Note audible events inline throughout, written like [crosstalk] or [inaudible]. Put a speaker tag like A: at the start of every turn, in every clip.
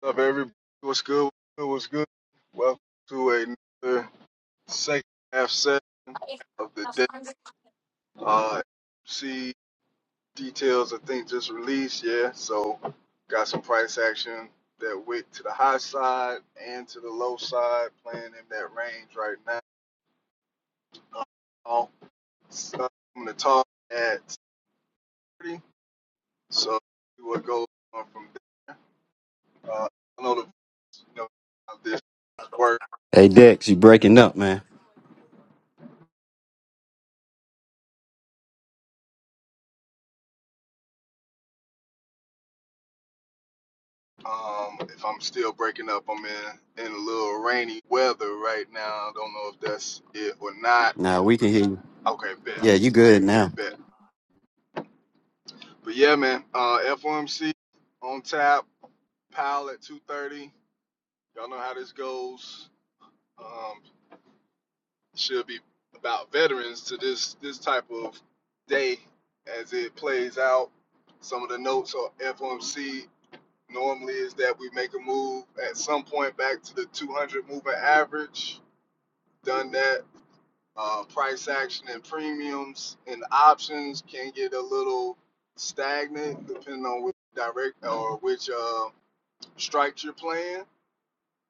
A: What's up, everybody? What's good? What's good? Welcome to another second half session of the day. Uh, see details, I think, just released. Yeah, so got some price action that went to the high side and to the low side, playing in that range right now. Uh, so I'm gonna talk at 30. So we will go on from there. Uh, I know the you know how this works
B: Hey Dex, you breaking up, man.
A: Um, if I'm still breaking up, I'm in in a little rainy weather right now. Don't know if that's it or not.
B: Now we can hear you.
A: Okay, bet,
B: Yeah, you good now.
A: bet. But yeah, man. Uh, FOMC on tap. Powell at 2:30. Y'all know how this goes. Um, should be about veterans to this this type of day as it plays out. Some of the notes on FOMC normally is that we make a move at some point back to the 200 moving average. Done that uh, price action and premiums and options can get a little stagnant depending on which direct or which uh, strikes you're playing.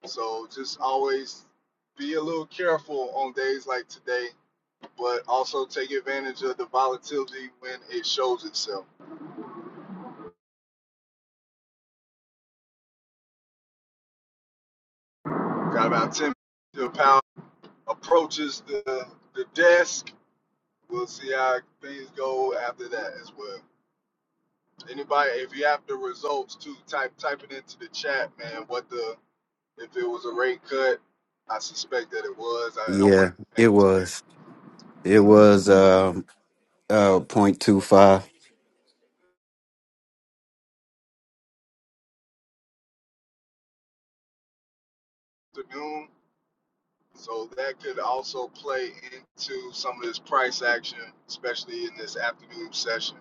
A: So just always be a little careful on days like today, but also take advantage of the volatility when it shows itself. Got about 10 to power approaches the, the desk. We'll see how things go after that as well. Anybody, if you have the results, too, type type it into the chat, man. What the if it was a rate cut? I suspect that it was. I, I wasn't
B: Yeah,
A: paying
B: it
A: attention
B: was. It was um uh point two five.
A: to Doom, so that could also play into some of this price action, especially in this afternoon session.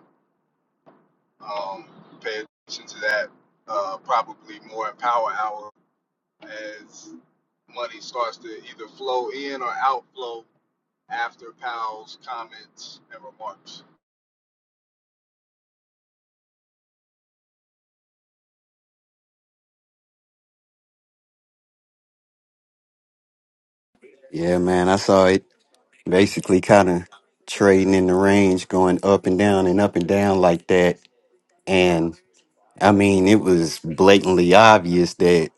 A: Um, pay attention to that. Uh, probably more in power hour as money starts to either flow in or outflow after Powell's comments and remarks.
B: Yeah, man. I saw it basically kinda trading in the range, going up and down and up and down like that. And I mean it was blatantly obvious that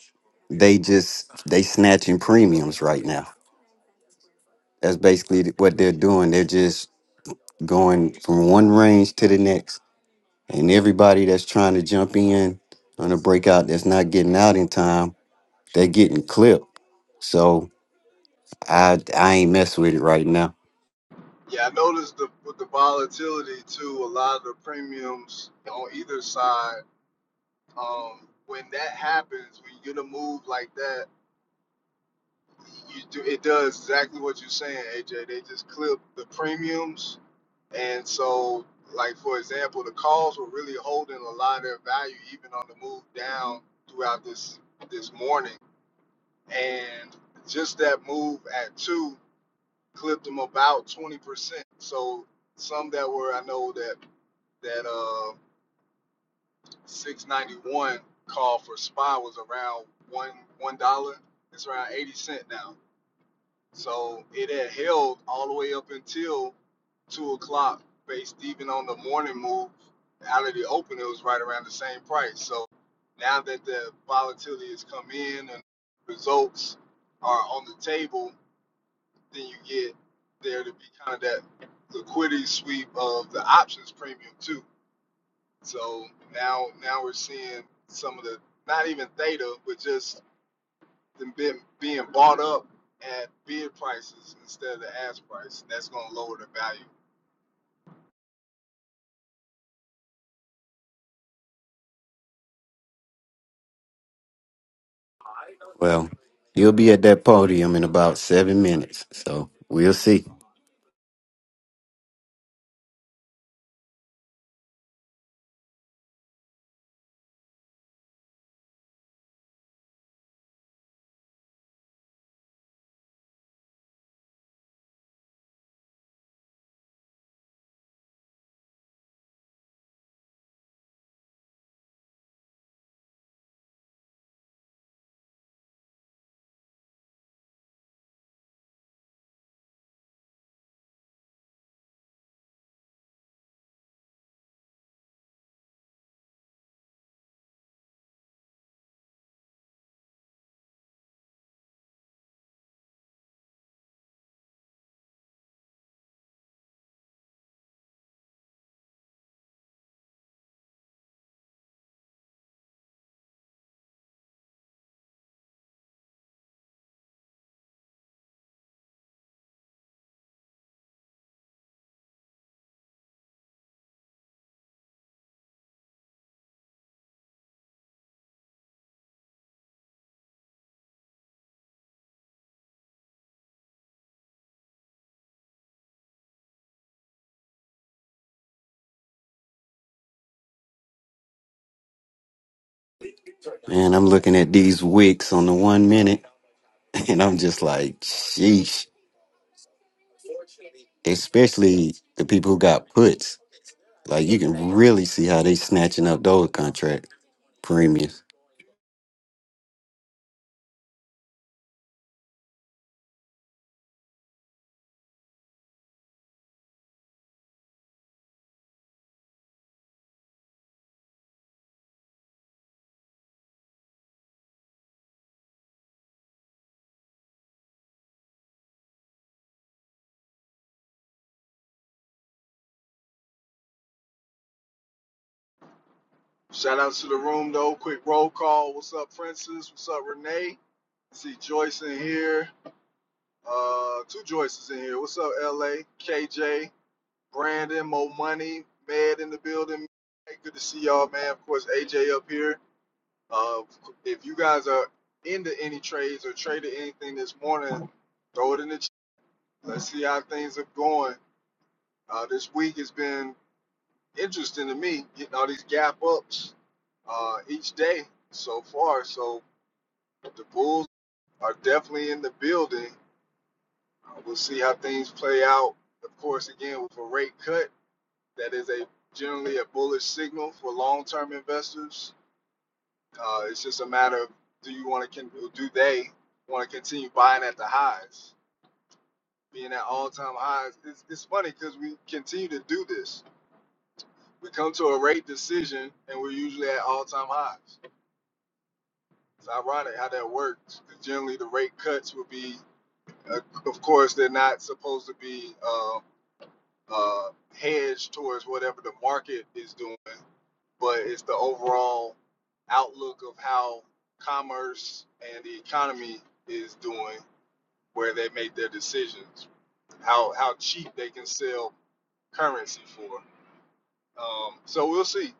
B: they just they snatching premiums right now. That's basically what they're doing. They're just going from one range to the next And everybody that's trying to jump in on a breakout that's not getting out in time, they're getting clipped. So I I ain't mess with it right now.
A: Yeah, I noticed the with the volatility too. A lot of the premiums on either side. Um, when that happens, when you get a move like that, you do it does exactly what you're saying, AJ. They just clip the premiums, and so like for example, the calls were really holding a lot of their value even on the move down throughout this this morning, and just that move at two clipped them about twenty percent. So some that were I know that. that uh 691 call for spy was around one one dollar it's around 80 cent now so it had held all the way up until two o'clock based even on the morning move out of the open it was right around the same price so now that the volatility has come in and results are on the table then you get there to be kind of that liquidity sweep of the options premium too So now now we're seeing some of the not even theta, but just them being being bought up at bid prices instead of the ask price. That's gonna lower the value.
B: Well, you'll be at that podium in about seven minutes. So we'll see. Man, I'm looking at these wicks on the one minute [laughs] and I'm just like, sheesh. Especially the people who got puts. Like you can really see how they snatching up those contract premiums.
A: Shout out to the room though. Quick roll call. What's up, Francis? What's up, Renee? I see Joyce in here. Uh, two Joyces in here. What's up, LA? KJ, Brandon, Mo Money, Med in the building. Hey, good to see y'all, man. Of course, AJ up here. Uh, if you guys are into any trades or traded anything this morning, throw it in the chat. Let's see how things are going. Uh, this week has been interesting to me, getting all these gap ups uh, each day so far. So the Bulls are definitely in the building. Uh, we'll see how things play out. Of course, again, with a rate cut, that is a generally a bullish signal for long-term investors. Uh, it's just a matter of do you want to do they want to continue buying at the highs, being at all time highs? It's, it's funny because we continue to do this. We come to a rate decision and we're usually at all time highs. It's ironic how that works. 'cause generally, the rate cuts would be, uh, of course, they're not supposed to be uh, uh, hedged towards whatever the market is doing, but it's the overall outlook of how commerce and the economy is doing where they make their decisions, how how cheap they can sell currency for. Um, so we'll see.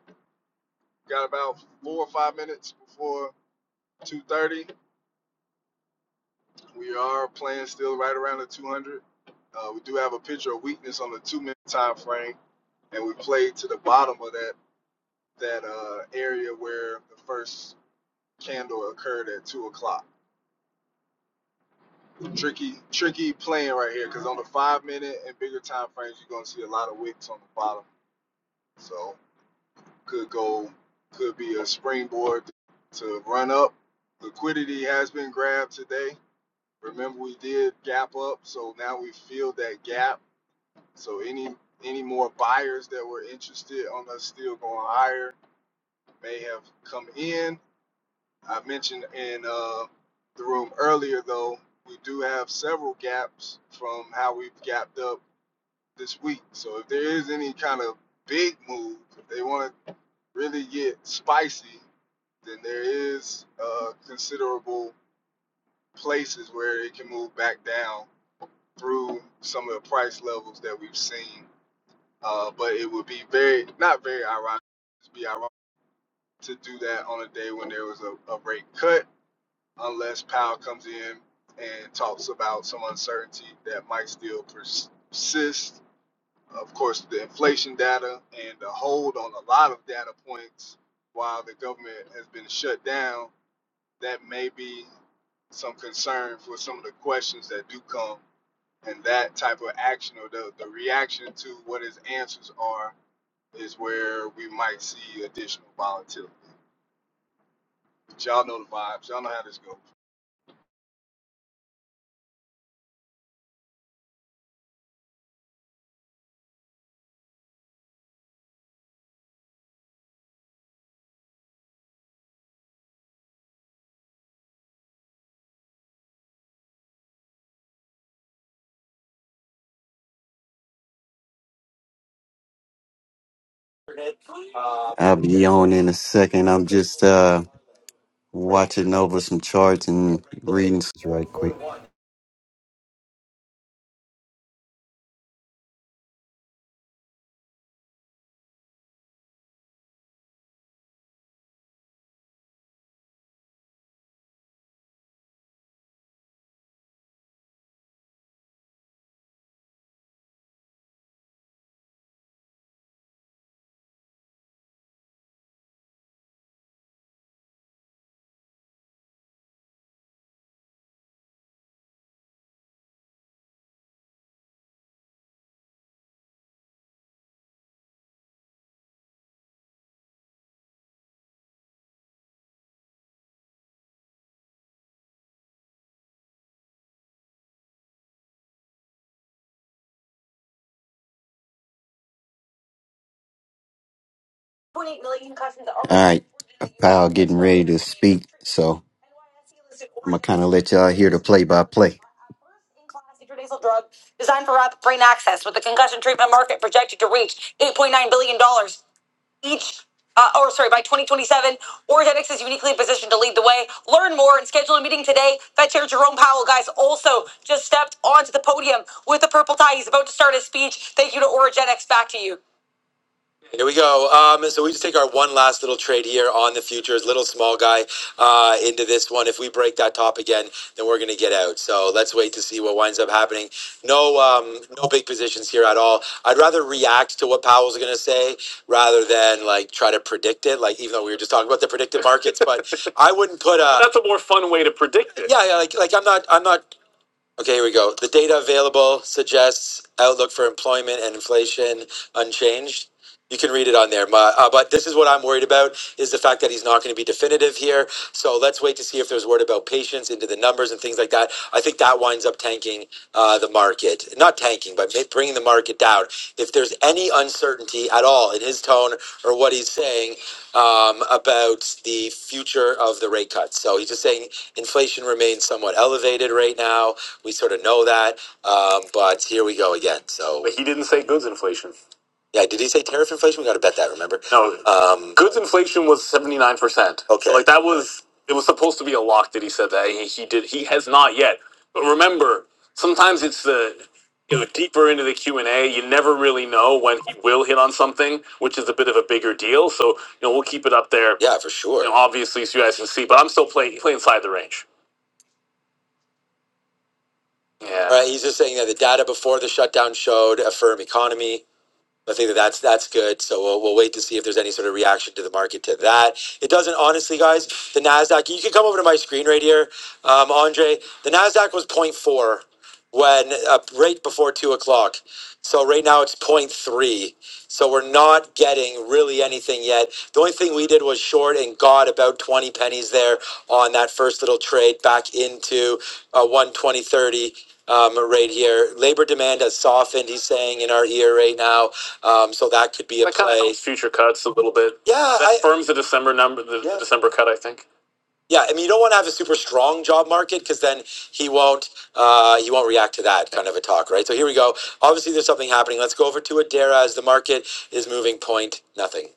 A: Got about four or five minutes before 2:30. We are playing still right around the 200. Uh, we do have a picture of weakness on the two-minute time frame, and we played to the bottom of that that uh, area where the first candle occurred at two o'clock. Tricky, tricky playing right here because on the five-minute and bigger time frames, you're gonna see a lot of wicks on the bottom. So could go could be a springboard to run up. Liquidity has been grabbed today. Remember we did gap up, so now we filled that gap. So any any more buyers that were interested on us still going higher may have come in. I mentioned in uh, the room earlier though, we do have several gaps from how we've gapped up this week. So if there is any kind of big move, if they want to really get spicy, then there is uh, considerable places where it can move back down through some of the price levels that we've seen. Uh, but it would be very, not very ironic, it'd be ironic to do that on a day when there was a, a rate cut, unless Powell comes in and talks about some uncertainty that might still persist. Of course, the inflation data and the hold on a lot of data points while the government has been shut down that may be some concern for some of the questions that do come and that type of action or the, the reaction to what his answers are is where we might see additional volatility. But y'all know the vibes. Y'all know how this goes.
B: I'll be on in a second. I'm just uh watching over some charts and readings right quick. All right, so I'm gonna kind of let y'all hear the play by play. Each and more and schedule meeting today. Fed Chair Jerome out. to start his speech. Thank you Origenex. Back to you. Here we go. Um, so we just take our one last little trade here on the futures, little small guy uh, into this one. If we break that top again, then we're going to get out. So let's wait to see what winds up happening. No, um, no big positions here at all. I'd rather react to what Powell's going to say rather than like try to predict it. Like even though we were just talking about the predictive markets, but [laughs] I wouldn't put a That's a more fun way to predict it. yeah, yeah, like like I'm not I'm not Okay, here we go. The data available suggests outlook for employment and inflation unchanged. You can read it on there, Ma- uh, but this is what I'm worried about is the fact that he's not going to be definitive here. So let's wait to see if there's word about patience into the numbers and things like that. I think that winds up tanking uh, the market, not tanking, but ma- bringing the market down. If there's any uncertainty at all in his tone or what he's saying um, about the future of the rate cuts, so he's just saying inflation remains somewhat elevated right now. We sort of know that, um, but here we go again. So But he didn't say goods inflation. yeah, did he say tariff inflation? We got to bet that. Remember? No, Um, goods inflation was seventy nine percent. So okay. so like that was it was supposed to be a lock that he said that he, he did he has not yet. But remember, sometimes it's the you know deeper into the Q and A, you never really know when he will hit on something, which is a bit of a bigger deal. So you know we'll keep it up there, Yeah, for sure. you know, sure. obviously, so you guys can see. But I'm still playing play play inside the range. Yeah. Right. He's just saying that the data before the shutdown showed a firm economy. I think that that's that's good. So we'll, we'll wait to see if there's any sort of reaction to the market to that. It doesn't, honestly, guys. The Nasdaq. You can come over to my screen right here, um, Andre. The Nasdaq was zero point 0.4 when uh, right before two o'clock. So right now it's zero point 0.3. So we're not getting really anything yet. The only thing we did was short and got about 20 pennies there on that first little trade back into uh, 120.30 um, right here. Labor demand has softened, he's saying, in our ear right now. Um, so that could be a That kind of play. helps future cuts a little bit. Yeah, That I, firms the December number, the yeah. December cut, I think. Yeah, I mean, you don't want to have a super strong job market because then he won't uh, he won't react to that kind of a talk, right? So here we go. Obviously, there's something happening. Let's go over to Adara as the market is moving point nothing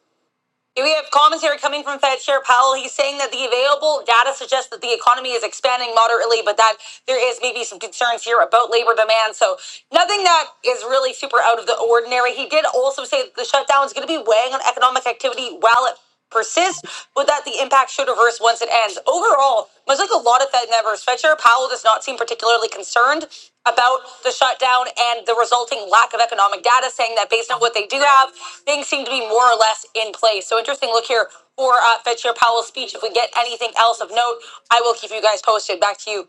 B: we have commentary coming from Fed Chair Powell. He's saying that the available data suggests that the economy is expanding moderately, but that there is maybe some concerns here about labor demand. So nothing that is really super out of the ordinary. He did also say that the shutdown is going to be weighing on economic activity while it persist, but that the impact should reverse once it ends. Overall, much like a lot of Fed members, Fetcher Powell does not seem particularly concerned about the shutdown and the resulting lack of economic data, saying that based on what they do have, things seem to be more or less in place. So interesting look here for uh, Fed Chair Powell's speech. If we get anything else of note, I will keep you guys posted. Back to you.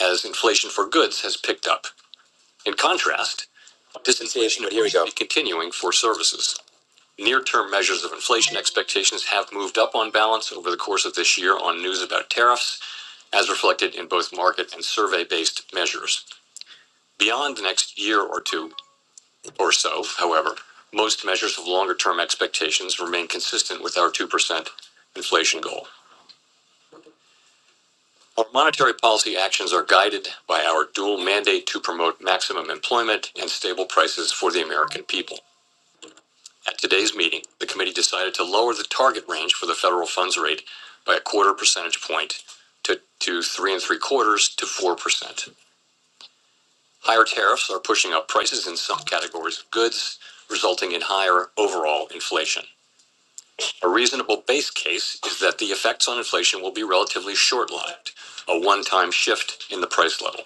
B: As interest has picked up. In contrast, disinflation appears to be continuing for services. Near term measures of inflation expectations have moved up on balance over the course of this year on news about tariffs, as reflected in both market and survey based measures. Beyond the next year or two or so, however, most measures of longer term expectations remain consistent with our 2% inflation goal. Our monetary policy actions are guided by our dual mandate to promote maximum employment and stable prices for the American people. At today's meeting, the committee decided to lower the target range for the federal funds rate by a quarter percentage point to, to three and three quarters to four percent. Higher tariffs are pushing up prices in some categories of goods, resulting in higher overall inflation. A reasonable base case is that the effects on inflation will be relatively short-lived, a one-time shift in the price level.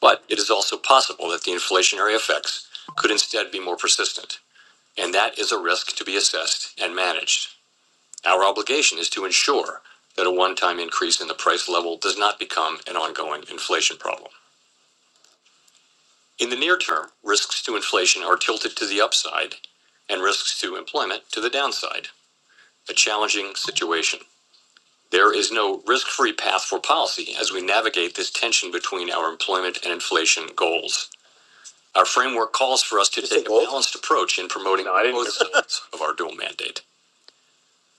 B: But it is also possible that the inflationary effects could instead be more persistent, and that is a risk to be assessed and managed. Our obligation is to ensure that a one-time increase in the price level does not become an ongoing inflation problem. In the near term, risks to inflation are tilted to the upside and risks to employment to the downside. A challenging situation. There is no risk-free path for policy as we navigate this tension between our employment and inflation goals. Our framework calls for us to take a balanced approach in promoting No, both sides of our dual mandate.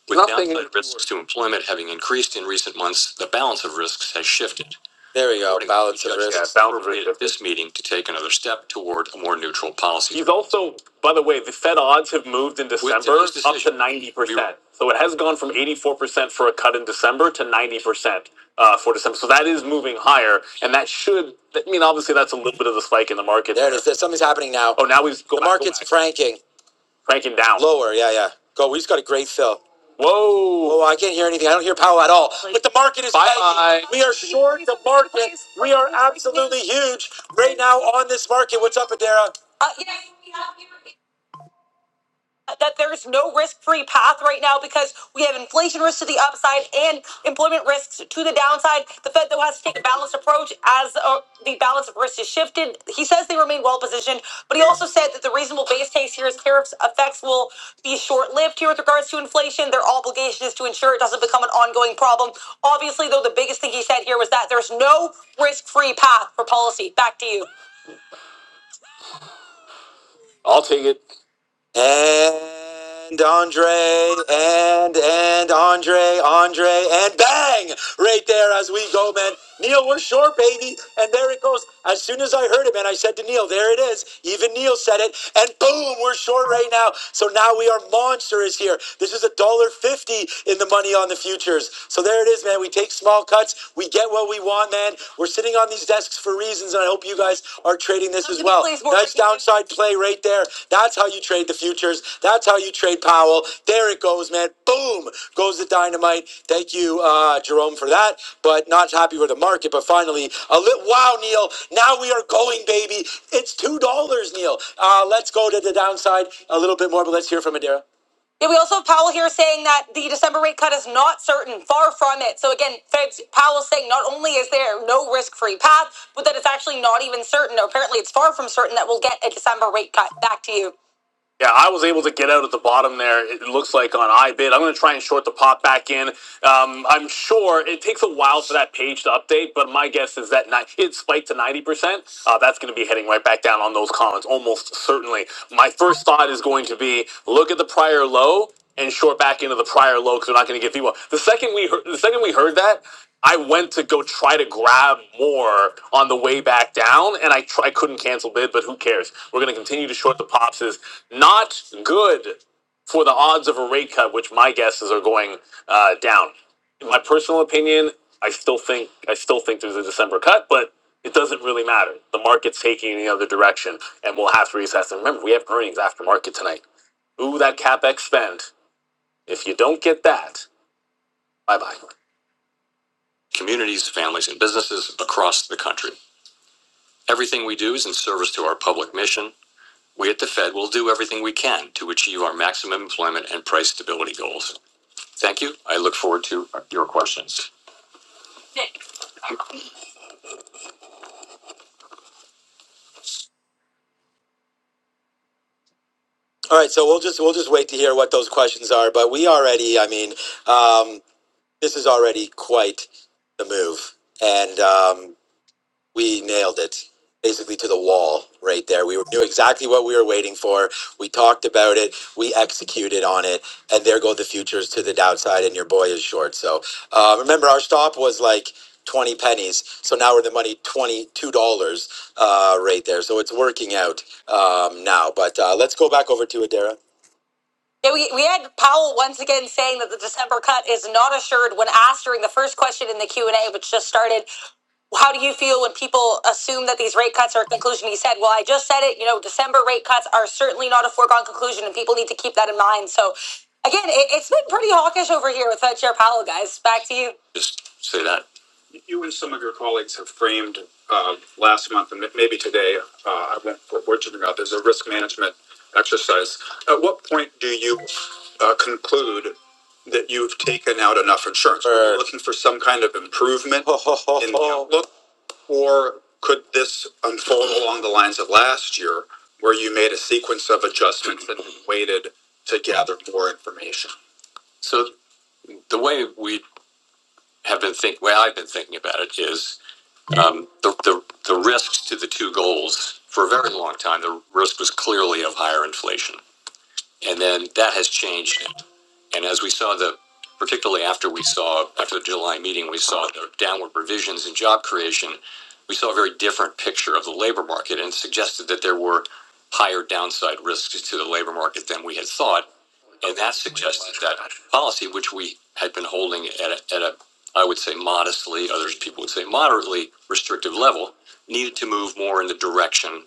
B: With Nothing downside risks to employment having increased in recent months, the balance of risks has shifted. There we go. Accordingly, Balance of judge it appropriate at this meeting to take another step toward a more neutral policy. He's also, by the way, the Fed odds have moved in With December today's up to decision, ninety we 90%. So it has gone from 84% for a cut in December to 90% uh, for December. So that is moving higher. And that should, I mean, obviously, that's a little bit of the spike in the markets There it is. There's- Something's happening now. Oh, now we've go The back, go market's back. franking. Cranking down. Lower, yeah, yeah. Go. He's got a great fill. Whoa. Oh, I can't hear anything. I don't hear Powell at all. But the market is Bye. tanking. We are short the market. We are absolutely huge right now on this market. What's up, Adara? Uh, yes, we have that there's no risk-free path right now because we have inflation risk to the upside and employment risks to the downside. The Fed though has to take a balanced approach as uh, the balance of risk is shifted. He says they remain well positioned, but he also said that the reasonable base case here is tariffs effects will be short-lived here with regards to inflation. Their obligation is to ensure it doesn't become an ongoing problem. Obviously, though, the biggest thing he said here was that there's no risk-free path for policy. Back to you. I'll take it. And Andre, and, and Andre, Andre, and bang! Right there as we go, man. Neil, we're short, baby. And there it goes. As soon as I heard it, man, I said to Neil, there it is. Even Neil said it. And boom, we're short right now. So now we are monsters here. This is a dollar fifty in the money on the futures. So there it is, man. We take small cuts. We get what we want, man man. We're sitting on these desks for reasons, and I hope you guys are trading this as well. Nice downside play right there. That's how you trade the futures. That's how you trade Powell. There it goes, man. Boom goes the dynamite. Thank you, uh, Jerome, for that. But not happy with the market. But finally, a little wow, Neil. Now we are going, baby. It's two dollars, Neil. Uh, let's go to the downside a little bit more, but let's hear from Adira. Yeah, we also have Powell here saying that the December rate cut is not certain, far from it. So again, Fed's Powell's saying not only is there no risk-free path, but that it's actually not even certain, or apparently it's far from certain that we'll get a December rate cut. Back to you. Yeah, I was able to get out at the bottom there. It looks like on iBid. I'm going to try and short the pop back in. Um, I'm sure it takes a while for that page to update, but my guess is that ni- it spiked to 90%. Uh, that's going to be heading right back down on those comments, almost certainly. My first thought is going to be look at the prior low and short back into the prior low because they're not going to get people. The second we heard, the second we heard that, I went to go try to grab more on the way back down, and I try, I couldn't cancel bid, but who cares? We're going to continue to short the pops. Is not good for the odds of a rate cut, which my guesses are going uh, down. In my personal opinion, I still think I still think there's a December cut, but it doesn't really matter. The market's taking in the other direction, and we'll have to reassess. And remember, we have earnings after market tonight. Ooh, that capex spend. If you don't get that, bye bye. Communities, families, and businesses across the country. Everything we do is in service to our public mission. We at the Fed will do everything we can to achieve our maximum employment and price stability goals. Thank you. I look forward to your questions. All right, so we'll just we'll just wait to hear what those questions are. But we already, I mean, um, this is already quite the move, and um, we nailed it basically to the wall right there. We knew exactly what we were waiting for. We talked about it. We executed on it. And there go the futures to the downside, and your boy is short. So uh, remember, our stop was like 20 pennies. So now we're in the money $22 uh, right there. So it's working out um, now. But uh, let's go back over to Adara. Yeah, we, we had Powell once again saying that the December cut is not assured when asked during the first question in the Q&A, which just started how do you feel when people assume that these rate cuts are a conclusion? He said, Well, I just said it, you know, December rate cuts are certainly not a foregone conclusion, and people need to keep that in mind. So, again, it, it's been pretty hawkish over here with uh, Chair Powell, guys. Back to you. Just say that. You and some of your colleagues have framed uh, last month and maybe today, uh, I won't report to you about, there's a risk management exercise. At what point do you uh, conclude that you've taken out enough insurance? Are you looking for some kind of improvement [laughs] in the outlook? Or could this unfold along the lines of last year, where you made a sequence of adjustments and waited to gather more information? So the way we have been thinking, way I've been thinking about it is um, the, the the risks to the two goals for a very long time. The risk was clearly of higher inflation, and then that has changed And as we saw the, particularly after we saw, after the July meeting, we saw the downward revisions in job creation, we saw a very different picture of the labor market and suggested that there were higher downside risks to the labor market than we had thought. And that suggested that policy, which we had been holding at a, at a I would say modestly, others people would say moderately restrictive level, needed to move more in the direction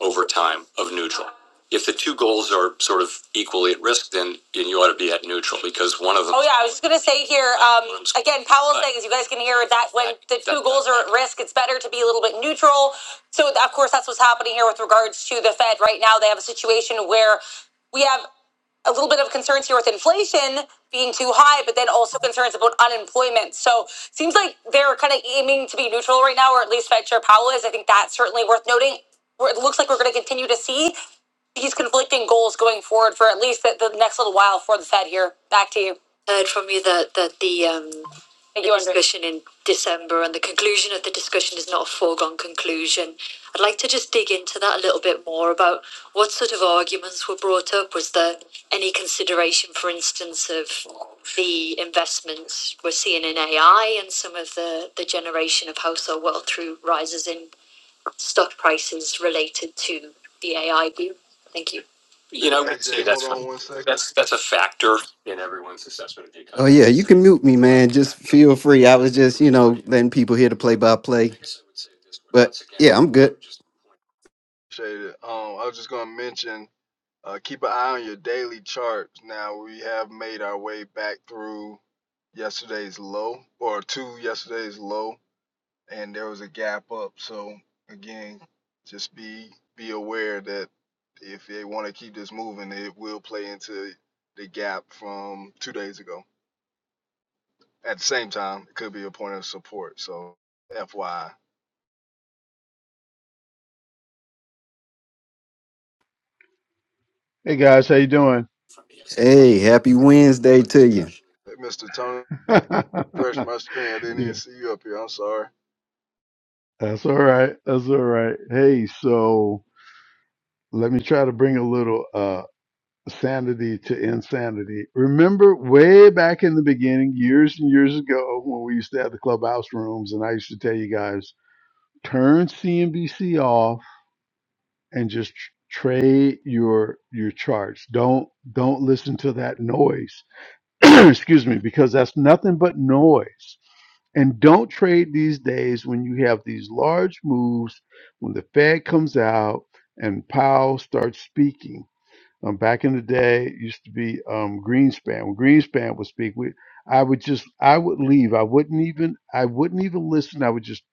B: over time of neutral. If the two goals are sort of equally at risk, then, then you ought to be at neutral because one of them. Oh yeah, I was just gonna say here um, again. Powell's saying, as you guys can hear, that when the two goals are at risk, it's better to be a little bit neutral. So of course, that's what's happening here with regards to the Fed right now. They have a situation where we have a little bit of concerns here with inflation being too high, but then also concerns about unemployment. So seems like they're kind of aiming to be neutral right now, or at least Fed Chair Powell is. I think that's certainly worth noting. It looks like we're going to continue to see he's conflicting goals going forward for at least the, the next little while for the Fed here. Back to you. I heard from you that, that the um, the you, discussion in December and the conclusion of the discussion is not a foregone conclusion. I'd like to just dig into that a little bit more about what sort of arguments were brought up. Was there any consideration, for instance, of the investments we're seeing in AI and some of the, the generation of household wealth through rises in stock prices related to the AI boom? Thank you. You know, I
A: Hey
B: would
A: AJ,
B: say
A: hold
B: that's a-
A: on one second.
B: that's that's a factor in everyone's assessment of the Oh economy. yeah, you can mute me, man. Just feel free. I was just, you know, letting people hear the play by play. But yeah, I'm good.
A: Appreciate it. Um, I was just gonna mention uh, keep an eye on your daily charts. Now we have made our way back through yesterday's low or to yesterday's low. and there was a gap up. So again, just be be aware that if they want to keep this moving, it will play into the gap from two days ago. At the same time, it could be a point of support. So FYI,
C: Hey guys, how you doing?
B: Hey, happy Wednesday to you.
A: Hey, Mr. Tony,
C: [laughs] yeah,
A: brushed my screen. I didn't even see you up here. I'm sorry.
C: that's all right. That's all right. Hey, so let me try to bring a little uh sanity to insanity. Remember way back in the beginning, years and years ago, when we used to have the clubhouse rooms, and I used to tell you guys, turn CNBC off and just tr- trade your your charts. Don't don't listen to that noise [clears throat] excuse me, because that's nothing but noise. And don't trade these days when you have these large moves, when the Fed comes out and Powell starts speaking. Um, back in the day, it used to be um, Greenspan. When Greenspan would speak, we, I would just, I would leave. I wouldn't even, I wouldn't even listen. I would just,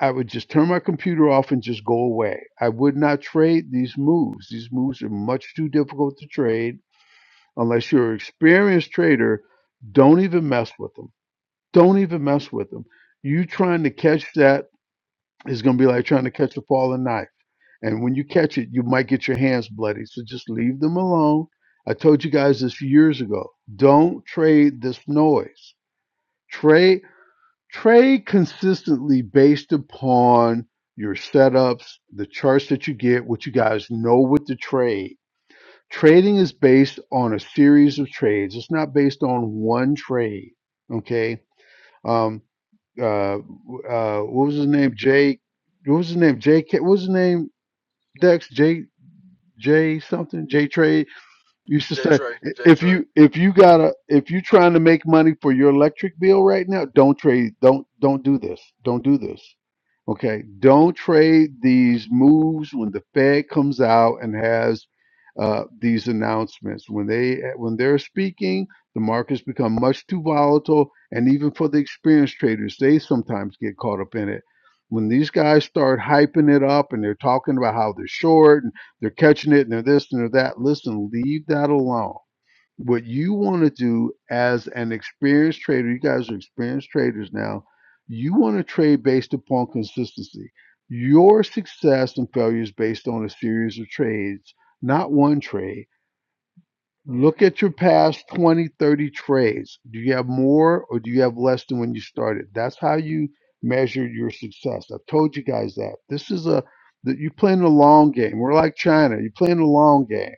C: I would just turn my computer off and just go away. I would not trade these moves. These moves are much too difficult to trade unless you're an experienced trader, don't even mess with them. Don't even mess with them. You trying to catch that is going to be like trying to catch a falling knife. And when you catch it, you might get your hands bloody. So just leave them alone. I told you guys this years ago. Don't trade this noise. Trade trade consistently based upon your setups, the charts that you get, what you guys know with the trade trading is based on a series of trades. It's not based on one trade. Okay. Um. Uh. uh what was his name? Jay. What was his name? Jk. What was his name? Dex. J. J. Something. J. Trade. Used to
A: J
C: say
A: Trey,
C: "I-
A: J
C: if
A: Trey.
C: you if you gotta if you trying to make money for your electric bill right now, don't trade don't don't do this. Don't do this. Okay. Don't trade these moves when the Fed comes out and has uh, these announcements. When they when they're speaking, the markets become much too volatile, and even for the experienced traders, they sometimes get caught up in it. When these guys start hyping it up and they're talking about how they're short they're catching it and they're this and they're that. Listen, leave that alone. What you want to do as an experienced trader, you guys are experienced traders now, you want to trade based upon consistency. Your success and failure is based on a series of trades, not one trade Look at your past 20, 30 trades. Do you have more or do you have less than when you started? That's how you measure your success. I've told you guys that. This is a that you're playing the long game. We're like China. You're playing the long game.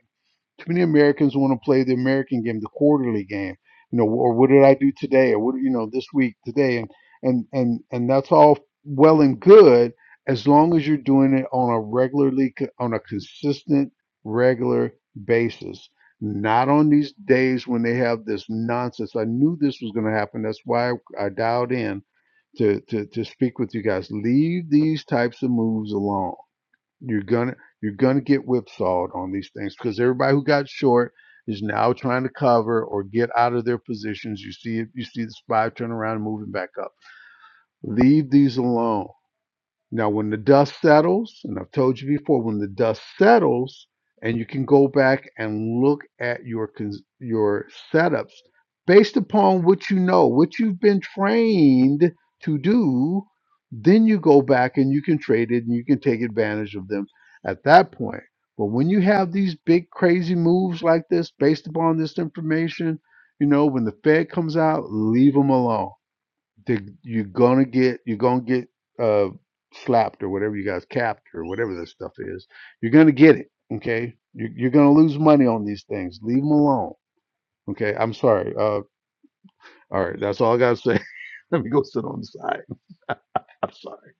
C: Too many Americans want to play the American game, the quarterly game. You know, or what did I do today, or what you know this week today, and and and and that's all well and good as long as you're doing it on a regularly on a consistent regular basis. Not on these days when they have this nonsense. I knew this was going to happen. That's why I dialed in to, to to speak with you guys. Leave these types of moves alone you're gonna you're gonna get whipsawed on these things because everybody who got short is now trying to cover or get out of their positions. You see it, you see the spy turn around and moving back up. Leave these alone. Now, when the dust settles, and I've told you before, when the dust settles, and you can go back and look at your cons- your setups based upon what you know, what you've been trained to do, then you go back and you can trade it and you can take advantage of them at that point. But when you have these big crazy moves like this based upon this information, you know, when the Fed comes out, leave them alone they, you're gonna get you're gonna get uh slapped or whatever you guys capped or whatever this stuff is you're gonna get it okay you're, you're gonna lose money on these things leave them alone okay i'm sorry uh all right that's all i gotta say [laughs] let me go sit on the side [laughs] i'm sorry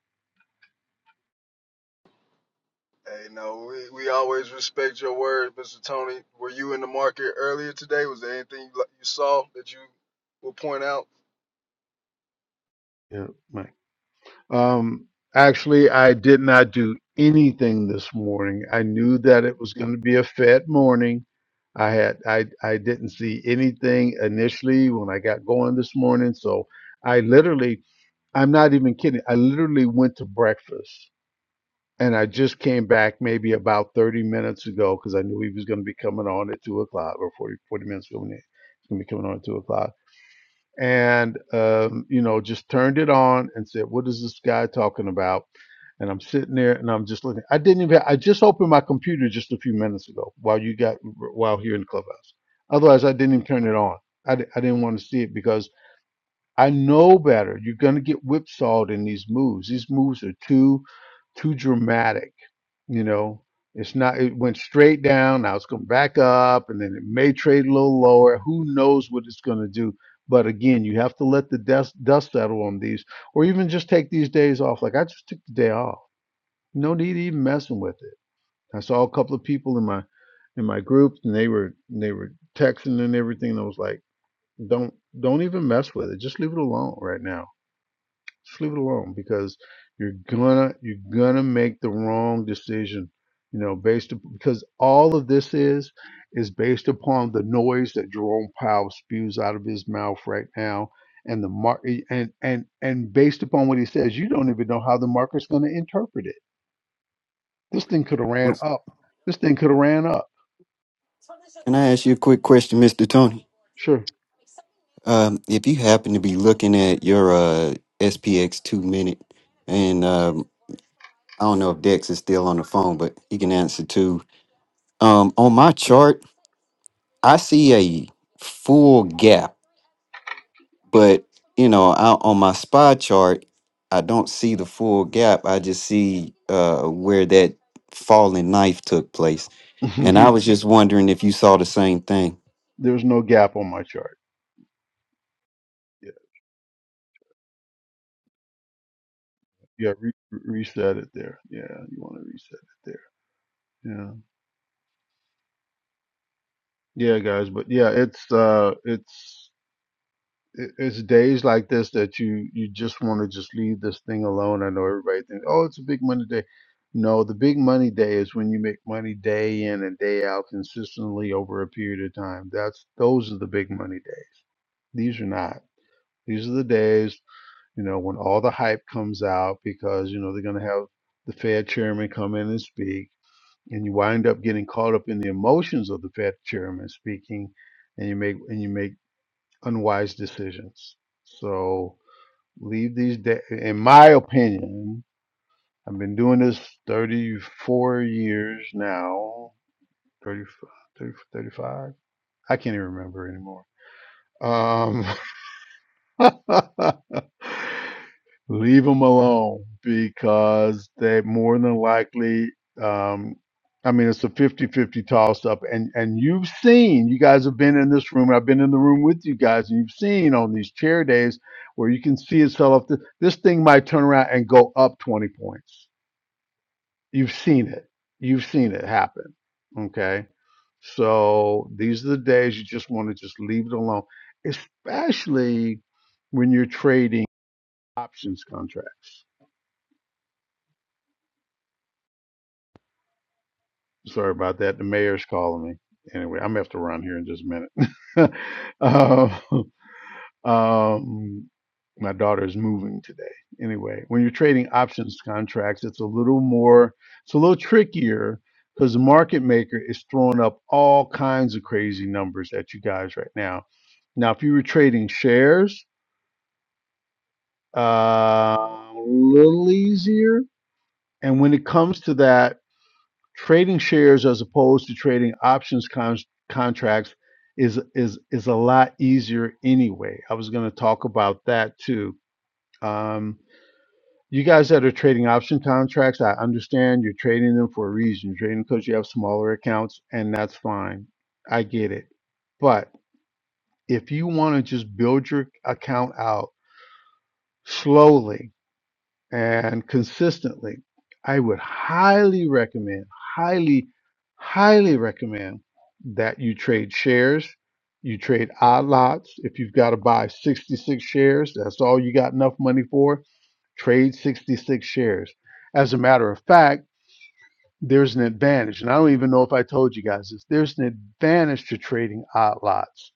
A: Hey, no, we, we always respect your word, Mr. Tony. Were you in the market earlier today? Was there anything you, like, you saw that you will point out?
C: yeah my Um, actually, I did not do anything this morning. I knew that it was going to be a fat morning. I had I I didn't see anything initially when I got going this morning, so I literally I'm not even kidding. I literally went to breakfast and I just came back maybe about 30 minutes ago because I knew he was going to be coming on at two o'clock or 40 40 minutes coming in. He's going to be coming on at two o'clock and um, you know just turned it on and said what is this guy talking about and i'm sitting there and i'm just looking i didn't even i just opened my computer just a few minutes ago while you got while here in the clubhouse otherwise i didn't even turn it on i, di- I didn't want to see it because i know better you're going to get whipsawed in these moves these moves are too too dramatic you know, it's not, it went straight down. Now it's going back up and then it may trade a little lower. Who knows what it's going to do? But again, you have to let the dust, dust settle on these, or even just take these days off. Like I just took the day off. No need even messing with it. I saw a couple of people in my in my group, and they were they were texting and everything. And I was like, don't don't even mess with it. Just leave it alone right now just leave it alone because you're gonna you're gonna make the wrong decision, you know, based up because all of this is is based upon the noise that Jerome Powell spews out of his mouth right now, and the mark and and and based upon what he says, you don't even know how the market's going to interpret it. This thing could have ran
B: Well,
C: up. This thing could have ran up.
B: Can I ask you a quick question, Mr. Tony?
C: Sure,
B: Um, if you happen to be looking at your uh SPX two minute and um I don't know if Dex is still on the phone, but he can answer too. Um on my chart, I see a full gap, but you know, I, on my spy chart, I don't see the full gap. I just see uh, where that falling knife took place,
C: [laughs]
B: and I was just wondering if you saw the same thing.
C: there's no gap on my chart. Yeah, yeah, re- re- reset it there. Yeah, you want to reset it there. Yeah. Yeah, guys, but yeah, it's uh it's it- it's days like this that you you just want to just leave this thing alone. I know everybody thinks, "Oh, it's a big money day." No, the big money day is when you make money day in and day out consistently over a period of time. That's those are the big money day. These are not. These are the days, you know, when all the hype comes out because, you know, they're going to have the Fed chairman come in and speak, and you wind up getting caught up in the emotions of the Fed chairman speaking and you make and you make unwise decisions. So leave these, de- in my opinion, I've been doing this 34 years now, 30, thirty, thirty-five. I can't even remember anymore. Um, [laughs] [laughs] Leave them alone because they more than likely, um, I mean, it's a 5050 toss up. And, and you've seen, you guys have been in this room, and I've been in the room with you guys, and you've seen on these chair days where you can see itself. This thing might turn around and go up 20 points You've seen it. You've seen it happen. Okay. So these are the days you just want to just leave it alone, especially when you're trading options contracts. Sorry about that. The mayor's calling me. Anyway, I'm gonna have to run here in just a minute. [laughs] Um Um, my daughter is moving today. Anyway, when you're trading options contracts, it's a little more, it's a little trickier because the market maker is throwing up all kinds of crazy numbers at you guys right now. Now, if you were trading shares, uh, a little easier. And when it comes to that, trading shares as opposed to trading options con- contracts is is is a lot easier anyway. I was going to talk about that too Um, you guys that are trading option contracts, I understand you're trading them for a reason. You're trading because you have smaller accounts, and that's fine. I get it. But if you want to just build your account out slowly and consistently, I would highly recommend, highly, highly recommend that you trade shares. You trade odd lots. If you've got to buy 66 shares, that's all you got enough money for Trade 66 shares. As a matter of fact, there's an advantage. And I don't even know if I told you guys this. There's an advantage to trading odd lots.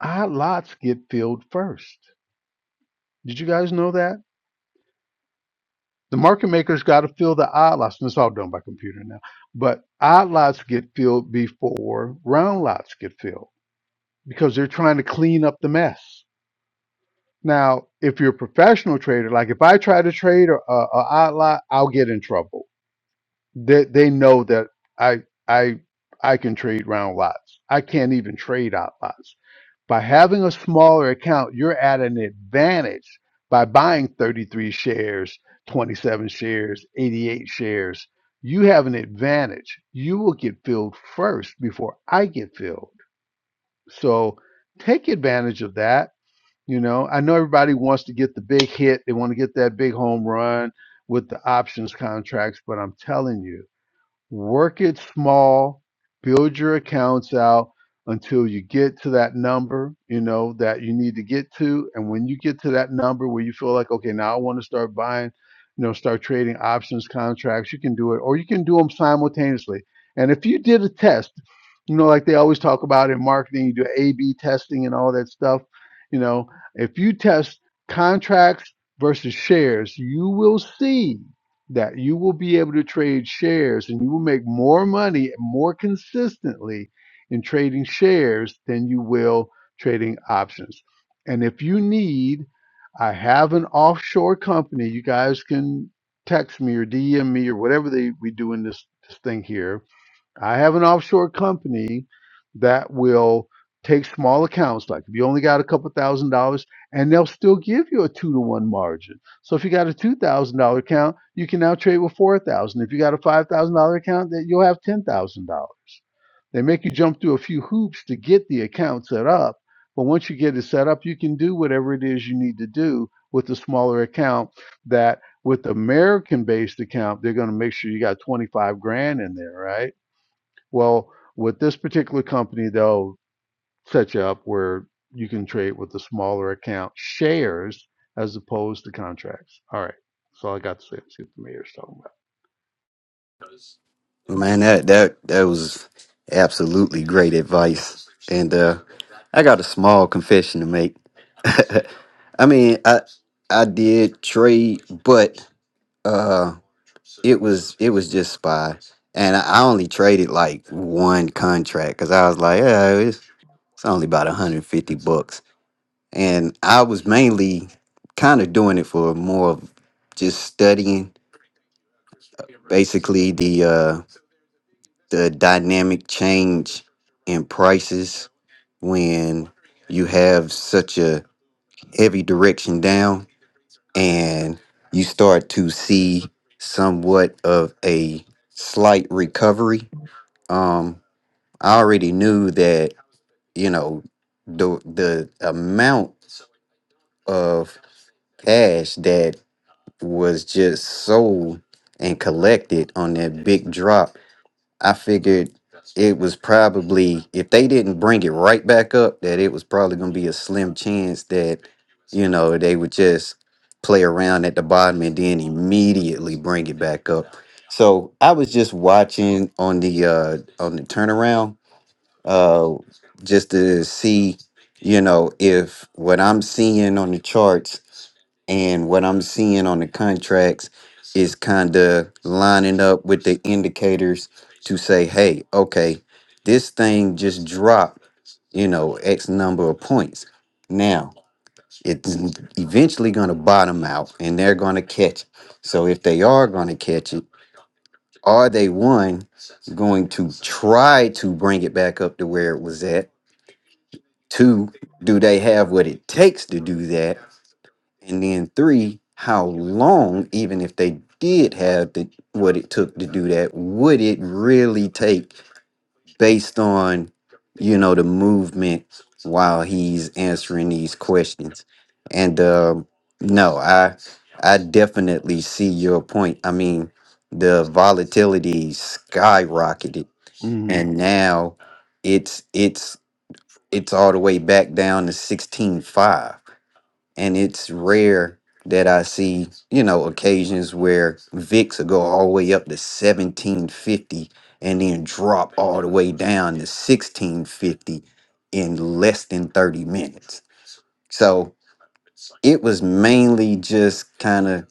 C: Odd lots get filled first. Did you guys know that? The market makers got to fill the odd lots, and it's all done by computer now. But odd lots get filled before round lots get filled because they're trying to clean up the mess. Now, if you're a professional trader, like if I try to trade a, a odd lot, I'll get in trouble They they know that I I I can trade round lots. I can't even trade out lots. By having a smaller account, you're at an advantage by buying 33 shares, 27 shares, 88 shares. You have an advantage. You will get filled first before I get filled. So take advantage of that. You know, I know everybody wants to get the big hit. They want to get that big home run with the options contracts, but I'm telling you, Work it small, build your accounts out until you get to that number, you know, that you need to get to. And when you get to that number where you feel like, okay, now I want to start buying, you know, start trading options contracts, you can do it, or you can do them simultaneously. And if you did a test, you know, like they always talk about in marketing, you do A B testing and all that stuff. You know, if you test contracts versus shares, you will see that you will be able to trade shares and you will make more money more consistently in trading shares than you will trading options. And if you need, I have an offshore company. You guys can text me or DM me or whatever they, we do in this, this thing here I have an offshore company that will take small accounts, like if you only got a couple thousand dollars, and they'll still give you a two to one margin. So if you got a two thousand dollar account, you can now trade with four thousand. If you got a five thousand dollar account, that you'll have ten thousand dollars. They make you jump through a few hoops to get the account set up, but once you get it set up, you can do whatever it is you need to do with the smaller account. That with American based account, they're going to make sure you got twenty five grand in there, right? Well, with this particular company, they'll set you up where you can trade with the smaller account shares as opposed to contracts. All right. That's all I got to say. Let's see what the mayor's talking
B: Man, that that that was absolutely great advice. And uh I got a small confession to make. [laughs] I mean, I I did trade, but uh it was it was just spy. And I only traded like one contract cuz I was like, yeah, it's, it's only about 150 bucks. And I was mainly kind of doing it for more of just studying basically the. uh the dynamic change in prices when you have such a heavy direction down and you start to see somewhat of a slight recovery um i already knew that you know the the amount of cash that was just sold and collected on that big drop I figured it was probably if they didn't bring it right back up, that it was probably going to be a slim chance that you know they would just play around at the bottom and then immediately bring it back up. So I was just watching on the uh, on the turnaround uh, just to see you know if what I'm seeing on the charts and what I'm seeing on the contracts is kind of lining up with the indicators to say, hey, okay, this thing just dropped, you know, X number of points. Now it's eventually going to bottom out and they're going to catch. it. So if they are going to catch it, are they one going to try to bring it back up to where it was at? Two, do they have what it takes to do that? And then three, how long, even if they did have the what it took to do that, would it really take based on, you know, the movement while he's answering these questions? And um, no, I I definitely see your point. I mean, the volatility skyrocketed
C: about. hmm
B: and now it's it's it's all the way back down to sixteen five and it's rare that I see, you know, occasions where VIX will go all the way up to 1750 and then drop all the way down to 1650 in less than 30 minutes. So it was mainly just kind of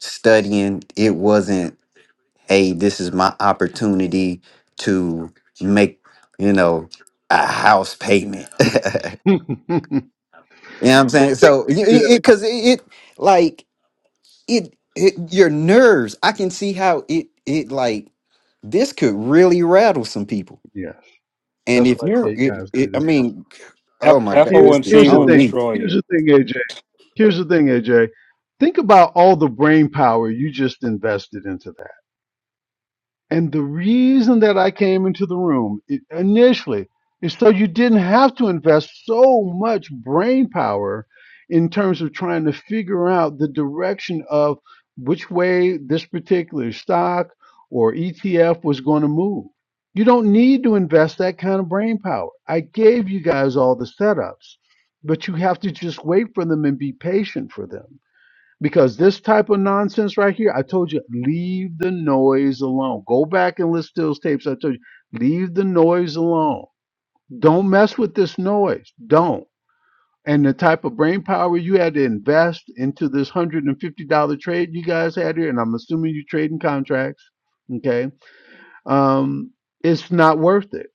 B: studying. It wasn't, hey, this is my opportunity to make, you know, a house payment. [laughs] you know
C: [laughs]
B: what I'm
C: well,
B: saying?
C: think,
B: So, because
C: yeah,
B: it, 'cause it, it- like, it, it your nerves i can see how it it like this could really rattle some people
C: yes.
B: and
C: That's
B: if
C: why I tell
B: you're
C: you
B: it,
C: guys do
B: it i
C: this one.
B: mean oh
D: F-
B: my god
C: Here,
B: mr
C: here's
D: FOMC
C: the
D: will
C: thing.
B: tony
D: destroy
C: Here's
D: you.
C: the thing, AJ. Here's the thing, AJ. Think about all the brain power you just invested into that. And the reason that I came into the room i- initially is so you didn't have to invest so much brain power in terms of trying to figure out the direction of which way this particular stock or ETF was going to move. You don't need to invest that kind of brain power. I gave you guys all the setups, but you have to just wait for them and be patient for them because this type of nonsense right here, I told you, leave the noise alone. Go back and listen to those tapes. I told you, leave the noise alone. Don't mess with this noise. Don't. And the type of brain power you had to invest into this hundred and fifty dollar trade you guys had here, and I'm assuming you're trading contracts. Okay, um, it's not worth it.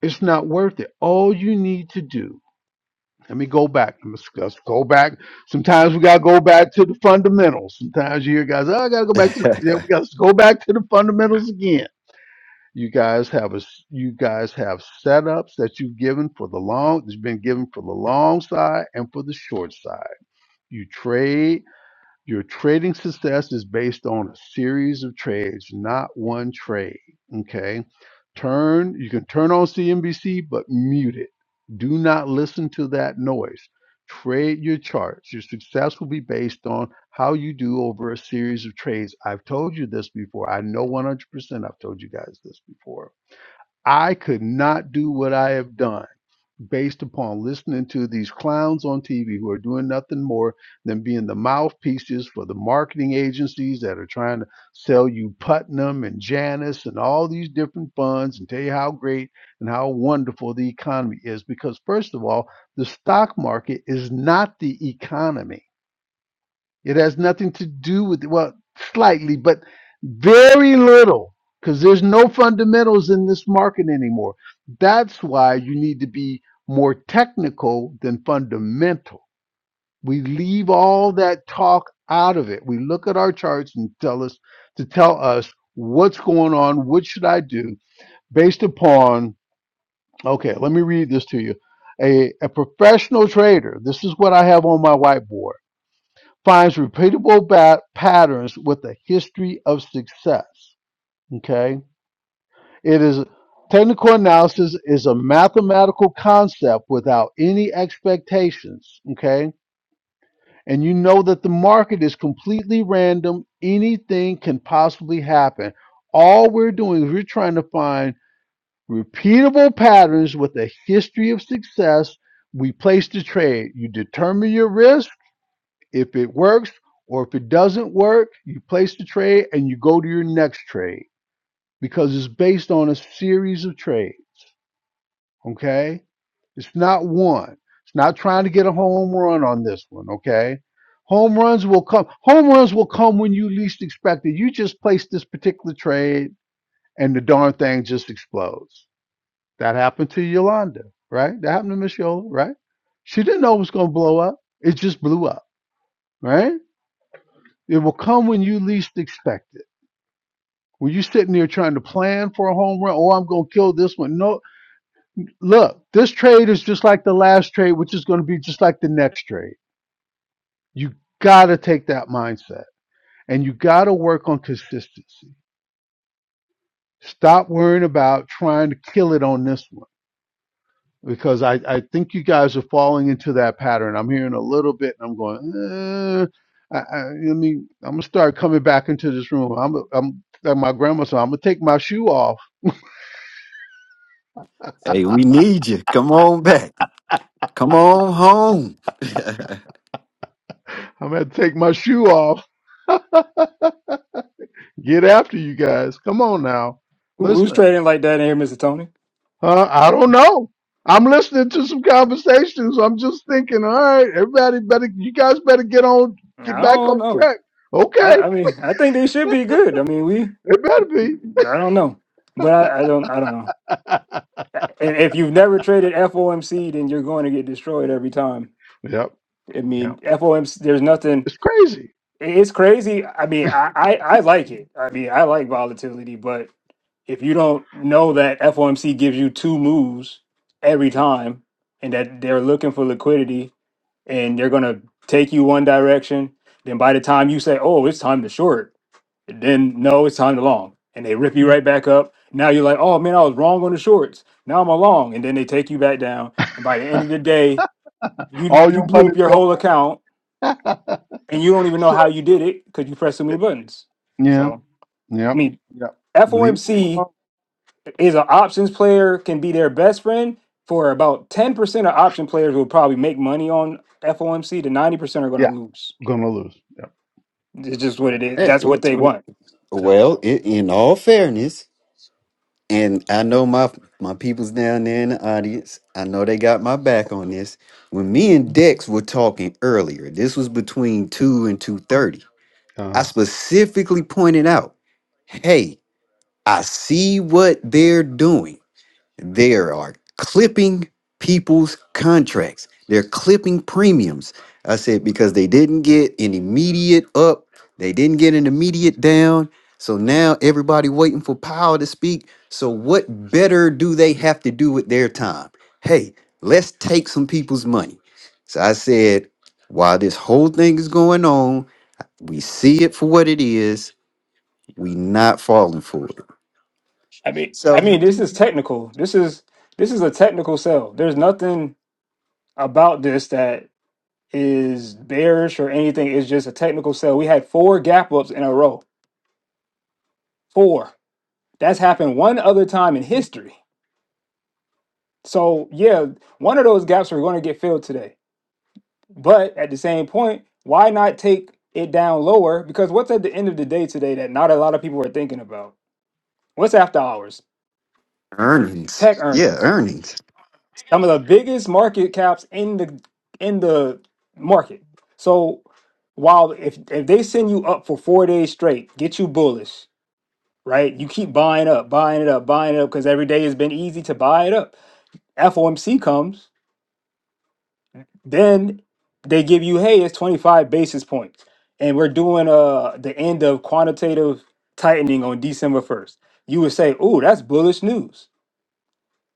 C: It's not worth it. All you need to do let me go back. Let's, let's go back. Sometimes we gotta go back to the fundamentals. Sometimes you hear guys, oh, I gotta go
B: [laughs]
C: back to yeah, we gotta go back to the fundamentals again. You guys have a s- you guys have setups that you've given for the long that's been given for the long side and for the short side. You trade your trading success is based on a series of trades, not one trade. Okay. Turn, you can turn on CNBC, but mute it. Do not listen to that noise. Trade your charts. Your success will be based on how you do over a series of trades. I've told you this before. I know 100% I've told you guys this before. I could not do what I have done based upon listening to these clowns on TV who are doing nothing more than being the mouthpieces for the marketing agencies that are trying to sell you Putnam and Janus and all these different funds and tell you how great and how wonderful the economy is. Because, first of all, the stock market is not the economy it has nothing to do with, well, slightly, but very little, because there's no fundamentals in this market anymore. That's why you need to be more technical than fundamental. We leave all that talk out of it. We look at our charts and tell us to tell us what's going on, what should I do based upon, okay, let me read this to you. A, a professional trader, this is what I have on my whiteboard finds repeatable ba- patterns with a history of success. Okay, it is technical analysis is a mathematical concept without any expectations. Okay, and you know that the market is completely random; anything can possibly happen. All we're doing is we're trying to find repeatable patterns with a history of success. We place the trade. You determine your risk If it works or if it doesn't work, you place the trade and you go to your next trade because it's based on a series of trades. Okay? It's not one. It's not trying to get a home run on this one, okay? Home runs will come. Home runs will come when you least expect it. You just place this particular trade and the darn thing just explodes. That happened to Yolanda, right? That happened to Miss Yola, right? She didn't know it was going to blow up. It just blew up, right? It will come when you least expect it. When you're sitting there trying to plan for a home run, oh, I'm going to kill this one. No, look, this trade is just like the last trade, which is going to be just like the next trade. You got to take that mindset and you got to work on consistency. Stop worrying about trying to kill it on this one because I, I think you guys are falling into that pattern. I'm hearing a little bit and I'm going, eh, I, I, I mean, I'm going to start coming back into this room. I'm, I'm like my grandma said, I'm going to take my shoe off
B: hey we need you come on back come on home [laughs]
C: I'm gonna take my shoe off. [laughs] Get after you guys. Come on now.
D: Who, who's
C: Listen.
D: trading like that in here, Mr. Tony?
C: Huh? I don't know. I'm listening to some conversations. I'm just thinking, all right, everybody better you guys better get on get
D: I
C: back on
D: don't know.
C: track.
D: I,
C: Okay.
D: I mean, I think they should be good. I mean, we.
C: It better be.
D: I don't know, but I, I don't. I don't know.
C: [laughs]
D: And if you've never traded FOMC, then you're going to get destroyed every time.
C: Yep.
D: I
C: Yep.
D: mean, FOMC. There's nothing.
C: It's crazy.
D: It's crazy. I mean, I, I, I like it. I mean, I like volatility, but if you don't know that FOMC gives you two moves every time, and that they're looking for liquidity, and they're going to take you one direction. Then by the time you say, "Oh, it's time to short," then no, it's time to long, and they rip you right back up. Now you're like, "Oh man, I was wrong on the shorts. Now I'm a long," and then they take you back down. And by the
C: [laughs]
D: end of the day, you
C: All
D: you
C: your
D: blew up
C: money's
D: your whole
C: gone.
D: account,
C: [laughs]
D: and you don't even know
C: so
D: how you did it because you pressed too many buttons.
C: yeah.
D: So I
C: Yep.
D: mean,
C: Yep. Leave them
D: FOMC
C: alone.
D: is an options player can be their best friend. For about ten percent of option players will probably make money on FOMC. The ninety percent are going to
C: Yeah.
D: lose.
C: Gonna lose. Yep.
D: It's just
C: All
D: what
C: right.
D: it is.
B: Hey,
D: That's what they want.
C: Yep.
B: Well, i in all fairness, and I know my my people's down there in the audience. I know they got my back on this. When me and Dex were talking earlier, this was between two and two thirty.
C: Uh.
B: I specifically pointed out, "Hey, I see what they're doing. They are clipping people's contracts. They're clipping premiums. I said because they didn't get an immediate up, they didn't get an immediate down. So now everybody waiting for Powell to speak. So what better do they have to do with their time? Hey, let's take some people's money. So I said, while this whole thing is going on, we see it for what it is. We not falling for it.
D: I mean, I
B: So
D: mean, this is technical. This is this is a technical sell. There's nothing about this that is bearish or anything. It's just a technical sell. We had four gap ups in a row. Four. That's happened one other time in history. So yeah, one of those gaps are going to get filled today. But at the same point, why not take it down lower? Because what's at the end of the day today that not a lot of people are thinking about? What's after hours? Tech
B: earnings, yeah,
D: earnings
B: earnings.
D: Some of the biggest market caps in the in the market. So while if if they send you up for four days straight, get you bullish, right? You keep buying up, buying it up, buying it up, because every day has been easy to buy it up. FOMC comes, then they give you, hey, it's 25 basis points. And we're doing uh the end of quantitative tightening on December 1st. You would say, oh, that's bullish news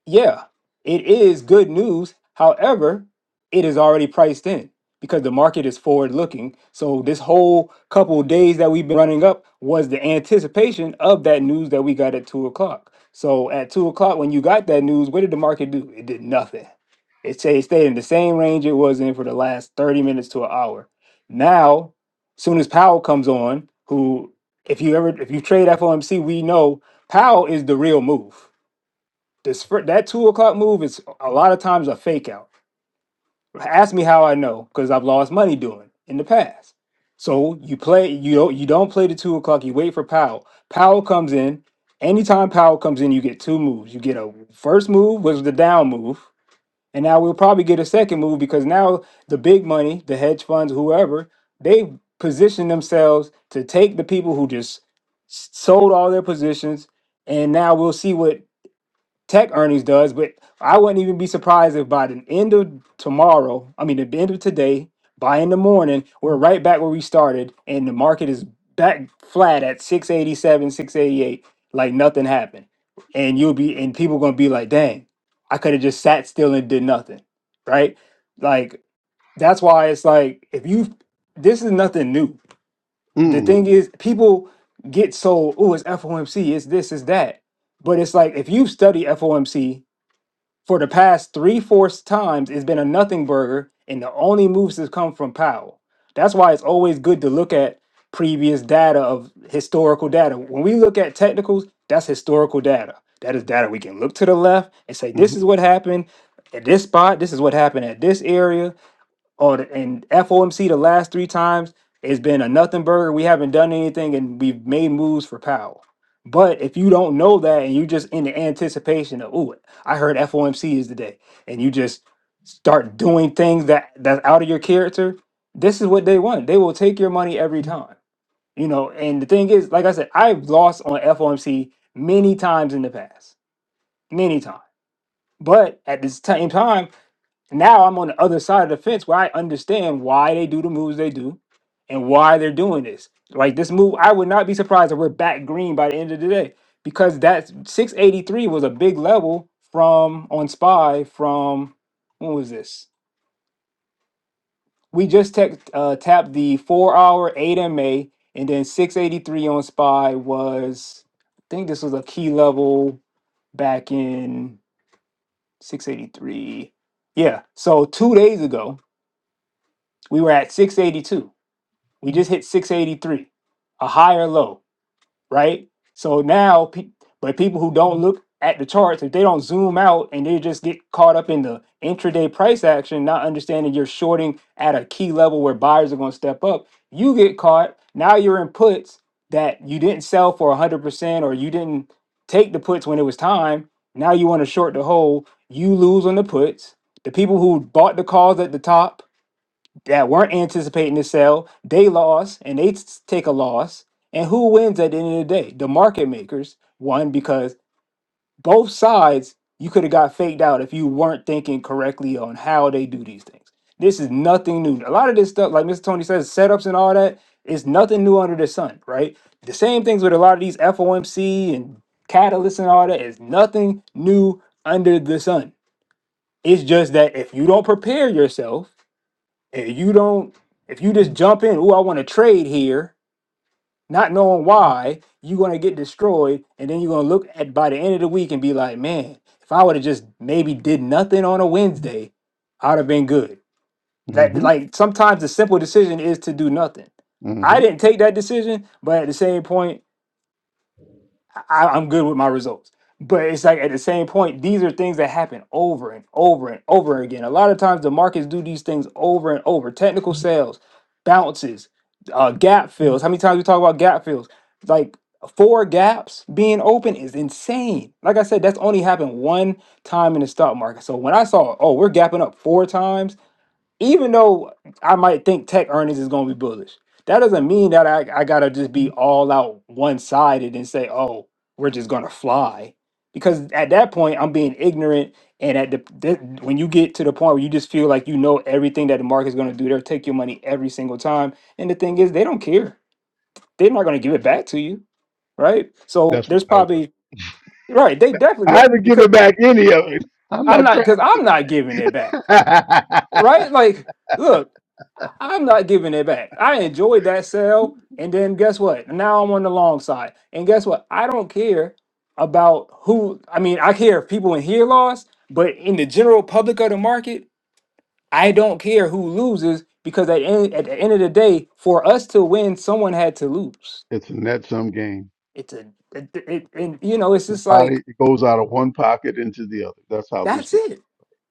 D: yeah, it is good news. However, it is already priced in because the market is forward looking. So this whole couple of days that we've been running up was the anticipation of that news that we got at two o'clock. So at two o'clock, when you got that news, what did the market do? It did nothing. It stayed, it stayed in the same range it was in for the last 30 minutes to an hour. Now, soon as Powell comes on, who if you ever if you trade FOMC, we know Powell is the real move this fir- that two o'clock move is a lot of times a fake out. Ask me how I know because I've lost money doing it in the past. So you play you don't you don't play the two o'clock. You wait for Powell. Powell comes in. Anytime Powell comes in, you get two moves. You get a first move was the down move, and now we'll probably get a second move because now the big money, the hedge funds, whoever, they position themselves to take the people who just s- sold all their positions, and now we'll see what tech earnings does, but I wouldn't even be surprised if by the end of tomorrow, I mean, the end of today, by in the morning, we're right back where we started and the market is back flat at 687, 688, like nothing happened. And you'll be, and people going to be like, dang, I could have just sat still and did nothing. Right. Like, that's why it's like, if you, this is nothing new. The
C: Mm.
D: thing is, people get so, oh, it's FOMC, it's this, it's that. But it's like, if you study FOMC for the past three fourths times, it's been a nothing burger, and the only moves has come from Powell. That's why it's always good to look at previous data of historical data. When we look at technicals, that's historical data. That is data we can look to the left and say,
C: Mm.
D: this is what happened at this spot, this is what happened at this area. Oh, the- and FOMC the last three times it's been a nothing burger. We haven't done anything, and we've made moves for Powell. But if you don't know that, and you just in the anticipation of, oh, I heard FOMC is the day, and you just start doing things that that's out of your character, this is what they want. They will take your money every time, you know. And the thing is, like I said, I've lost on FOMC many times in the past, many times. But at the same time, now I'm on the other side of the fence where I understand why they do the moves they do and why they're doing this. Like this move, I would not be surprised if we're back green by the end of the day because that 683 was a big level from on SPY from when was this? We just tech uh, tapped the four hour 8 MA and then 683 on SPY was, I think this was a key level back in 683. Yeah. So two days ago We were at 682. We just hit 683, a higher low, right? So now, pe- but people who don't look at the charts, if they don't zoom out and they just get caught up in the intraday price action, not understanding you're shorting at a key level where buyers are going to step up, you get caught. Now you're in puts that you didn't sell for 100% or you didn't take the puts when it was time. Now you want to short the whole. You lose on the puts. The people who bought the calls at the top that weren't anticipating the sell. They lost and they s- take a loss. And who wins at the end of the day? The market makers won because both sides you could have got faked out if you weren't thinking correctly on how they do these things. This is nothing new. A lot of this stuff, like Mr. Tony says, setups and all that is nothing new under the sun, right? The same things with a lot of these FOMC and catalysts and all that is nothing new under the sun. It's just that if you don't prepare yourself if you don't, if you just jump in, oh, I want to trade here, not knowing why, you're gonna get destroyed, and then you're gonna look at by the end of the week and be like, man, if I would have just maybe did nothing on a Wednesday, I'd have been good. That
C: Hmm.
D: like sometimes the simple decision is to do nothing.
C: Mm.
D: I
C: Hmm.
D: didn't take that decision, but at the same point, I, I'm good with my results. But it's like at the same point, these are things that happen over and over and over again. A lot of times the markets do these things over and over. Technical sales, bounces, uh, gap fills. How many times we talk about gap fills? Like four gaps being open is insane. Like I said, that's only happened one time in the stock market. So when I saw, oh, we're gapping up four times even though I might think tech earnings is going to be bullish, that doesn't mean that I, I got to just be all out one sided and say, oh, we're just going to fly. Because at that point, I'm being ignorant. And at the, th- when you get to the point where you just feel like you know everything that the market's going to do, they'll take your money every single time. And the thing is, they don't care. They're not going to give it back to you. Right. So
C: That's not
D: there's
C: how it works.
D: probably, right. They definitely
C: I
D: don't.
C: haven't given
D: Because
C: back any of it. I'm
D: I'm
C: not
D: not,
C: trying
D: because
C: to.
D: I'm not giving it
C: [laughs]
D: back. right? Like, look, I- am not giving it back. I enjoyed that sale, and then guess what? Now I'm on the long side, and guess what? I don't care about who. I mean, I care if people in here lost, but in the general public of the market, I don't care who loses because at end, at the end of the day, for us to win, someone had to lose.
C: it's a net sum game.
D: It's a it, it, and you know, it's just
C: Somebody
D: like
C: it goes out of one pocket into the other. That's how this
D: that's
C: game.
D: it.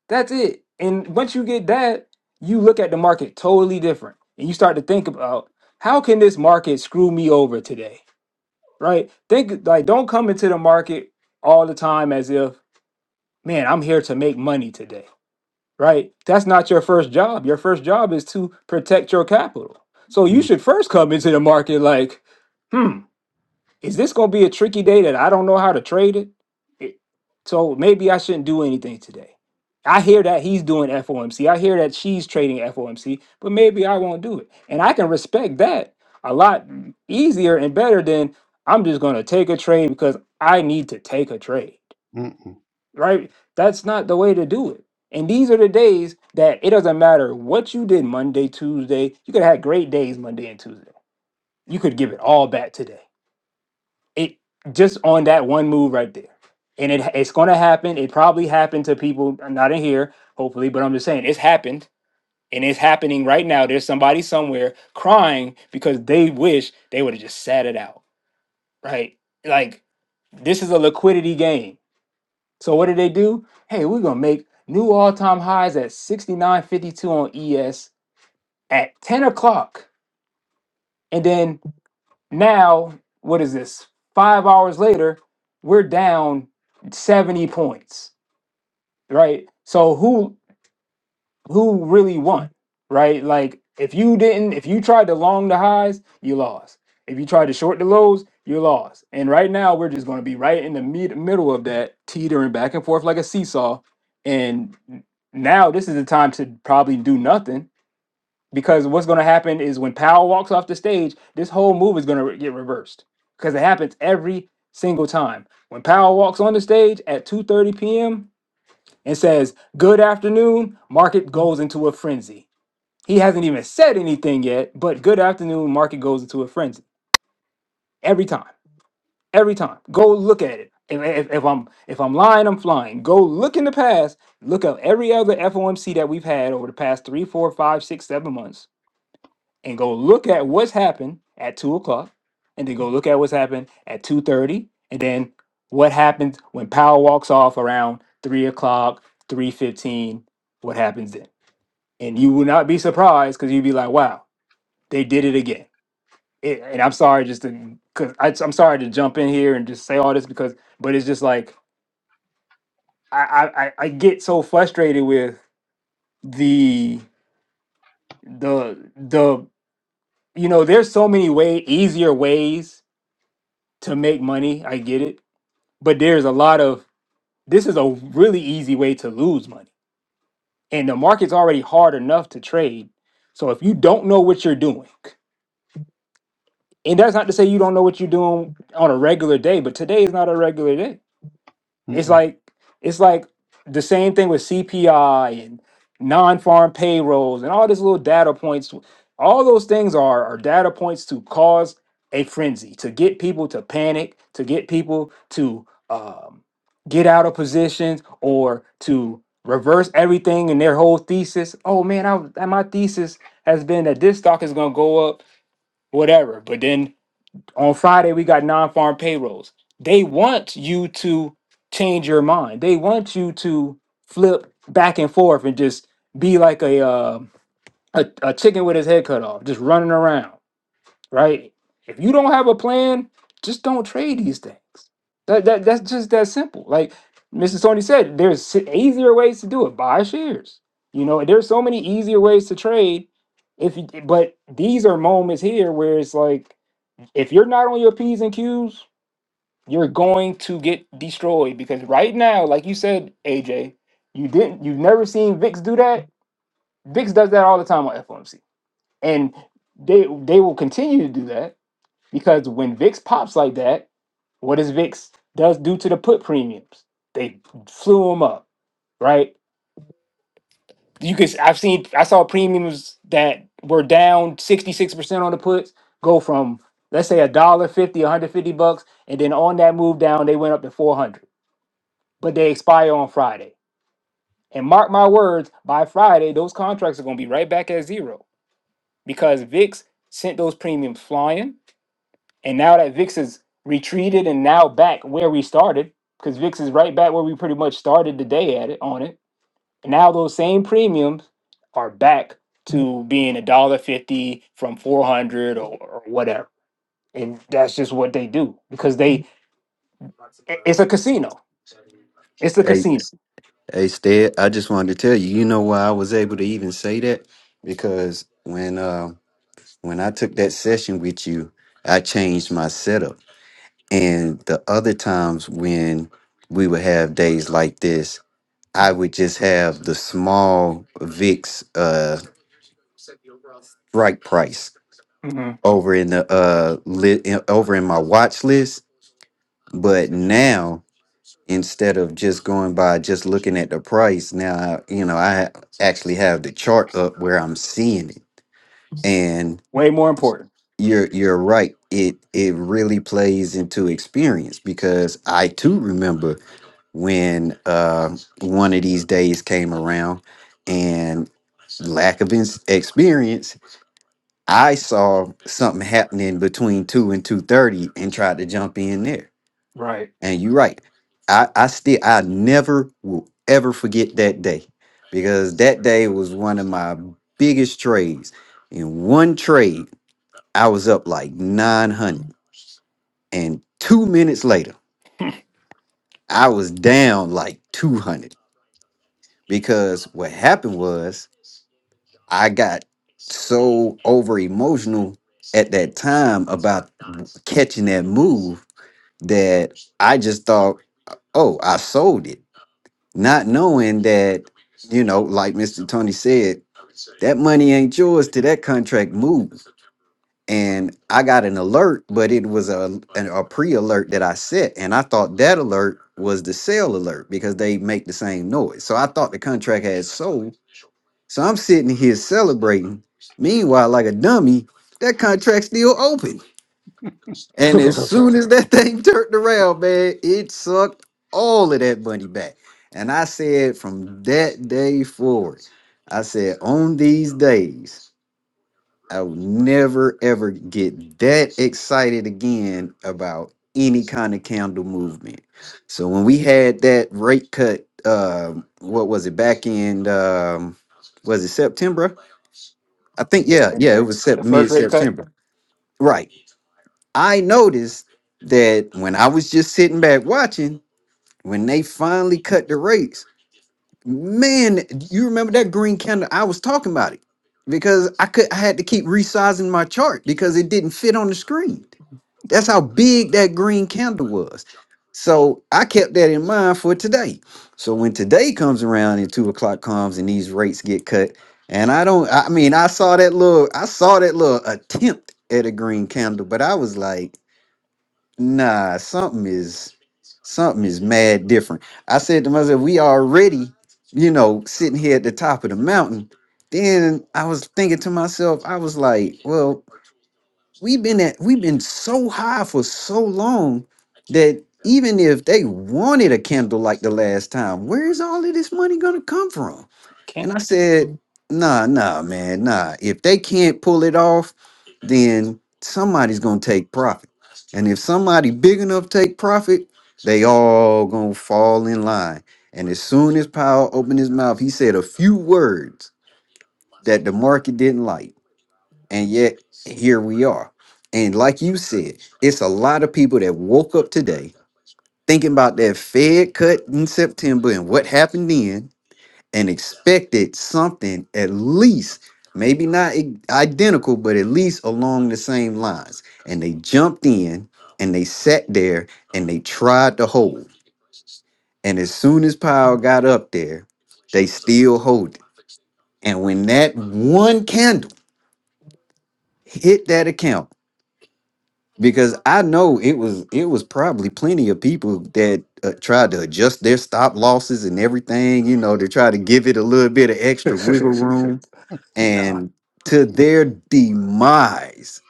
D: That's it. And once you get that, you look at the market totally different. And you start to think about how can this market screw me over today? Right? Think like don't come into the market all the time as if, man, I'm here to make money today. Right? That's not your first job. Your first job is to protect your capital. So you
C: Mm,
D: should first come into the market like, hmm is this going to be a tricky day that I don't know how to trade it? It- So maybe I shouldn't do anything today. I hear that he's doing FOMC. I hear that she's trading FOMC, but maybe I won't do it. And I can respect that a lot easier and better than I'm just going to take a trade because I need to take a trade,
C: Mm-mm, mm-mm.
D: right? That's not the way to do it. And these are the days that it doesn't matter what you did Monday, Tuesday. You could have had great days Monday and Tuesday. You could give it all back today it just on that one move right there. And it it's going to happen. It probably happened to people not in here, hopefully, but I'm just saying it's happened and it's happening right now. There's somebody somewhere crying because they wish they would have just sat it out, right? Like this is a liquidity game. So what did they do? Hey, we're going to make new all-time highs at 69.52 on ES at 10 o'clock. And then Now, what is this? Five hours later, we're down 70 points, right? So who who really won, right? Like if you didn't, if you tried to long the highs, you lost. If you tried to short the lows, you lost. And right now, we're just going to be right in the mid- middle of that, teetering back and forth like a seesaw. And now this is the time to probably do nothing because what's going to happen is when Powell walks off the stage, this whole move is going to get reversed because it happens every single time. When Powell walks on the stage at 2:30 p.m. and says, "Good afternoon," market goes into a frenzy. He hasn't even said anything yet, but "Good afternoon," market goes into a frenzy every time. Every time. Go look at it. If, if, if I'm if I'm lying, I'm flying. Go look in the past. Look up every other FOMC that we've had over the past three, four, five, six, seven months and go look at what's happened at two o'clock, and then go look at what's happened at two thirty, and then what happens when Powell walks off around three o'clock, three fifteen. What happens then? And you will not be surprised because you'd be like, "Wow, they did it again." It, and I'm sorry, just to, cause I, I'm sorry to jump in here and just say all this because, but it's just like I, I, I I get so frustrated with the the the you know, there's so many way easier ways to make money. I get it. But there's a lot of this is a really easy way to lose money. And the market's already hard enough to trade. So if you don't know what you're doing, and that's not to say you don't know what you're doing on a regular day, but today is not a regular day. It's
C: mm. mm,
D: like it's like the same thing with CPI and non-farm payrolls and all these little data points. All those things are are data points to cause a frenzy, to get people to panic, to get people to um, get out of positions or to reverse everything in their whole thesis. Oh man, I, was- my thesis has been that this stock is going to go up, whatever. But then on Friday, we got non farm payrolls. They want you to change your mind. They want you to flip back and forth and just be like a, uh, a, a chicken with his head cut off, just running around, right? If you don't have a plan, just don't trade these things. That, that That's just that simple. Like Mrs. Tony said, there's s- easier ways to do it. Buy shares. You know, there's so many easier ways to trade. If you, but these are moments here where it's like if you're not on your P's and Q's, you're going to get destroyed because right now, like you said, AJ, you didn't you've never seen VIX do that. VIX does that all the time on FOMC. And they they will continue to do that because when VIX pops like that, what does VIX does do to the put premiums? They flew them up, right? you could I've seen I saw premiums that were down 66% on the puts go from let's say a dollar fifty, one hundred fifty bucks, and then on that move down they went up to 400. But they expire on Friday. And mark my words, by Friday those contracts are going to be right back at zero because VIX sent those premiums flying. And now that VIX is retreated and now back where we started because VIX is right back where we pretty much started the day at it on it And now those same premiums are back to being a dollar fifty from four hundred or, or whatever, and that's just what they do because they i- it's a casino. It's a casino.
B: Hey, Stead, I just wanted to tell you, you know why I was able to even say that? Because when uh, when I took that session with you, I changed my setup. And the other times when we would have days like this, I would just have the small VIX uh, strike price
D: hmm
B: over in the uh, li- in- over in my watch list. But now instead of just going by just looking at the price now you know i actually have the chart up where i'm seeing it and
D: Way more important,
B: you're you're right it it really plays into experience because i too remember when uh one of these days came around and lack of ins experience i saw something happening between 2 and 2.30 and tried to jump in there
D: right?
B: And you're right. I, I still I never will ever forget that day because that day was one of my biggest trades. In one trade, I was up like 900, and 2 minutes later, I was down like 200 because what happened was I got so over emotional at that time about catching that move that I just thought, "Oh, I sold it." not knowing that you know like mr tony said that money ain't yours till that contract moves. and i got an alert but it was a, an, a pre-alert that i set and i thought that alert was the sale alert because they make the same noise so i thought the contract had sold so i'm sitting here celebrating meanwhile like a dummy that contract's still open
D: [laughs] yeah,
B: and as soon as that thing [laughs] turned around, man, it sucked all of that money back. And I said from that day forward, I said, on these days, I will never ever get that excited again about any kind of candle movement. So when we had that rate cut, um, what was it back in um was it September? I think
D: I
B: yeah,
D: think
B: yeah, it
D: so.
B: was sep-
D: The
B: mid
D: first rate cut
B: September. Right I noticed that when I was just sitting back watching, when they finally cut the rates, man, you remember that green candle? I was talking about it because I could I had to keep resizing my chart because it didn't fit on the screen. That's how big that green candle was. So I kept that in mind for today. So when today comes around and two o'clock comes and these rates get cut, and I don't, I mean, I saw that little, I saw that little attempt at a green candle, but I was like nah, something is something is mad different. I said to myself, we already, you know, sitting here at the top of the mountain. Then I was thinking to myself, I was like, well, we've been at we've been so high for so long that even if they wanted a candle like the last time, where's all of this money gonna come from? And
D: can't.
B: I said, nah, nah, man, nah. If they can't pull it off, then somebody's gonna take profit. And if somebody big enough take profit, they all gonna fall in line. And as soon as Powell opened his mouth, he said a few words that the market didn't like and yet here we are. And like you said, it's a lot of people that woke up today thinking about that Fed cut in September and what happened then and expected something at least, maybe not i- identical, but at least along the same lines. And they jumped in and they sat there and they tried to hold. And as soon as Powell got up there, they still hold it. And when that one candle hit that account, because I know it was it was probably plenty of people that uh, tried to adjust their stop losses and everything, you know, to try to give it a little bit of
D: [laughs]
B: extra wiggle room.
D: nah,
B: And to their demise,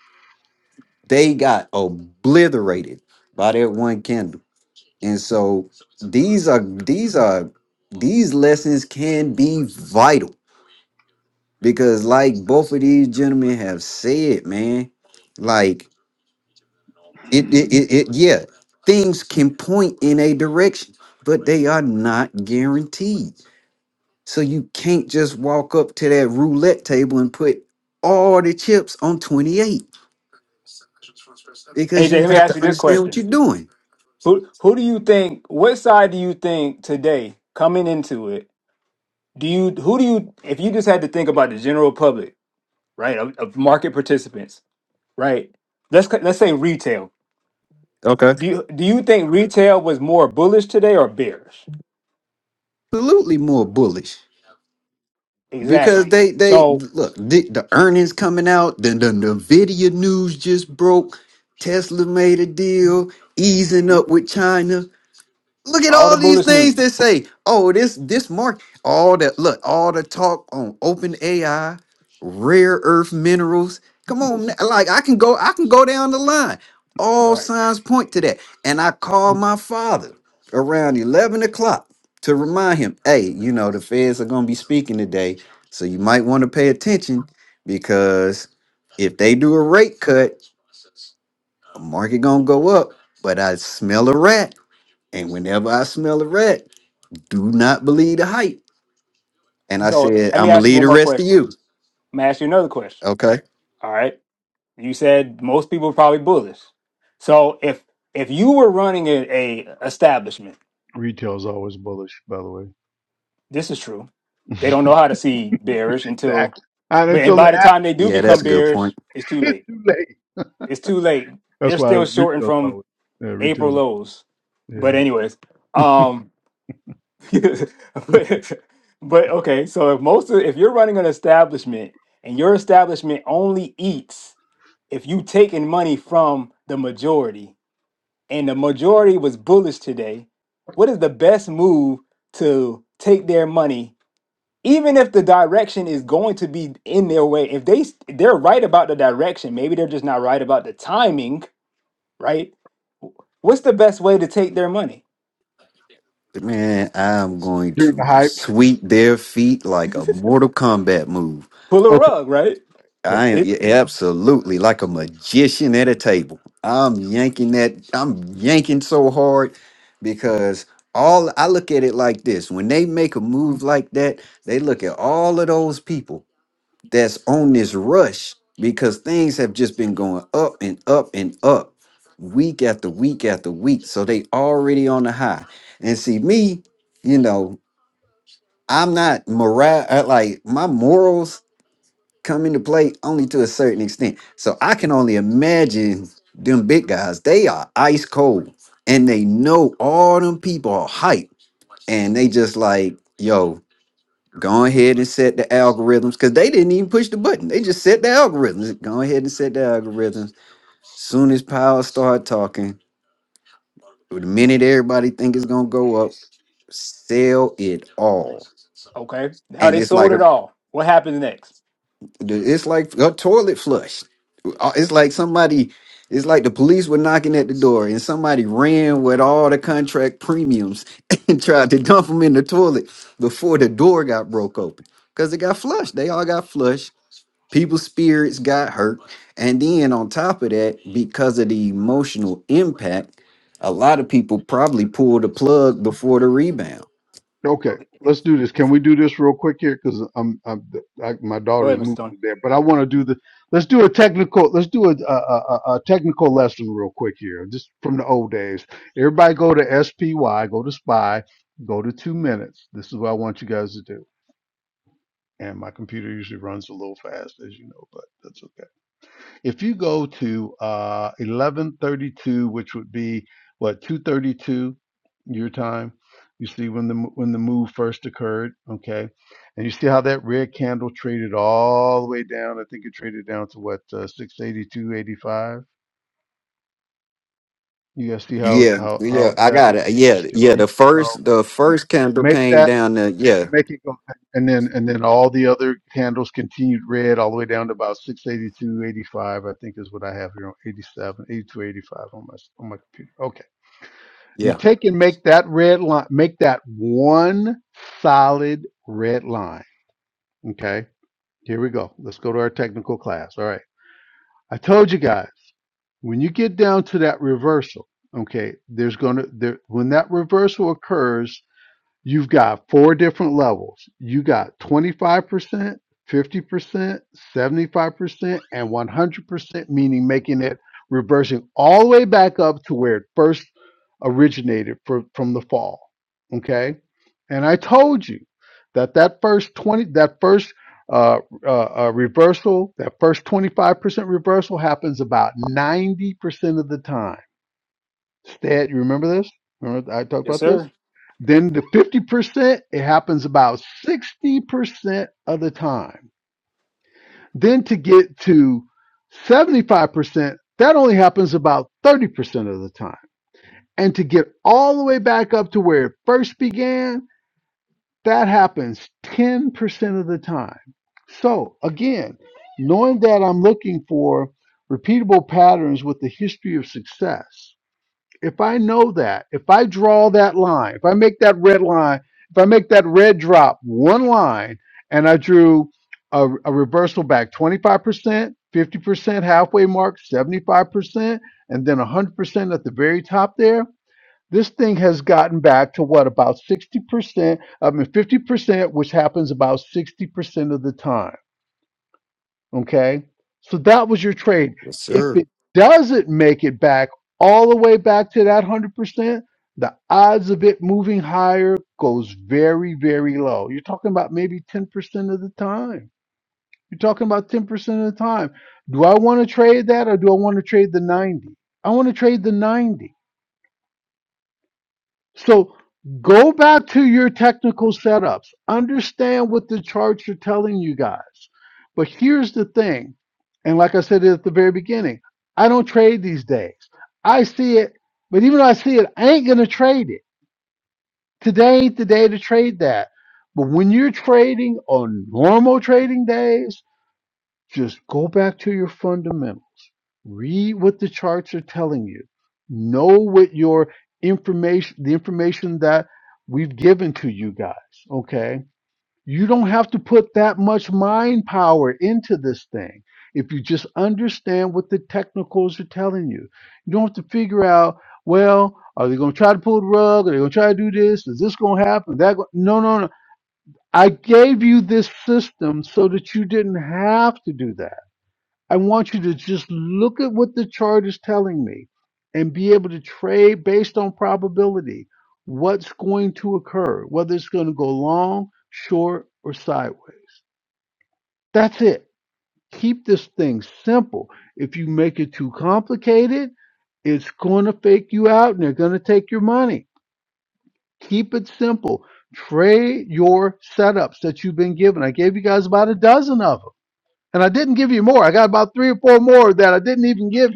B: they got obliterated by that one candle. And so these are these are these lessons can be vital because, like both of these gentlemen have said, man, like It, it, it, it yeah, things can point in a direction, but they are not guaranteed. So you can't just walk up to that roulette table and put all the chips on 28 because
D: AJ.
B: you
D: Let me
B: have
D: ask
B: to
D: you this
B: understand what
D: question:
B: you're doing.
D: Who who do you think? What side do you think today coming into it? Do you who do you if you just had to think about the general public? right? Of, of market participants, right? Let's c- let's say retail.
B: Okay.
D: Do you do you think retail was more bullish today or bearish?
B: Absolutely more bullish because
D: Exactly.
B: they they
D: So
B: look the, the earnings coming out. Then the Nvidia news just broke. Tesla made a deal, easing
D: Mhm.
B: up with China Look at
D: all the
B: all these
D: bullish
B: things that
D: news,
B: say, oh, this this market, all that look, all the talk on open AI, rare earth minerals. Come on, na- like I can go, I can go down the line. All
D: right?
B: signs point to that. And I called
C: mm.
B: my father around 11 o'clock to remind him, hey, you know, the feds are gonna be speaking today. So you might want to pay attention because if they do a rate cut, the market gonna go up. But I smell a rat. And whenever I smell a rat, do not believe the hype. And I
D: So
B: said,
D: let me
B: I'm gonna
D: ask you
B: leave
D: one
B: the
D: more
B: rest of
D: question.
B: you.
D: I'm gonna ask you another question.
B: Okay.
D: All right. You said most people are probably bullish. So if if you were running a, a establishment,
C: Retail's always bullish, by the way.
D: this is true.
C: [laughs]
D: They don't know how to see bearish until,
C: exactly. Not
D: but and
C: until
D: by
C: the
D: the
C: app
D: time they do
B: Yeah, that's
D: become
B: a good point.
D: bearish, it's too late
C: too late.
D: It's too late.
C: That's
D: They're
C: why
D: still shorting
C: retail's
D: from
C: always. Yeah,
D: April
C: retail's.
D: lows.
C: Yeah.
D: But anyways, um, [laughs] but, but okay. So if most of if you're running an establishment and your establishment only eats if you taking money from the majority and the majority was bullish today, what is the best move to take their money? Even if the direction is going to be in their way, if they s- they're right about the direction, maybe they're just not right about the timing, right? What's the best way to take their money?
B: man, I'm going
C: During the
B: to
C: hype.
B: sweep their feet
D: [laughs]
B: like a Mortal Kombat move.
D: Pull a
C: Okay.
D: rug, right?
C: yeah.
B: I am
D: It
B: yeah, absolutely like a magician at a table. I'm yanking that, I'm yanking so hard because all I look at it like this when they make a move like that, they look at all of those people that's on this rush because things have just been going up and up and up week after week after week. So they already on the high. And see me, you know, I'm not moral uh, like my morals come into play only to a certain extent. So I can only imagine them big guys, they are ice cold and they know all them people are hype and they just like, yo, Go ahead and set the algorithms because they didn't even push the button. They just set the algorithms. Go ahead and set the algorithms. Soon as power start talking, the minute everybody think it's gonna go up, sell it all.
D: okay. Now
B: And
D: they
B: it's
D: sold
B: like a,
D: it all. What happens next?
B: it's like a toilet flush. Uh, It's like somebody, it's like the police were knocking at the door and somebody ran with all the contract premiums [laughs] and tried to dump them in the toilet before the door got broke open because it got flushed. They all got flushed people's spirits got hurt and then on top of that because of the emotional impact a lot of people probably pulled the plug before the rebound
C: Okay,
D: Okay.
C: let's do this. Can we do this real quick here? Because I'm, I'm I, my
D: Go
C: daughter's
D: ahead, Mr. Stone.
C: moving there, but I want to do the. Let's do a technical. Let's do a, a a a technical lesson real quick here, just from the old days. Everybody go to SPY, go to Spy, go to two minutes. This is what I want you guys to do. And my computer usually runs a little fast, as you know, but that's okay. If you go to uh, 11:32, which would be what 2:32 your time, you see when the when the move first occurred, okay, and you see how that red candle traded all the way down. I think it traded down to what uh, 682.85. You guys see how
B: Yeah,
C: how
B: yeah,
C: how
B: I
C: that
B: got it.
C: red
B: Yeah,
C: just
B: yeah.
C: continued
B: The
C: to go.
B: first, the first candle
C: Make
B: came
C: that.
B: down. The, yeah,
C: make it go and then and then all the other candles continued red all the way down to about six eighty two eighty five i think is what i have here on 87 eighty-two, eighty-five on my on my computer okay you
B: yeah.
C: take and make that red line make that one solid red line okay here we go let's go to our technical class all right i told you guys when you get down to that reversal okay there's gonna there when that reversal occurs You've got four different levels. You got 25%, 50%, 75%, and 100%, meaning making it reversing all the way back up to where it first originated fro- from the fall. Okay. And I told you that that first 20, that first uh, uh, uh, reversal, that first 25% reversal happens about 90% of the time Stat, you remember this? Remember I talked
D: Yes,
C: about this?
D: sir.
C: Then the 50%, it happens about 60% of the time. Then to get to 75%, that only happens about 30% of the time. And to get all the way back up to where it first began, that happens 10% of the time. So again, knowing that I'm looking for repeatable patterns with the history of success, if I know that, if I draw that line, if I make that red line, if I make that red drop one line and I drew a, a reversal back 25%, 50%, halfway mark, 75%, and then 100% at the very top there, this thing has gotten back to what about 60%, I mean 50%, which happens about 60% of the time Okay. So that was your trade.
B: Yes,
C: If
B: sir.
C: it doesn't make it back all the way back to that 100%, the odds of it moving higher goes very, very low. You're talking about maybe 10% of the time. You're talking about 10% of the time. Do I want to trade that or do I want to trade the 90? I want to trade the 90 so go back to your technical setups. Understand what the charts are telling you guys. But here's the thing, and like I said at the very beginning, I don't trade these days. I see it, but even though I see it, I ain't gonna trade it. Today ain't the day to trade that. But when you're trading on normal trading days, just go back to your fundamentals. Read what the charts are telling you. Know what your information, the information that we've given to you guys, okay? You don't have to put that much mind power into this thing. If you just understand what the technicals are telling you, you don't have to figure out, well, are they going to try to pull the rug? Are they going to try to do this? Is this going to happen? That go-? no, no, no. I gave you this system so that you didn't have to do that I want you to just look at what the chart is telling me and be able to trade based on probability what's going to occur, whether it's going to go long, short, or sideways. That's it. Keep this thing simple. If you make it too complicated, it's going to fake you out and they're going to take your money. Keep it simple. Trade your setups that you've been given. I gave you guys about a dozen of them, and I didn't give you more. I got about three or four more that I didn't even give you.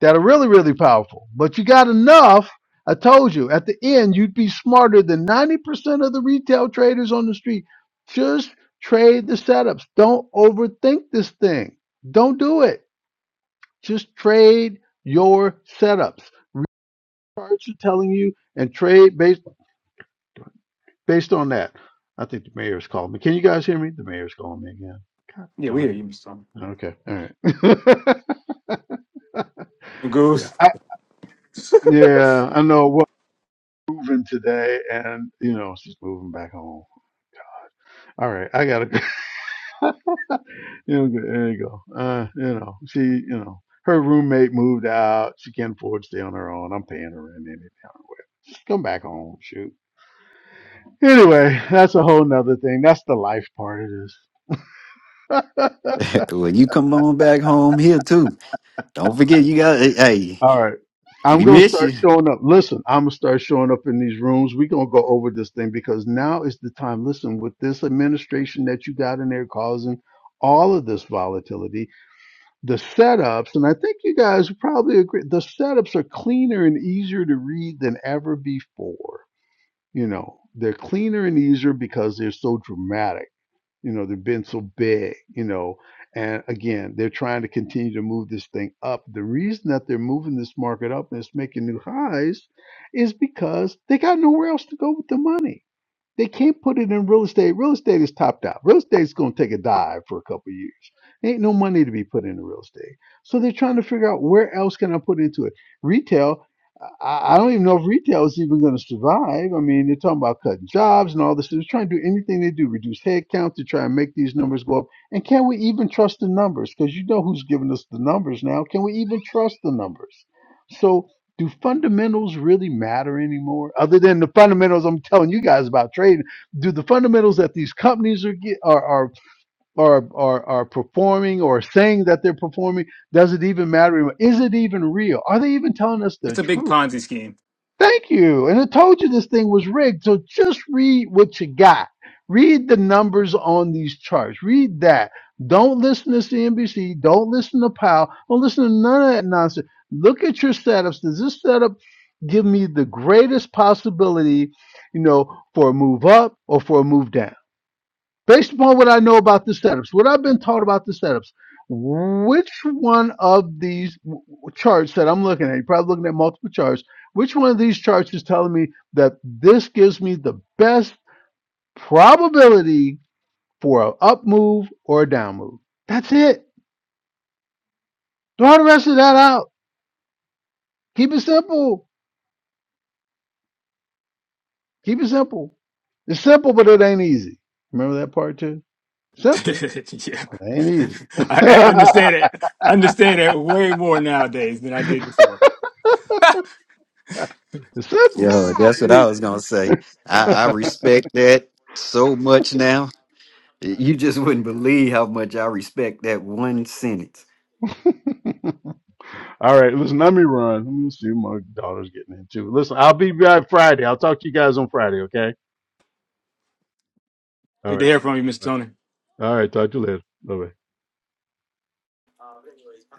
C: that are really, really powerful. But you got enough. I told you at the end, you'd be smarter than 90% of the retail traders on the street. Just trade the setups. Don't overthink this thing. Don't do it. Just trade your setups. Charts are telling you and trade based based on that. I think the mayor's calling me. Can you guys hear me? The mayor's calling me again. God
D: Yeah, we
C: darn
D: hear you, Mr. Stone.
C: it. Okay. All right. [laughs] yeah.
D: Goose.
C: I, yeah. I know. Well, moving today, and you know she's moving back home. All right, I gotta. go. [laughs] you know, there you go. Uh, you know, she, you know, her roommate moved out. She can't afford to stay on her own. I'm paying her rent anyway. Come back home, shoot. Anyway, that's a whole nother thing. That's the life part of this.
B: [laughs] well you come on back home here too don't forget you got hey hey,
C: All right. I'm
B: we
C: gonna
B: miss you
C: start showing up. Listen, I'm gonna start showing up in these rooms. We're gonna go over this thing because now is the time. Listen, with this administration that you got in there causing all of this volatility, the setups, and I think you guys would probably agree, the setups are cleaner and easier to read than ever before. You know, they're cleaner and easier because they're so dramatic. You know, they've been so big, you know, and again, they're trying to continue to move this thing up. The reason that they're moving this market up and it's making new highs is because they got nowhere else to go with the money they can't put it in real estate. Real estate is topped out. Real estate's going to take a dive for a couple of years. Ain't no money to be put into real estate. So they're trying to figure out where else can I put into it. Retail, I, I don't even know if retail is even going to survive. I mean, they're talking about cutting jobs and all this. They're trying to do anything they do, reduce headcount to try and make these numbers go up. And can we even trust the numbers? Because you know who's giving us the numbers now. Can we even trust the numbers? So do fundamentals really matter anymore other than the fundamentals i'm telling you guys about trading do the fundamentals that these companies are get, are, are are are are performing or saying that they're performing does it even matter anymore? is it even real are they even telling us the
D: It's a big
C: truth
D: Ponzi scheme.
C: Thank you. And I told you this thing was rigged. So just read what you got. Read the numbers on these charts. Read that. Don't listen to CNBC. Don't listen to Powell. Don't listen to none of that nonsense. Look at your setups. Does this setup give me the greatest possibility, you know, for a move up or for a move down? based upon what I know about the setups, what I've been taught about the setups, which one of these w- w- charts that I'm looking at, you're probably looking at multiple charts, which one of these charts is telling me that this gives me the best probability for an up move or a down move? That's it. Throw the rest of that out. Keep it simple. Keep it simple. It's simple, but it ain't easy. Remember that part too?
D: [laughs]
C: Simple,
D: yeah,
C: but it ain't easy.
D: I, I understand
C: [laughs]
D: it. I understand it way more nowadays than I did before.
C: it's simple,
B: yeah
C: but
B: that's
C: it
B: what
C: ain't
B: i
C: easy.
B: was gonna say i i
C: [laughs]
B: respect that so much now You just wouldn't believe how much I respect that one sentence.
C: [laughs] All right, listen, let me run. Let me see what my daughter's getting into. Listen, I'll be back Friday. I'll talk to you guys on Friday, okay? All
D: Good to
C: right.
D: hear from you, Mr.
C: All
D: Tony.
C: right. All right, talk to you later. Bye.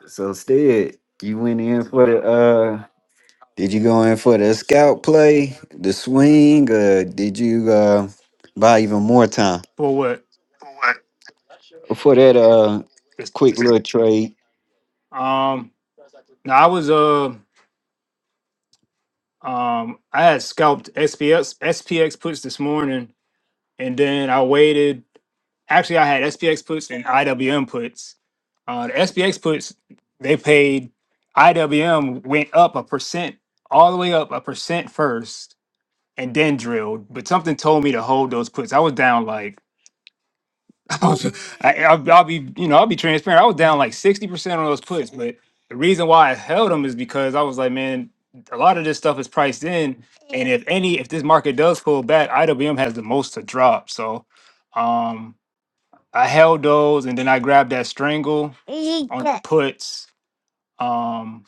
B: So instead, you went in for the uh did you go in for the scout play, the swing, or did you uh buy even more time
D: For what?
B: for that uh
D: This,
B: quick
D: this.
B: little trade?
D: Um. Now I was uh um I had scalped SPX SPX puts this morning, and then I waited actually I had SPX puts and IWM puts. Uh, the SPX puts they paid IWM went up a percent all the way up a percent first and then drilled, but something told me to hold those puts. I was down like [laughs] I was I, I'll, I'll be you know I'll be transparent. I was down like sixty percent on those puts, but the reason why I held them is because I was like, man, a lot of this stuff is priced in, and if any if this market does pull back, IWM has the most to drop. So. um I held those and then I grabbed that strangle on the puts. Um,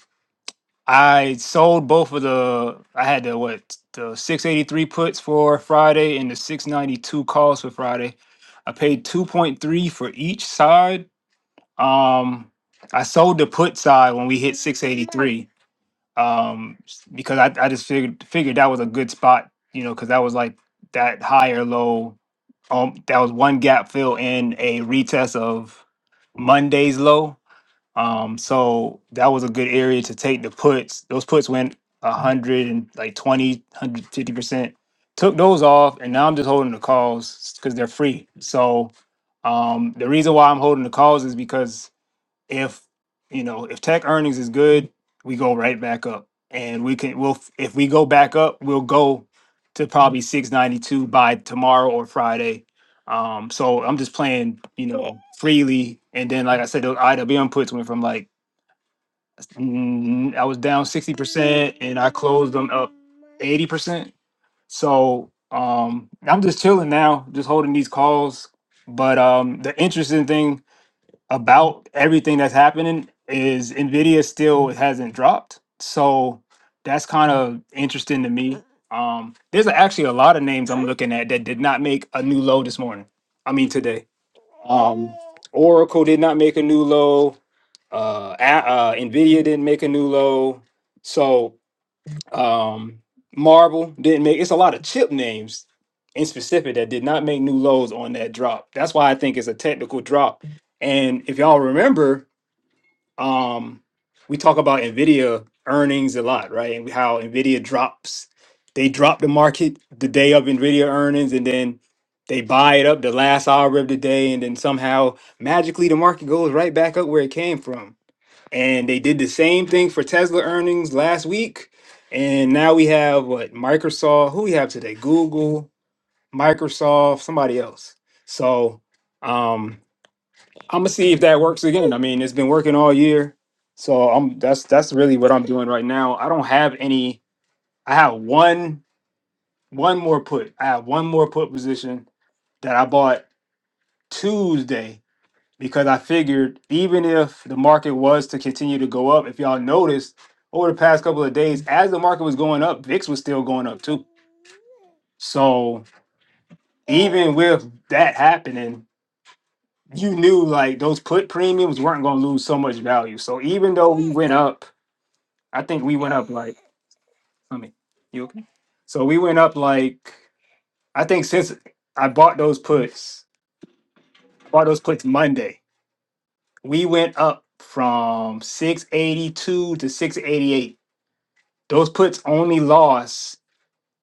D: I sold both of the, I had the what, the 683 puts for Friday and the 692 calls for Friday. I paid 2.3 for each side. Um, I sold the put side when we hit 683 um, s- because I, I just figured, figured that was a good spot, you know, because that was like that higher low. Um, that was one gap fill and a retest of Monday's low. Um, so that was a good area to take the puts. Those puts went a hundred and like 20, one hundred fifty percent. Took those off, and now I'm just holding the calls because they're free. So um, the reason why I'm holding the calls is because if you know if tech earnings is good we go right back up and we can we'll if we go back up we'll go to probably 692 by tomorrow or friday um so i'm just playing you know freely and then like i said those iwm puts went from like mm, i was down 60% and i closed them up 80% so um i'm just chilling now just holding these calls but um the interesting thing about everything that's happening is Nvidia still hasn't dropped. So that's kind of interesting to me. Um, there's actually a lot of names I'm looking at that did not make a new low this morning. I mean today. Um, Oracle did not make a new low. Uh, A- uh, Nvidia didn't make a new low. So um, Marble didn't make. It's a lot of chip names in specific that did not make new lows on that drop. That's why I think it's a technical drop. And if y'all remember, um, we talk about Nvidia earnings a lot, right? And how Nvidia drops, they drop the market the day of Nvidia earnings, and then they buy it up the last hour of the day, and then somehow magically the market goes right back up where it came from and they did the same thing for Tesla earnings last week. And now we have what Microsoft, who we have today? Google, Microsoft, somebody else. So um I'm gonna see if that works again. I mean, it's been working all year. So I'm that's that's really what I'm doing right now. I don't have any I have one one more put. I have one more put position that I bought Tuesday because I figured even if the market was to continue to go up, if y'all noticed over the past couple of days, as the market was going up, VIX was still going up too. So even with that happening, you knew like those put premiums weren't going to lose so much value. So even though we went up, I think we went up like, I mean, you okay? So we went up like, I think since I bought those puts, bought those puts Monday, we went up from 682 to 688 Those puts only lost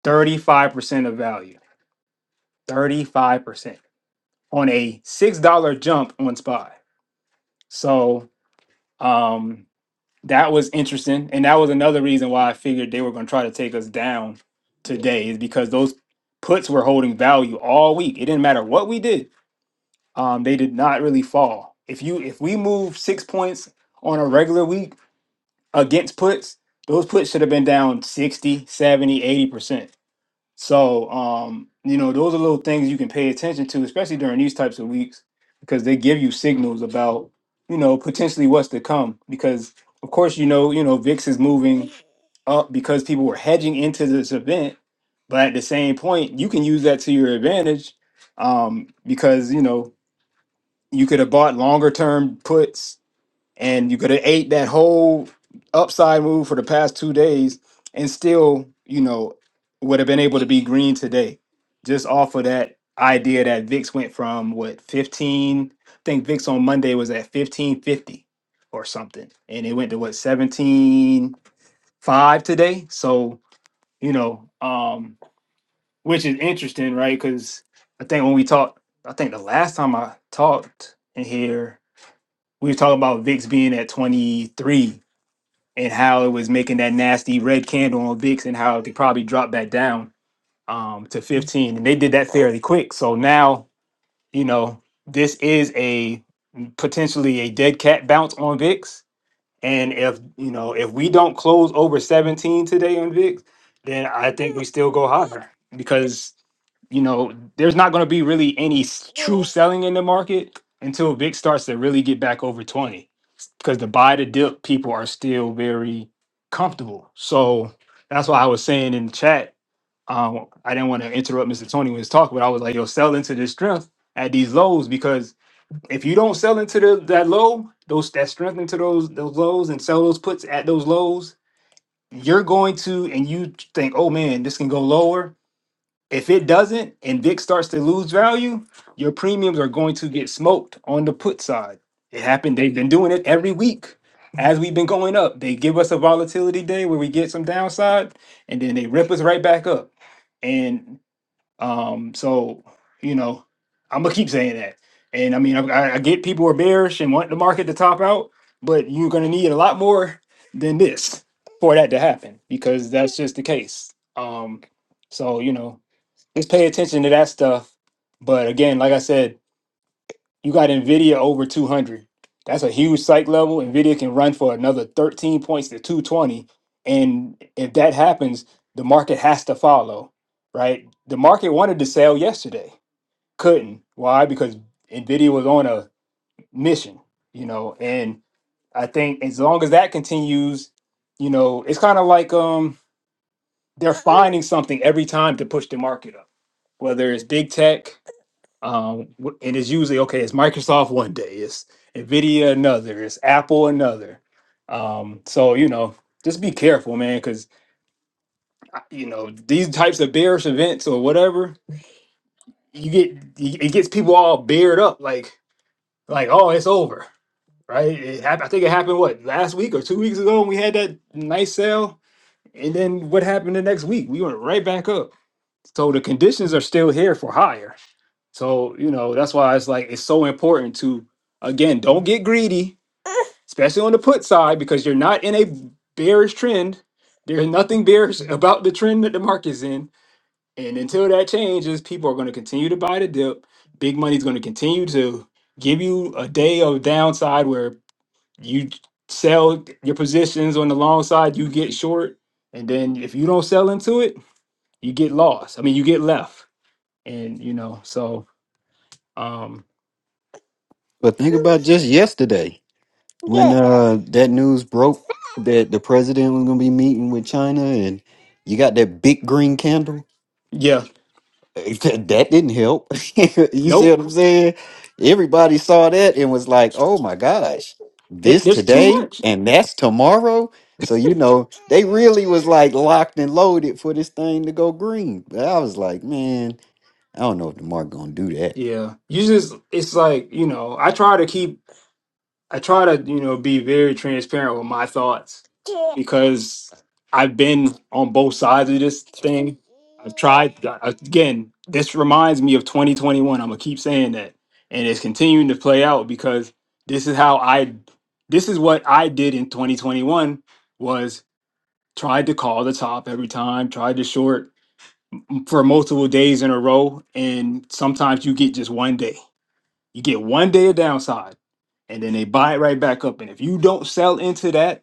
D: 35% of value. 35% on a $6 jump on SPY. So um that was interesting. And that was another reason why I figured they were gonna try to take us down today, is because those puts were holding value all week. It didn't matter what we did. Um, they did not really fall. If you if we move six points on a regular week against puts, those puts should have been down sixty, seventy, eighty percent So, um, you know, those are little things you can pay attention to, especially during these types of weeks, because they give you signals about, you know, potentially what's to come. Because of course, you know, you know, VIX is moving up because people were hedging into this event, but at the same point, you can use that to your advantage, um, because you know you could have bought longer term puts and you could have ate that whole upside move for the past two days and still, you know, would have been able to be green today. Just off of that idea that VIX went from what 15, I think VIX on Monday was at 1550 or something. And it went to what 175 today. So, you know, um, which is interesting, right? Because I think when we talked, I think the last time I talked in here, we were talking about VIX being at 23 and how it was making that nasty red candle on VIX and how it could probably drop that down um, to 15. And they did that fairly quick. So now, you know, this is a potentially a dead cat bounce on VIX. And if, you know, if we don't close over 17 today on VIX, then I think we still go higher because, you know, there's not going to be really any s- true selling in the market until VIX starts to really get back over 20 because the buy the dip people are still very comfortable. So that's why I was saying in the chat, um, I didn't want to interrupt Mr. Tony when he's talking, but I was like, yo, sell into this strength at these lows because if you don't sell into the, that low, those that strength into those those lows and sell those puts at those lows, you're going to and you think, oh man, this can go lower. If it doesn't and VIX starts to lose value, your premiums are going to get smoked on the put side. It happened. They've been doing it every week as we've been going up. They give us a volatility day where we get some downside and then they rip us right back up. And um, so, you know, I'm going to keep saying that. And I mean, I, I I get people are bearish and want the market to top out, but you're going to need a lot more than this for that to happen because that's just the case. Um, so, you know, just pay attention to that stuff. But again, like I said, you got Nvidia over 200. That's a huge psych level. Nvidia can run for another 13 points to 220, and if that happens, the market has to follow, right? The market wanted to sell yesterday, couldn't. Why? Because Nvidia was on a mission, you know. And I think as long as that continues, you know, it's kind of like um they're finding something every time to push the market up, whether it's big tech Um, wh- and it's usually okay. It's Microsoft one day, it's Nvidia another, it's Apple another. Um, so you know, just be careful, man, because you know these types of bearish events or whatever, you get y- it gets people all bared up, like like oh, it's over, right? It hap- I think it happened what last week or two weeks ago, and we had that nice sale, and then what happened the next week? We went right back up. So the conditions are still here for higher So, you know, that's why it's like it's so important to again, don't get greedy, especially on the put side because you're not in a bearish trend. There's nothing bearish about the trend that the market's in, and until that changes, people are going to continue to buy the dip. Big money's going to continue to give you a day of downside where you sell your positions on the long side, you get short, and then if you don't sell into it, you get lost. I mean, you get left. And you know, so um
B: But think about just yesterday when uh that news broke that the president was gonna be meeting with China and you got that big green candle
D: yeah,
B: [laughs] That didn't help. [laughs] you see what
D: Nope.
B: I'm saying? Everybody saw that and was like, oh my gosh,
D: It,
B: this
D: there's too
B: today
D: much.
B: and that's tomorrow. So, you know, they really was like locked and loaded for this thing to go green. But I was like, man. I don't know if DeMar gonna do that.
D: Yeah. You just, it's like, you know, I try to keep, I try to, you know, be very transparent with my thoughts because I've been on both sides of this thing. I've tried, again, this reminds me of 2021. I'm going to keep saying that. And it's continuing to play out because this is how I, this is what I did in 2021 was tried to call the top every time, tried to short for multiple days in a row, and sometimes you get just one day. You get one day of downside, and then they buy it right back up. And if you don't sell into that,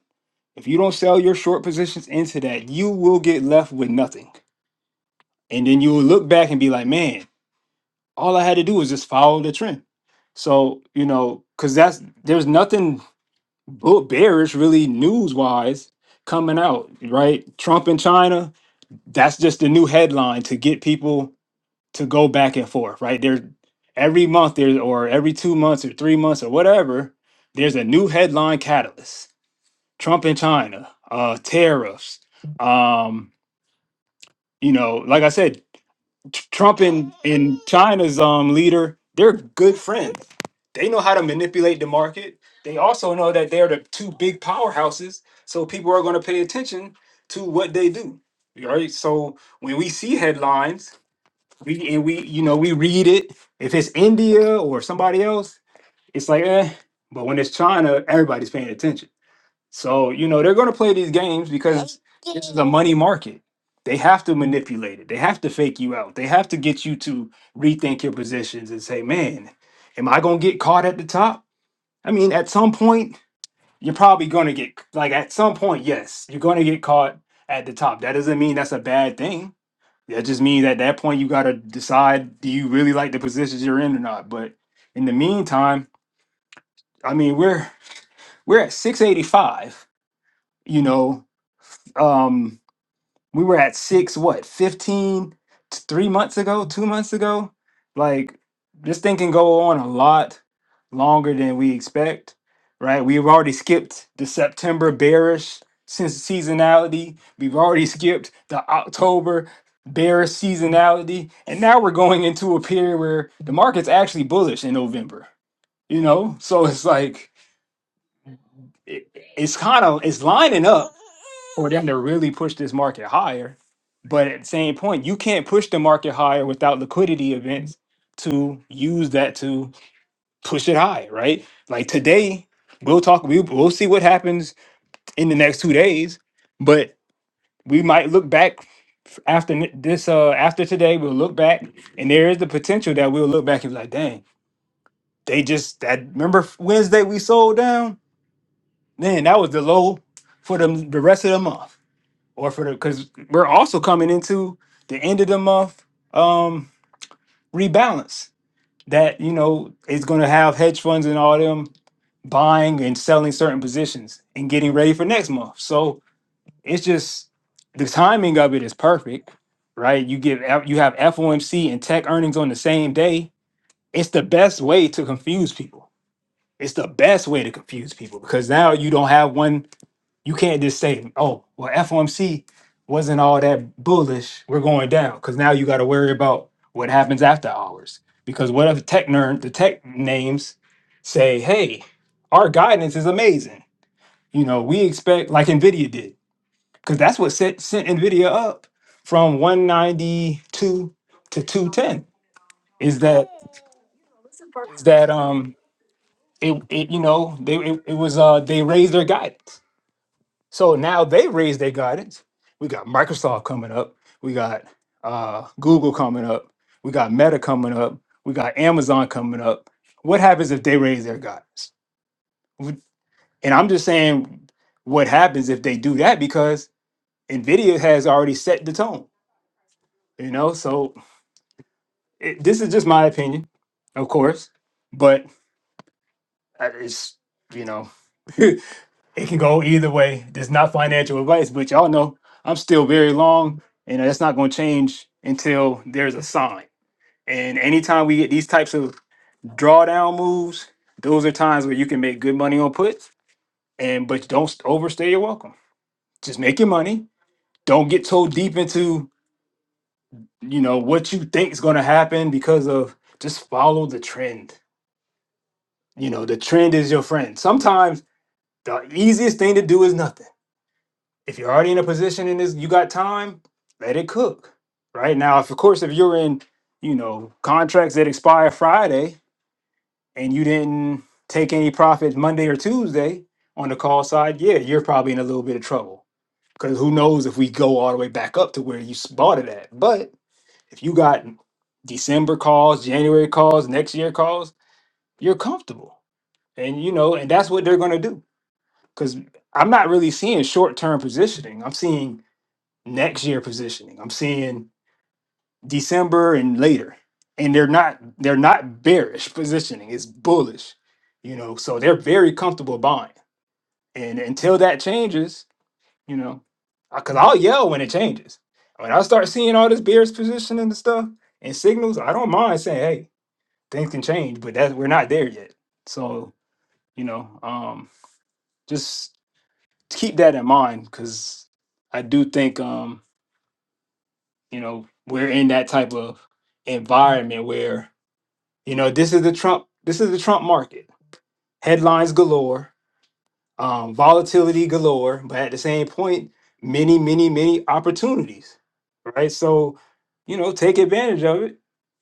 D: if you don't sell your short positions into that, you will get left with nothing. And then you'll look back and be like, man, all I had to do was just follow the trend. So, you know, because that's there's nothing bull- bearish really news wise coming out, right? Trump and China, that's just the new headline to get people to go back and forth, right? There's every month there's or every two months or three months or whatever, there's a new headline catalyst. Trump and China, uh tariffs. Um, you know, like I said, Tr- Trump and, and China's um leader, they're good friends. They know how to manipulate the market. They also know that they're the two big powerhouses, so people are going to pay attention to what they do. Right? So when we see headlines we and we you know we read it if it's india or somebody else it's like eh but when it's china everybody's paying attention so you know they're going to play these games because this is a money market they have to manipulate it they have to fake you out they have to get you to rethink your positions and say man am i going to get caught at the top i mean at some point you're probably going to get like at some point yes you're going to get caught at the top that doesn't mean that's a bad thing that just means at that point you got to decide do you really like the positions you're in or not. But in the meantime, I mean we're we're at 685. You know, um, we were at six what 15 t- three months ago two months ago like this thing can go on a lot longer than we expect right we've already skipped the september bearish since seasonality we've already skipped the october bearish seasonality and now we're going into a period where the market's actually bullish in november you know so it's like it, it's kind of it's lining up for them to really push this market higher. But at the same point, you can't push the market higher without liquidity events to use that to push it higher, right? Like today, we'll talk, we, we'll see what happens in the next two days, but we might look back f- after n- this, uh, after today, we'll look back and there is the potential that we'll look back and be like, dang, they just, that, remember Wednesday we sold down? Man, that was the low for the, the rest of the month, or for the because we're also coming into the end of the month um, rebalance that you know is going to have hedge funds and all them buying and selling certain positions and getting ready for next month. So it's just the timing of it is perfect, right? You get F- you have FOMC and tech earnings on the same day. It's the best way to confuse people. It's the best way to confuse people because now you don't have one you can't just say, "Oh, well, FOMC wasn't all that bullish. We're going down." Because now you got to worry about what happens after hours. Because what if the tech nerd, the tech names say, "Hey, our guidance is amazing. You know, we expect like Nvidia did, because that's what set, sent Nvidia up from 192 to 210. Is that is that um it, it you know they it, it was uh they raised their guidance so now they raised their guidance. We got Microsoft coming up. We got uh, Google coming up. We got Meta coming up. We got Amazon coming up. What happens if they raise their guidance? Would- And I'm just saying, what happens if they do that? Because Nvidia has already set the tone, you know. So it, this is just my opinion, of course, but uh, it's you know [laughs] it can go either way. It's not financial advice, but y'all know I'm still very long, and that's not going to change until there's a sign. And anytime we get these types of drawdown moves, those are times where you can make good money on puts. And but don't st- overstay your welcome. Just make your money. Don't get so deep into you know what you think is going to happen because of just follow the trend. You know the trend is your friend. Sometimes the easiest thing to do is nothing if you're already in a position in this, you got time, let it cook. Right now, if of course, if you're in, you know, contracts that expire Friday and you didn't take any profits Monday or Tuesday on the call side, yeah, you're probably in a little bit of trouble. Because who knows if we go all the way back up to where you s- bought it at. But if you got December calls, January calls, next year calls, you're comfortable. And you know, and that's what they're gonna do. Because I'm not really seeing short term positioning. I'm seeing next year positioning. I'm seeing December and later. And they're not they're not bearish positioning. It's bullish. You know, so they're very comfortable buying. And until that changes, you know, because I'll yell when it changes. When I start seeing all this bearish positioning and stuff and signals, I don't mind saying, hey, things can change, but that we're not there yet. So, you know, um, just keep that in mind because I do think um you know we're in that type of environment where you know this is the trump this is the trump market headlines galore um, volatility galore but at the same point many many many opportunities right so you know take advantage of it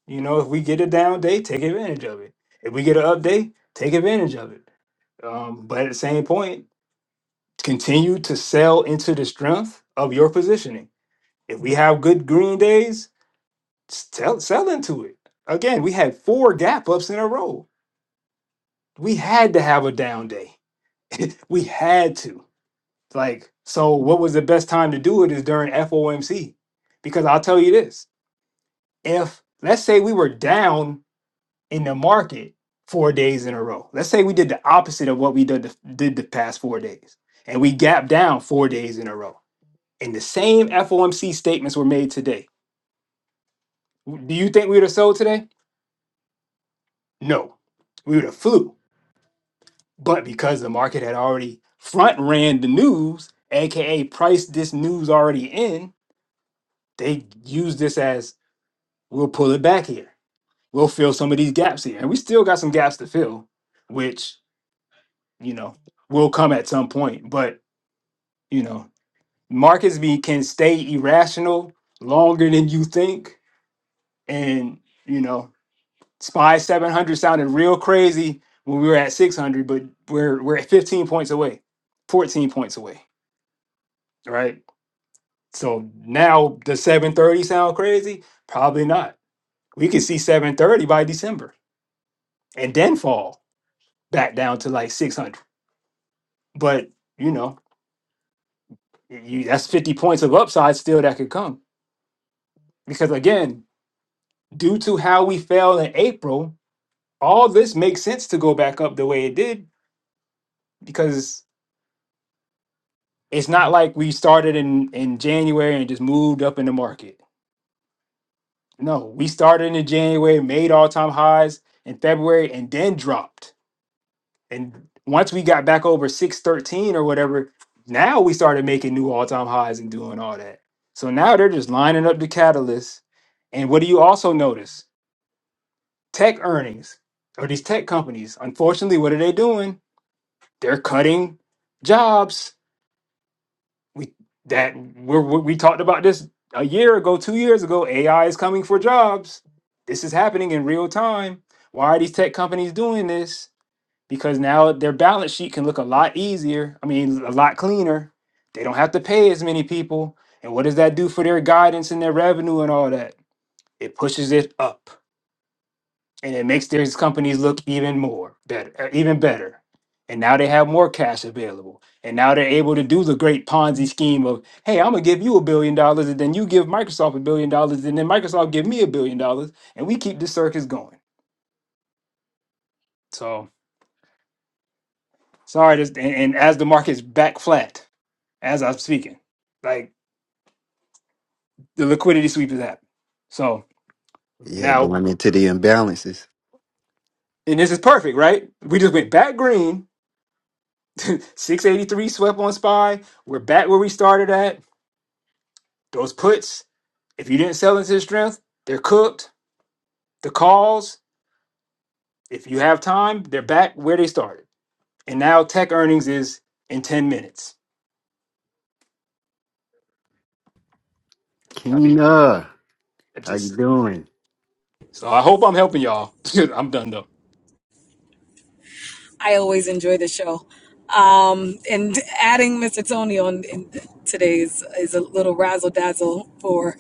D: you know if we get a down day take advantage of it if we get an up day take advantage of it um, but at the same point continue to sell into the strength of your positioning if we have good green days Sell, sell into it. Again, we had four gap ups in a row. We had to have a down day. [laughs] we had to. Like, so what was the best time to do it is during FOMC. Because I'll tell you this if, let's say, we were down in the market four days in a row, let's say we did the opposite of what we did the, did the past four days, and we gapped down four days in a row, and the same FOMC statements were made today. Do you think we would have sold today? No, we would have flew But because the market had already front ran the news, aka priced this news already in, they used this as we'll pull it back here. We'll fill some of these gaps here. And we still got some gaps to fill, which, you know, will come at some point. But, you know, markets be can stay irrational longer than you think. And, you know, SPY 700 sounded real crazy when we were at 600, but we're we're 15 points away, 14 points away, right? So now does 730 sound crazy? Probably not. We could see 730 by December and then fall back down to like 600. But you know, you, that's 50 points of upside still that could come. Because again, due to how we fell in April, all this makes sense to go back up the way it did because it's not like we started in, in January and just moved up in the market. No, we started in January, made all time highs in February, and then dropped And once we got back over 613 or whatever, now we started making new all time highs and doing all that. So now they're just lining up the catalysts. And what do you also notice? Tech earnings or these tech companies, unfortunately, what are they doing? They're cutting jobs. We that we're, we we talked about this a year ago, two years ago. AI is coming for jobs. This is happening in real time. Why are these tech companies doing this? because now their balance sheet can look a lot easier. I mean, a lot cleaner. They don't have to pay as many people. And what does that do for their guidance and their revenue and all that? It pushes it up and it makes their companies look even more better, uh, even better. And now they have more cash available. And now they're able to do the great Ponzi scheme of, hey, I'm gonna give you a billion dollars, and then you give Microsoft a billion dollars, and then Microsoft give me a billion dollars, and we keep this circus going. So sorry, this and, and as the market's back flat. as I'm speaking. Like the liquidity sweep is happening. So
B: Yeah,
D: now,
B: going into the imbalances.
D: and this is perfect, right? We just went back green, 683 swept on SPY. We're back where we started at. Those puts, if you didn't sell into the strength, they're cooked. The calls, if you have time, they're back where they started. And now tech earnings is in 10 minutes. I mean,
B: Keena,
D: it
B: how you
D: just,
B: doing?
D: so I hope I'm helping y'all. [laughs] I'm done though.
E: I always enjoy the show. Um, and adding Mr. Tony on in today's is a little razzle dazzle for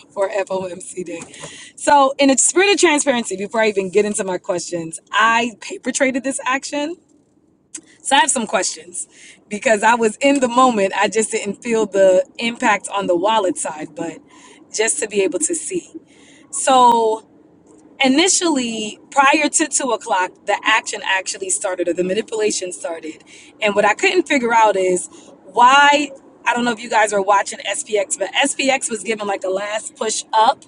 E: [laughs] for FOMC Day. So, in a spirit of transparency, before I even get into my questions, I perpetrated this action. So I have some questions because I was in the moment. I just didn't feel the impact on the wallet side, but just to be able to see. So initially prior to two o'clock the action actually started or the manipulation started and what i couldn't figure out is why i don't know if you guys are watching spx but spx was given like a last push up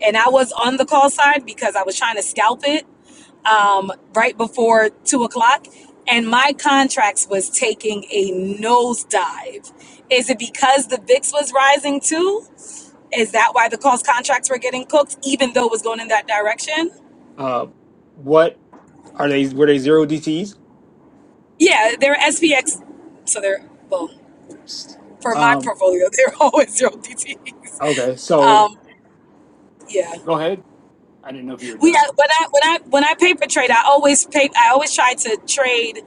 E: and i was on the call side because i was trying to scalp it um, right before two o'clock and my contracts was taking a nosedive is it because the vix was rising too is that why the calls contracts were getting cooked even though it was going in that direction
D: Uh, what are they? Were they zero DTs?
E: Yeah, they're SPX, so they're well for my
D: Um,
E: portfolio. They're [laughs] always zero DTEs.
D: okay, so
E: Um, yeah,
D: Go ahead. I didn't know if you were
E: we
D: done.
E: uh, when I when I when I paper trade, I always pay. I always try to trade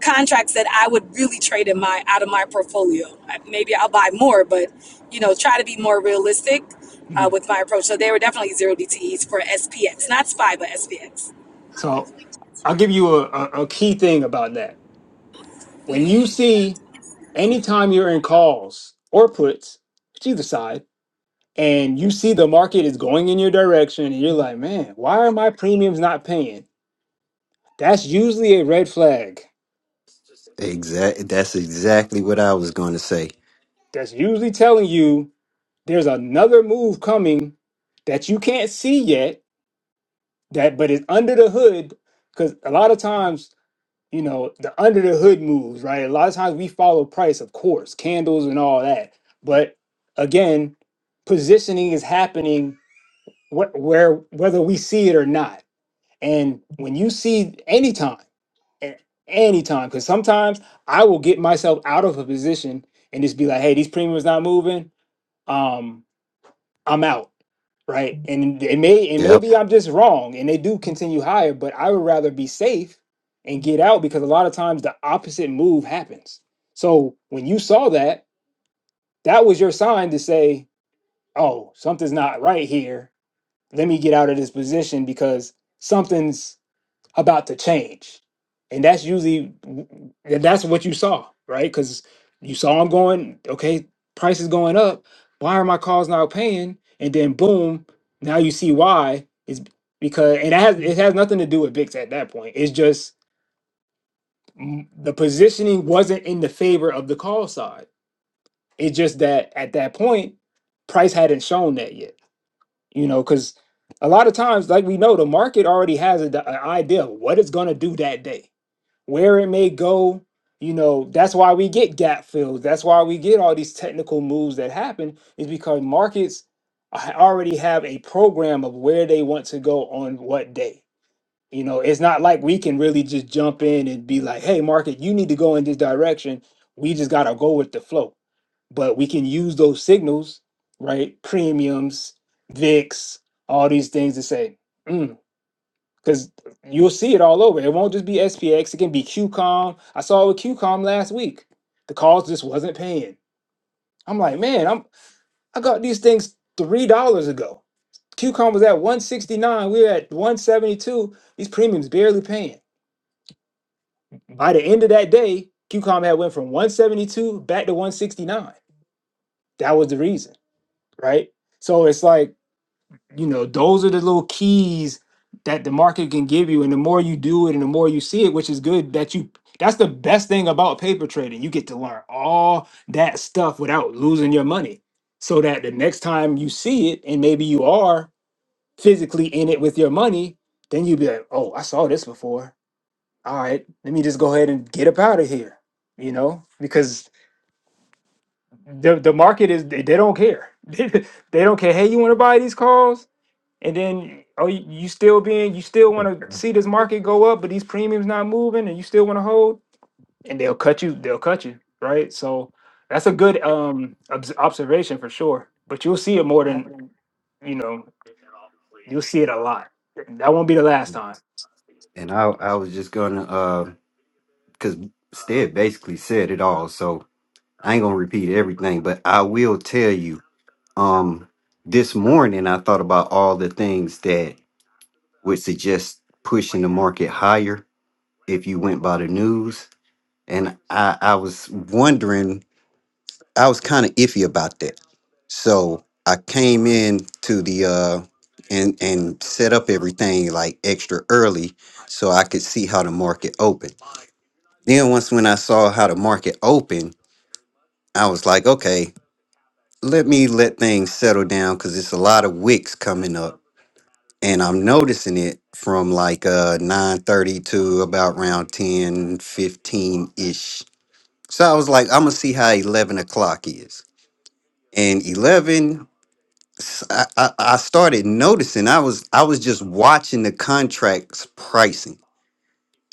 E: contracts that I would really trade in my out of my portfolio. I- Maybe I'll buy more, but you know, try to be more realistic uh,
D: Mhm.
E: with my approach. So they were definitely zero DTEs for SPX, not SPY, but SPX.
D: So I'll give you a, a, a key thing about that. When you see anytime you're in calls or puts, it's either side, and you see the market is going in your direction, and you're like, man, why are my premiums not paying? That's usually a red flag.
B: Exact. That's exactly what I was going to say.
D: That's usually telling you there's another move coming that you can't see yet, that but it's under the hood. Because a lot of times you know the under the hood moves right a lot of times we follow price of course candles and all that but again positioning is happening wh- where whether we see it or not and when you see anytime a- anytime because sometimes i will get myself out of a position and just be like hey these premiums not moving um i'm out right? And it may and
B: Yep.
D: maybe I'm just wrong, and they do continue higher, but I would rather be safe and get out because a lot of times the opposite move happens. So when you saw that, that was your sign to say, "Oh, something's not right here. Let me get out of this position because something's." about to change. And that's usually and that's what you saw, right? Because you saw them going, okay, price is going up. Why are my calls not paying? And then boom, now you see why is because and it has it has nothing to do with VIX at that point. It's just mm, the positioning wasn't in the favor of the call side. It's just that at that point, price hadn't shown that yet. You know, because a lot of times, like we know, the market already has an idea of what it's going to do that day where it may go. You know, that's why we get gap fills. That's why we get all these technical moves that happen is because markets a- already have a program of where they want to go on what day. You know, it's not like we can really just jump in and be like, "Hey, market, you need to go in this direction." We just got to go with the flow. But we can use those signals, right? Premiums, VIX, all these things to say, "Hmm, because you'll see it all over. It won't just be SPX. It can be QCOM. I saw it with QCOM last week. The calls just wasn't paying. I'm like, man, I'm I got these things three dollars ago. QCOM was at 169. We were at 172. These premiums barely paying. By the end of that day, QCOM had went from 172 back to 169. That was the reason, right? So it's like you know, those are the little keys that the market can give you. And the more you do it and the more you see it, which is good that you that's the best thing about paper trading. You get to learn all that stuff without losing your money. So that the next time you see it, and maybe you are physically in it with your money, then you'll be like, oh, I saw this before. All right, let me just go ahead and get up out of here. You know, because the the market is they, they don't care. [laughs] They, don't care. Hey, you want to buy these calls? And then are you, you still being you still want to see this market go up, but these premiums not moving, and you still want to hold, and they'll cut you. They'll cut you, right? So that's a good um obs- observation for sure. But you'll see it more than you know. You'll see it a lot. That won't be the last time.
B: And I, I was just gonna, uh, cause Stead basically said it all. So I ain't gonna repeat everything, but I will tell you. Um, this morning I thought about all the things that would suggest pushing the market higher if you went by the news, and I I was wondering, I was kind of iffy about that. So I came in to the uh and and set up everything like extra early so I could see how the market opened. Then once when I saw how the market opened, I was like, okay, let me let things settle down because it's a lot of wicks coming up and i'm noticing it from like uh nine thirty to about around 10 15 ish so i was like i'm gonna see how 11 o'clock is and 11, s- I, I I started noticing i was i was just watching the contracts pricing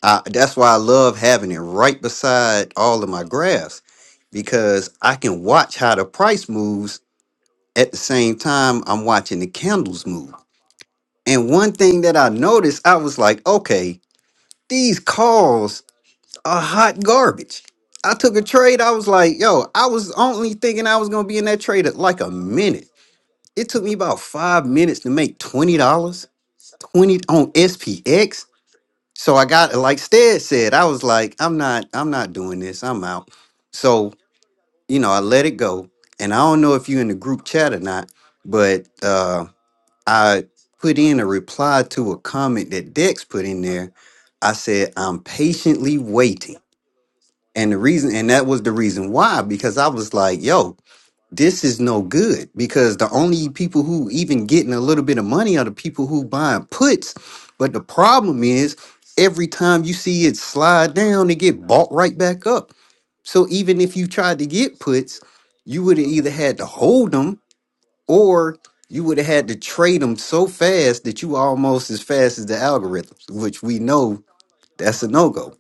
B: I, that's why i love having it right beside all of my graphs because i can watch how the price moves at the same time I'm watching the candles move. And one thing that I noticed, I was like, okay, these calls are hot garbage. I took a trade. I was like, yo, I was only thinking I was gonna be in that trade at like a minute. It took me about five minutes to make twenty dollars, twenty on SPX. So I got like Stead said, I was like, I'm not, I'm not doing this. I'm out. So you know, I let it go. And I don't know if you are in the group chat or not, but uh I put in a reply to a comment that Dex put in there. I said, I'm patiently waiting. And the reason, and that was the reason why, because I was like, yo, this is no good. Because the only people who even getting a little bit of money are the people who buying puts. But the problem is, every time you see it slide down, it get bought right back up. So even if you tried to get puts, you would have either had to hold them or you would have had to trade them so fast that you almost as fast as the algorithms, which we know that's a no go.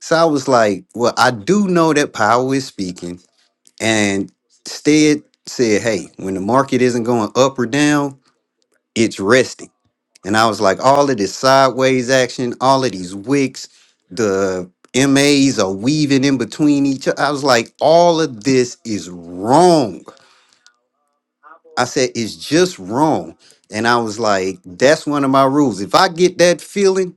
B: So I was like, well, I do know that power is speaking, and Stead said, hey, when the market isn't going up or down, it's resting. And I was like, all of this sideways action, all of these wicks, the MAs are weaving in between each other. I was like, all of this is wrong. I said, it's just wrong. And I was like, that's one of my rules. If I get that feeling,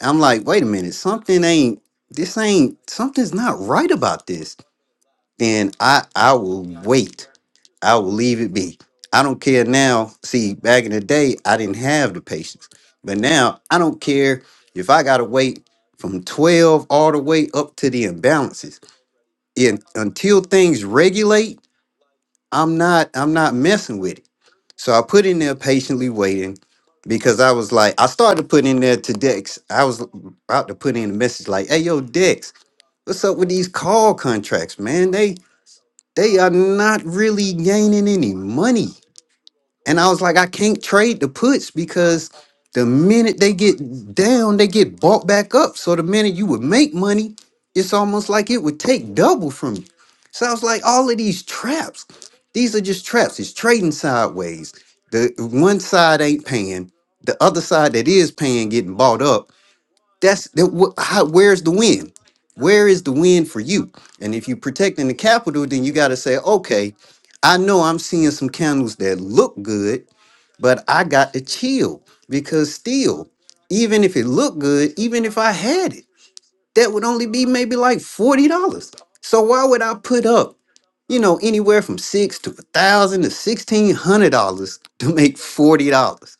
B: I'm like, wait a minute, something ain't, this ain't, something's not right about this. Then I, I will wait. I will leave it be. I don't care now. See, back in the day, I didn't have the patience. But now I don't care if I got to wait from 12 all the way up to the imbalances. And until things regulate, I'm not, I'm not messing with it. So I put in there patiently waiting because I was like, I started putting in there to Dex. I was about to put in a message like, hey, yo, Dex, what's up with these call contracts, man? They they are not really gaining any money. And I was like, I can't trade the puts because the minute they get down, they get bought back up. So the minute you would make money, it's almost like it would take double from you. So I was like, all of these traps, these are just traps. It's trading sideways. The one side ain't paying, the other side that is paying getting bought up. That's that. wh- How, where's the win? Where is the win for you? And if you're protecting the capital, then you got to say, okay, I know I'm seeing some candles that look good but I got to chill because still, even if it looked good, even if I had it, that would only be maybe like $40. So why would I put up, you know, anywhere from six to a thousand to sixteen hundred dollars [laughs] to make forty dollars?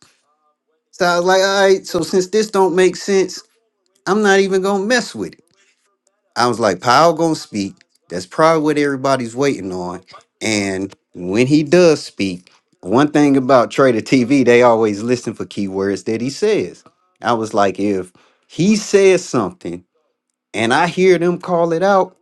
B: So I was like, all right, so since this don't make sense, I'm not even gonna mess with it. I was like, Powell gonna speak. That's probably what everybody's waiting on. And when he does speak, one thing about Trader TV, they always listen for keywords that he says. I was like, if he says something and I hear them call it out,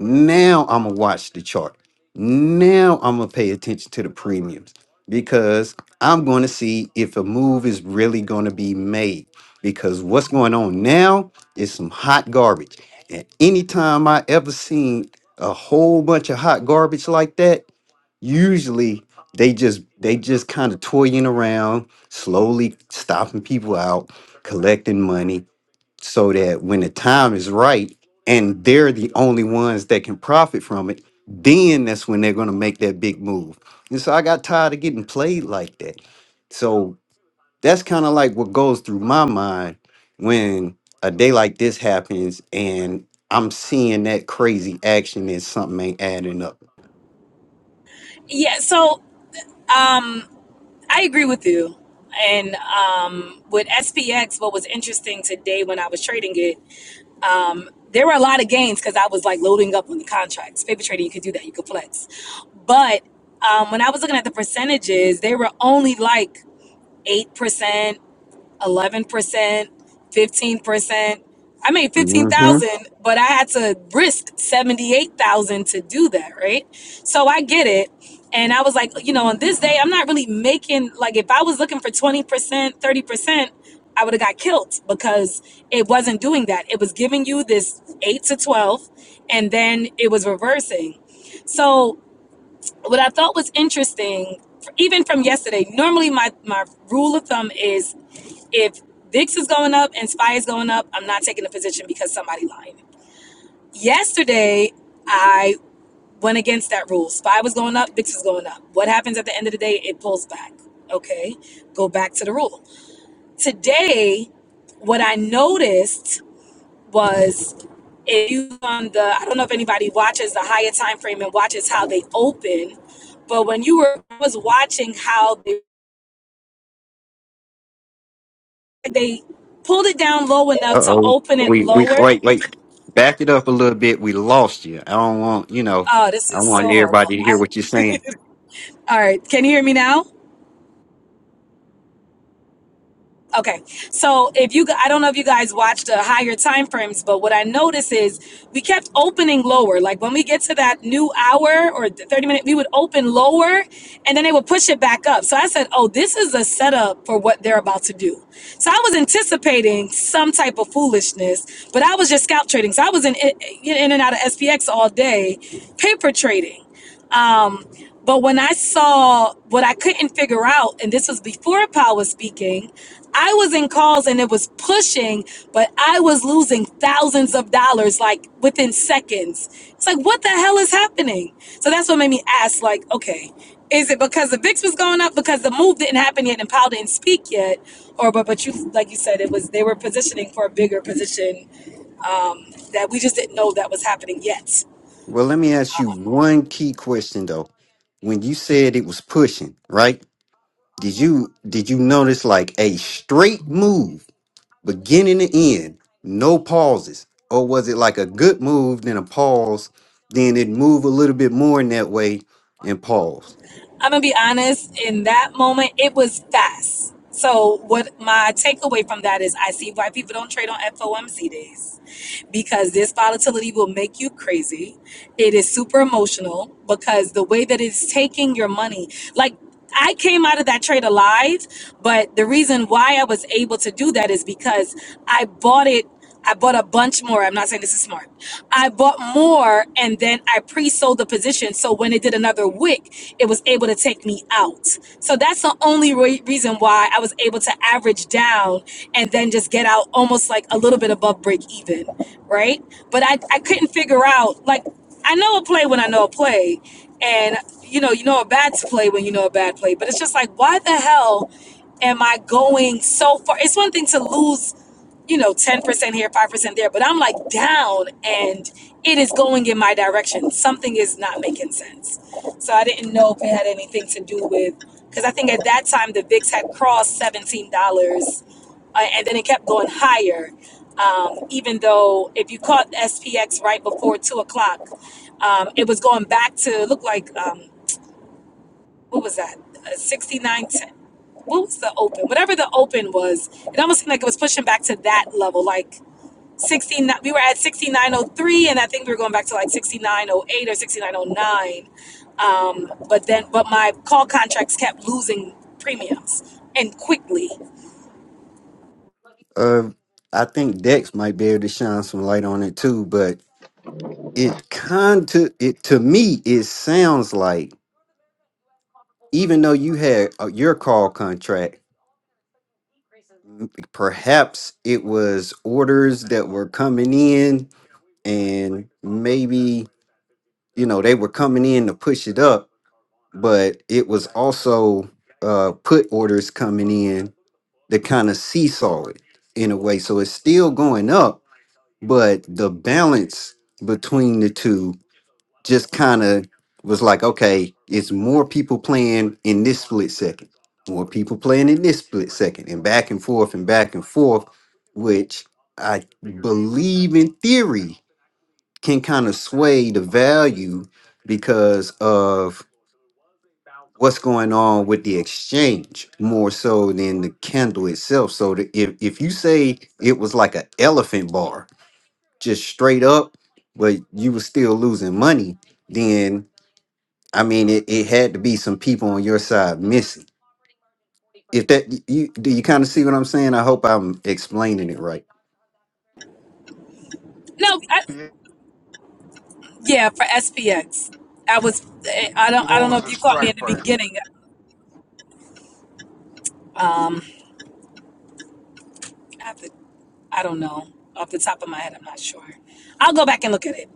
B: now I'm gonna watch the chart. Now I'm gonna pay attention to the premiums because I'm going to see if a move is really going to be made. Because what's going on now is some hot garbage. And anytime I ever seen a whole bunch of hot garbage like that, usually they just they just kind of toying around, slowly stopping people out, collecting money so that when the time is right and they're the only ones that can profit from it, then that's when they're going to make that big move. And so I got tired of getting played like that. So that's kind of like what goes through my mind when a day like this happens and I'm seeing that crazy action and something ain't adding up.
E: Yeah, so I agree with you. And um, with SPX, what was interesting today when I was trading it there were a lot of gains because I was like loading up on the contracts. Paper trading, you could do that, you could flex. But um, when I was looking at the percentages, they were only like 8%, eleven percent, fifteen percent. I made fifteen thousand, but I had to risk seventy eight thousand to do that, right? So I get it. And I was like, you know, on this day, I'm not really making like if I was looking for twenty percent, thirty percent, I would have got killed because it wasn't doing that. It was giving you this eight to twelve, and then it was reversing. So what I thought was interesting, even from yesterday, normally my my rule of thumb is if Vix is going up and Spy is going up, I'm not taking a position because somebody lying. Yesterday, I went against that rule. Spy was going up, Vix was going up. What happens at the end of the day? It pulls back. Okay, go back to the rule. Today, what I noticed was if you on the I don't know if anybody watches the higher time frame and watches how they open, but when you were was watching how they they pulled it down low enough
B: Uh
E: to
B: oh.
E: open it
B: We we
E: lower
B: wait wait. Back it up a little bit. We lost you. I don't want you know.
E: Oh, this
B: I
E: is
B: want
E: so horrible.
B: everybody to
E: I,
B: hear what you're saying.
E: all right, can you hear me now? Okay. So if you, I don't know if you guys watched the higher time frames, but what I noticed is we kept opening lower. Like when we get to that new hour or the thirty minute, we would open lower, and then they would push it back up. So I said, "Oh, this is a setup for what they're about to do." So I was anticipating some type of foolishness, but I was just scalp trading. So I was in in and out of SPX all day, paper trading. Um, but when I saw what I couldn't figure out, and this was before Paul was speaking, I was in calls and it was pushing, but I was losing thousands of dollars like within seconds. It's like, what the hell is happening? So that's what made me ask, like, okay, is it because the VIX was going up because the move didn't happen yet and Powell didn't speak yet? Or but but you like you said, it was they were positioning for a bigger position that we just didn't know that was happening yet.
B: Well, let me ask you one key question though. When you said it was pushing, right? Did you did you notice like a straight move, beginning to end, no pauses, or was it like a good move then a pause, then it move a little bit more in that way and pause?
E: I'm gonna be honest, in that moment, it was fast. So what my takeaway from that is I see why people don't trade on FOMC days because this volatility will make you crazy. It is super emotional because the way that it's taking your money, like I came out of that trade alive, but the reason why I was able to do that is because I bought it I bought a bunch more. I'm not saying this is smart. I bought more and then I pre-sold the position. So when it did another wick, it was able to take me out. So that's the only re- reason why I was able to average down and then just get out almost like a little bit above break even, right? But I, I couldn't figure out, like, I know a play when I know a play. And, you know, you know a bad play when you know a bad play. But it's just like, why the hell am I going so far? It's one thing to lose you know, 10% here, 5% there, but I'm like down and it is going in my direction. Something is not making sense. So I didn't know if it had anything to do with, because I think at that time the VIX had crossed $17 uh, and then it kept going higher. Um, even though if you caught SPX right before two o'clock, um, it was going back to look like, um, what was that? Uh, 6910 what was the open? Whatever the open was, it almost seemed like it was pushing back to that level. Like 16 we were at 6903 and i think we were going back to like 6908 or 6909 um, but then but my call contracts kept losing premiums and quickly
B: Uh, I think Dex might be able to shine some light on it too, but it kind to it to me it sounds like even though you had uh, your call contract perhaps it was orders that were coming in and maybe you know they were coming in to push it up but it was also uh put orders coming in that kind of seesaw it in a way so it's still going up but the balance between the two just kind of was like, okay, it's more people playing in this split second, more people playing in this split second, and back and forth and back and forth, which I believe in theory can kind of sway the value because of what's going on with the exchange more so than the candle itself. So the, if, if you say it was like an elephant bar, just straight up, but you were still losing money, then. I mean, it, it had to be some people on your side missing. If that you do you kind of see what I'm saying? I hope I'm explaining it right.
E: no I,
A: What
E: yeah for spx i was i don't i don't know
A: was
E: if
A: the
E: you caught me at
A: strike
E: the
A: price?
E: beginning i have to I don't know off the top of my head. I'm not sure. I'll go back and look at it.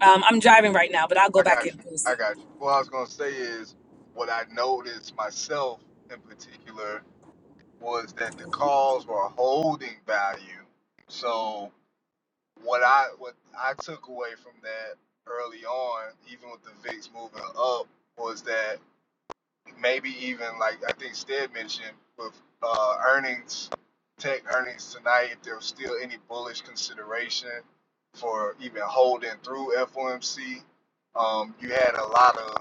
E: Um, I'm driving right now, but I'll go
A: I
E: back
A: got
E: and
A: you.
E: post
A: I got
E: it.
A: you. What I was gonna say is what I noticed myself in particular was that the calls were holding value. So what I what I took away from that early on, even with the VIX moving up, was that maybe even like I think Stead mentioned with uh, earnings, tech earnings tonight, if there was still any bullish consideration for even holding through FOMC, um, you had a lot of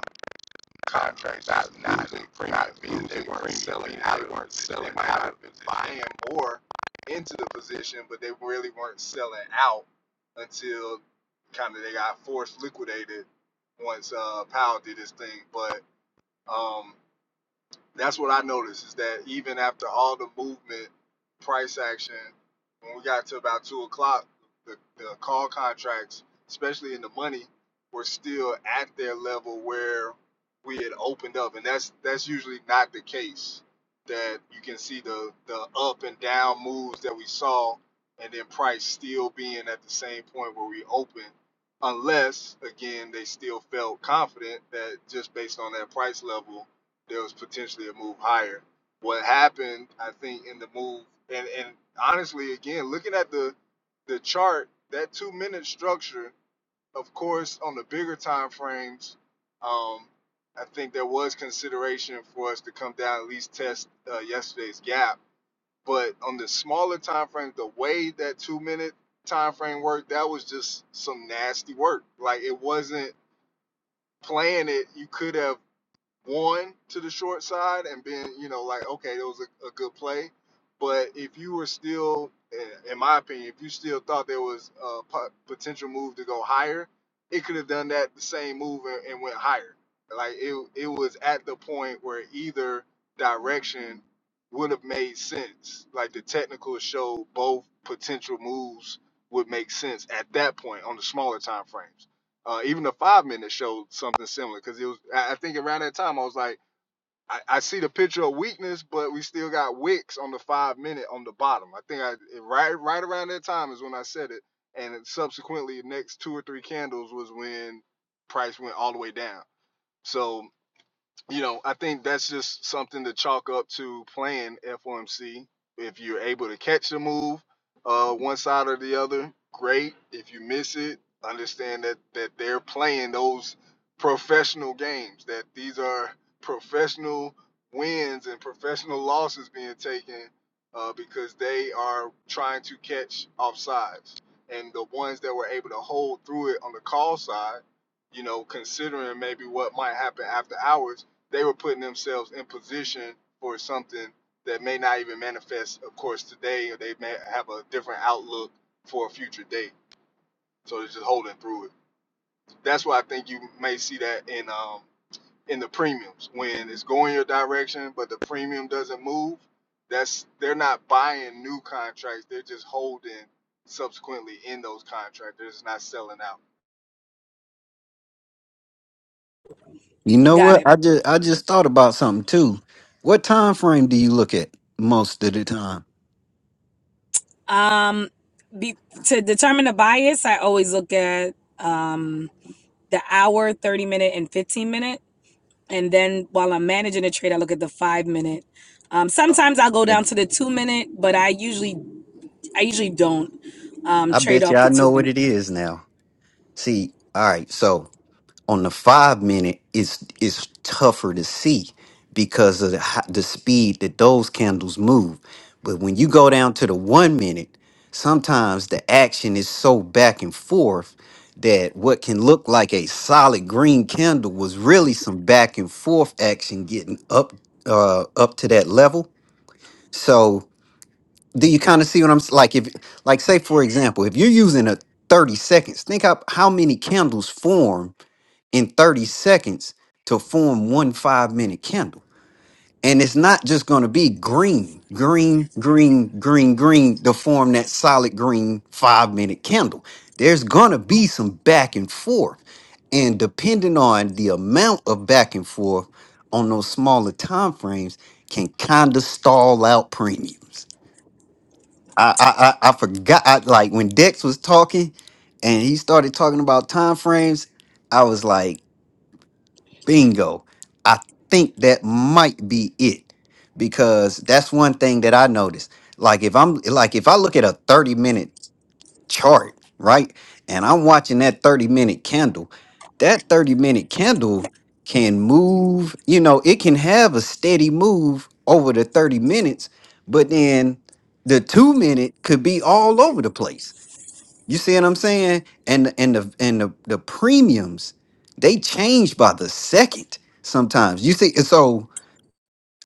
A: contracts not not bring, not being they weren't selling, how they weren't selling out of buying more into the position, but they really weren't selling out until kind of they got forced liquidated once uh, Powell did his thing. But um, that's what I noticed is that even after all the movement, price action, when we got to about two o'clock, the, the call contracts, especially in the money, were still at their level where we had opened up, and that's that's usually not the case. That you can see the the up and down moves that we saw, and then price still being at the same point where we opened, unless again they still felt confident that just based on that price level there was potentially a move higher. What happened, I think, in the move, and, and honestly, again, looking at the the chart, that two minute structure, of course, on the bigger time frames, um, I think there was consideration for us to come down at least test uh, yesterday's gap. But on the smaller time frame, the way that two minute time frame worked, that was just some nasty work. Like it wasn't playing it. You could have one to the short side and being, you know, like, okay, it was a, a good play. But if you were still, in my opinion, if you still thought there was a potential move to go higher, it could have done that the same move and, and went higher. Like it, it was at the point where either direction would have made sense. Like the technical showed both potential moves would make sense at that point on the smaller time frames. Uh, even the five minute showed something similar because it was. I I think around that time I was like, I, I see the picture of weakness, but we still got wicks on the five minute on the bottom. I think I it- right right around that time is when I said it, and then subsequently the next two or three candles was when price went all the way down. So you know, I think that's just something to chalk up to playing FOMC. If you're able to catch the move, uh, one side or the other, great. If you miss it, understand that that they're playing those professional games. That these are professional wins and professional losses being taken uh, because they are trying to catch offsides. And the ones that were able to hold through it on the call side, you know, considering maybe what might happen after hours they were putting themselves in position for something that may not even manifest, of course, today, or they may have a different outlook for a future date. So they're just holding through it. That's why I think you may see that in um in the premiums when it's going your direction, but the premium doesn't move. That's they're not buying new contracts; they're just holding subsequently in those contracts. They're just not selling out.
B: You know
E: Got
B: what?
E: it.
B: I just I just thought about something too. What time frame do you look at most of the time?
E: Um, be, to determine the bias, I always look at. the hour, 30 minute, and 15 minute. And then while I'm managing a trade, I look at the five minute. Um, sometimes I'll go down to the two minute, but I usually I usually don't um,
B: I
E: trade
B: bet you
E: off the
B: I
E: two
B: know what
E: minute.
B: it is now. See, all right, so on the five minute it's it's tougher to see because of the, ho- the speed that those candles move but when you go down to the one minute sometimes the action is so back and forth that what can look like a solid green candle was really some back and forth action getting up uh up to that level so do you kind of see what i'm s- like if like say for example if you're using a 30 seconds think up how many candles form in 30 seconds to form one five minute candle. And it's not just going to be green, green, green, green, green to form that solid green five minute candle. There's going to be some back and forth. And depending on the amount of back and forth on those smaller time frames, can kind of stall out premiums. I, I I I forgot I, like when Dex was talking and he started talking about time frames, I was like. Bingo. I think that might be it because that's one thing that I noticed. Like if I'm like if I look at a 30 minute chart, right? And I'm watching that 30 minute candle, that 30 minute candle can move, you know, it can have a steady move over the 30 minutes, but then the 2 minute could be all over the place. You see what I'm saying? And the- and the and the, the premiums they change by the second sometimes. You see, and so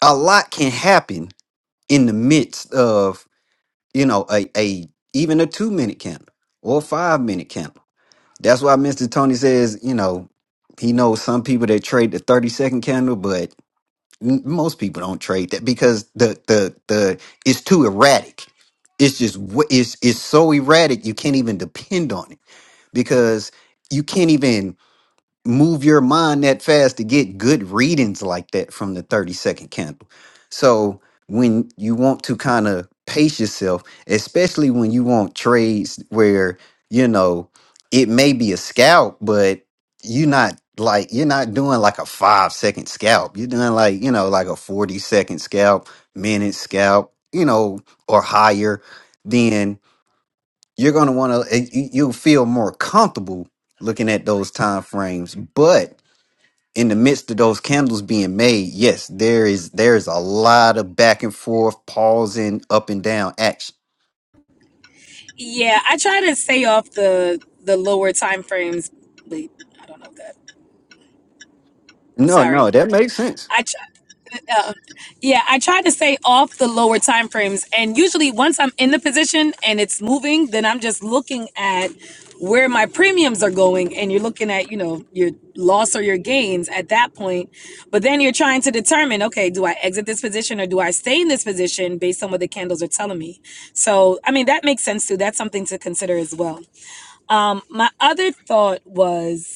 B: a lot can happen in the midst of you know a a even a two minute candle or a five minute candle. That's why Mr. Tony says you know he knows some people that trade the thirty second candle, but m- most people don't trade that because the the the it's too erratic. It's just wh- it's it's so erratic you can't even depend on it because you can't even move your mind that fast to get good readings like that from the 30 second candle. So when you want to kind of pace yourself, especially when you want trades where, you know, it may be a scalp, but you're not like you're not doing like a five second scalp. You're doing like, you know, like a 40 second scalp, minute scalp, you know, or higher. Then you're going to want to you'll feel more comfortable looking at those time frames but in the midst of those candles being made yes there is there's a lot of back and forth pausing up and down action
E: Yeah, I try to stay off the the lower time frames. Wait, I don't know that.
B: No,
E: Sorry.
B: no, that makes sense.
E: I. Yeah, I try to stay off the lower time frames. And usually once I'm in the position and it's moving, then I'm just looking at where my premiums are going and you're looking at, you know, your loss or your gains at that point. But then you're trying to determine, okay, do I exit this position or do I stay in this position based on what the candles are telling me? So, I mean, that makes sense too. That's something to consider as well. Um, my other thought was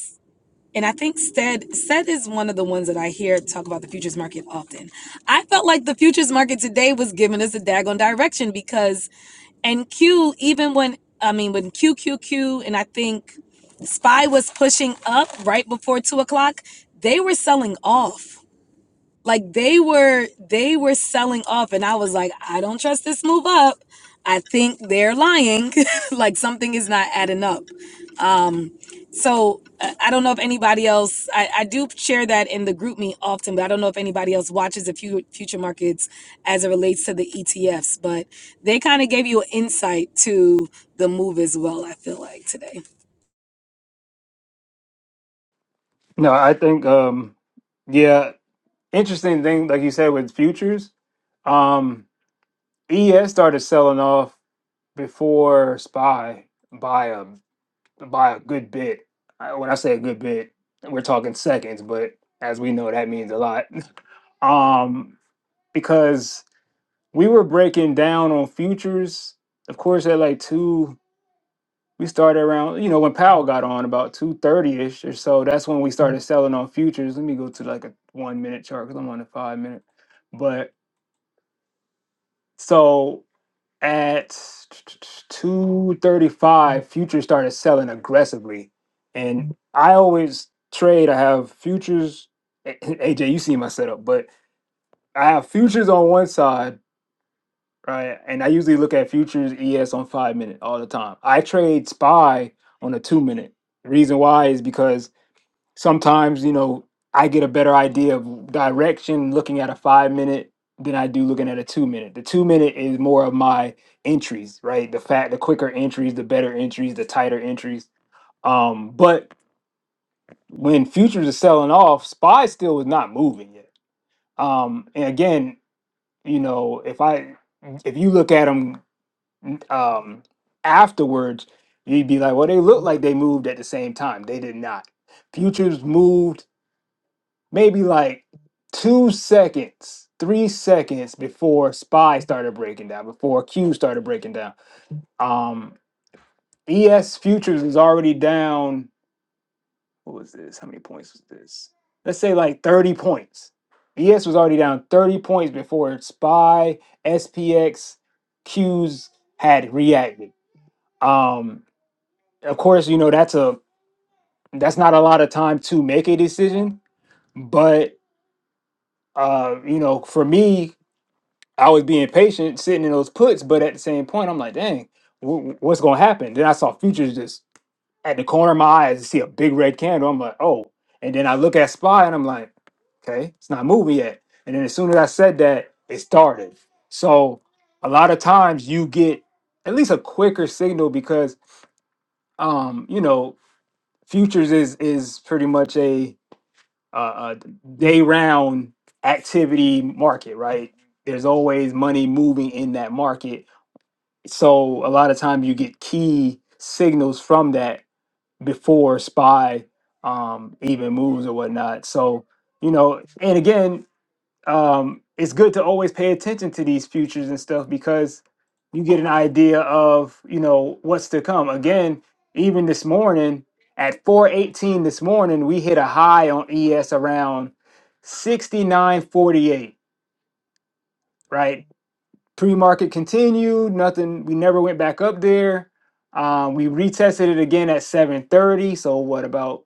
E: and I think Stead Stead is one of the ones that I hear talk about the futures market often. I felt like the futures market today was giving us a daggone direction because and Q even when I mean when Q Q Q and I think Spy was pushing up right before two o'clock, they were selling off like they were they were selling off and i was like i don't trust this move up i think they're lying [laughs] like something is not adding up um so i I don't know if anybody else I, I do share that in the group me often but i don't know if anybody else watches the few future markets as it relates to the etfs but they kind of gave you an insight to the move as well i feel like today
D: No, I think um yeah, interesting thing like you said with futures. Um ES started selling off before SPY by a. by a good bit. I, when I say a good bit, we're talking seconds, but as we know, that means a lot. [laughs] um, because we were breaking down on futures. Of course, at like two, we started around. You know, when Powell got on about two thirty ish or so, that's when we started selling on futures. Let me go to like a one minute chart because I'm on a five minute. But so at 235 futures started selling aggressively and i always trade i have futures A- [laughs] aj you see my setup but i have futures on one side right and i usually look at futures es on five minute all the time i trade spy on a two minute reason why is because sometimes you know i get a better idea of direction looking at a five minute than i do looking at a two minute the two minute is more of my entries right the fat the quicker entries the better entries the tighter entries um but when futures are selling off spy still was not moving yet um and again you know if i if you look at them um afterwards you'd be like well they look like they moved at the same time they did not futures moved maybe like two seconds, three seconds before Spy started breaking down, before Q started breaking down. Um, ES Futures was already down. What was this? How many points was this? Let's say like 30 points. ES was already down 30 points before Spy, SPX, Q's had reacted. Um, of course, you know, that's a that's not a lot of time to make a decision, but uh, you know, for me, I was being patient, sitting in those puts, but at the same point, I'm like, dang, wh- what's gonna happen? Then I saw futures just at the corner of my eyes, I see a big red candle. I'm like, oh, and then I look at SPY and I'm like, okay, it's not moving yet. And then as soon as I said that, it started. So a lot of times you get at least a quicker signal because, um, you know, futures is is pretty much a uh, uh, day round activity market, right? There's always money moving in that market. So a lot of times you get key signals from that before SPY um, even moves or whatnot. So, you know, and again, um, it's good to always pay attention to these futures and stuff because you get an idea of you know what's to come. Again, even this morning at 4:18 this morning, we hit a high on ES around 69.48. Right, pre-market continued. Nothing. We never went back up there. Um, we retested it again at 7:30. So what about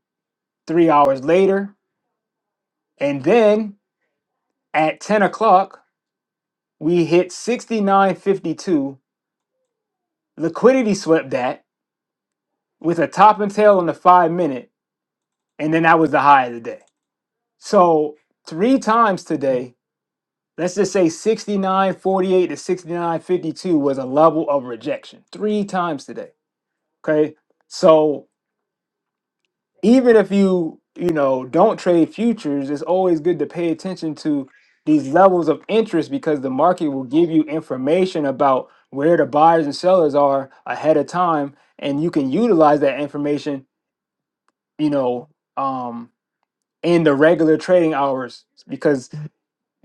D: three hours later? And then at 10 o'clock, we hit 69.52 Liquidity swept that with a top and tail in the five minute, and then that was the high of the day. So three times today, let's just say 69.48 to 69.52 was a level of rejection. Three times today. Okay. So even if you, you know, don't trade futures, it's always good to pay attention to these levels of interest because the market will give you information about where the buyers and sellers are ahead of time and you can utilize that information you know, um, in the regular trading hours because,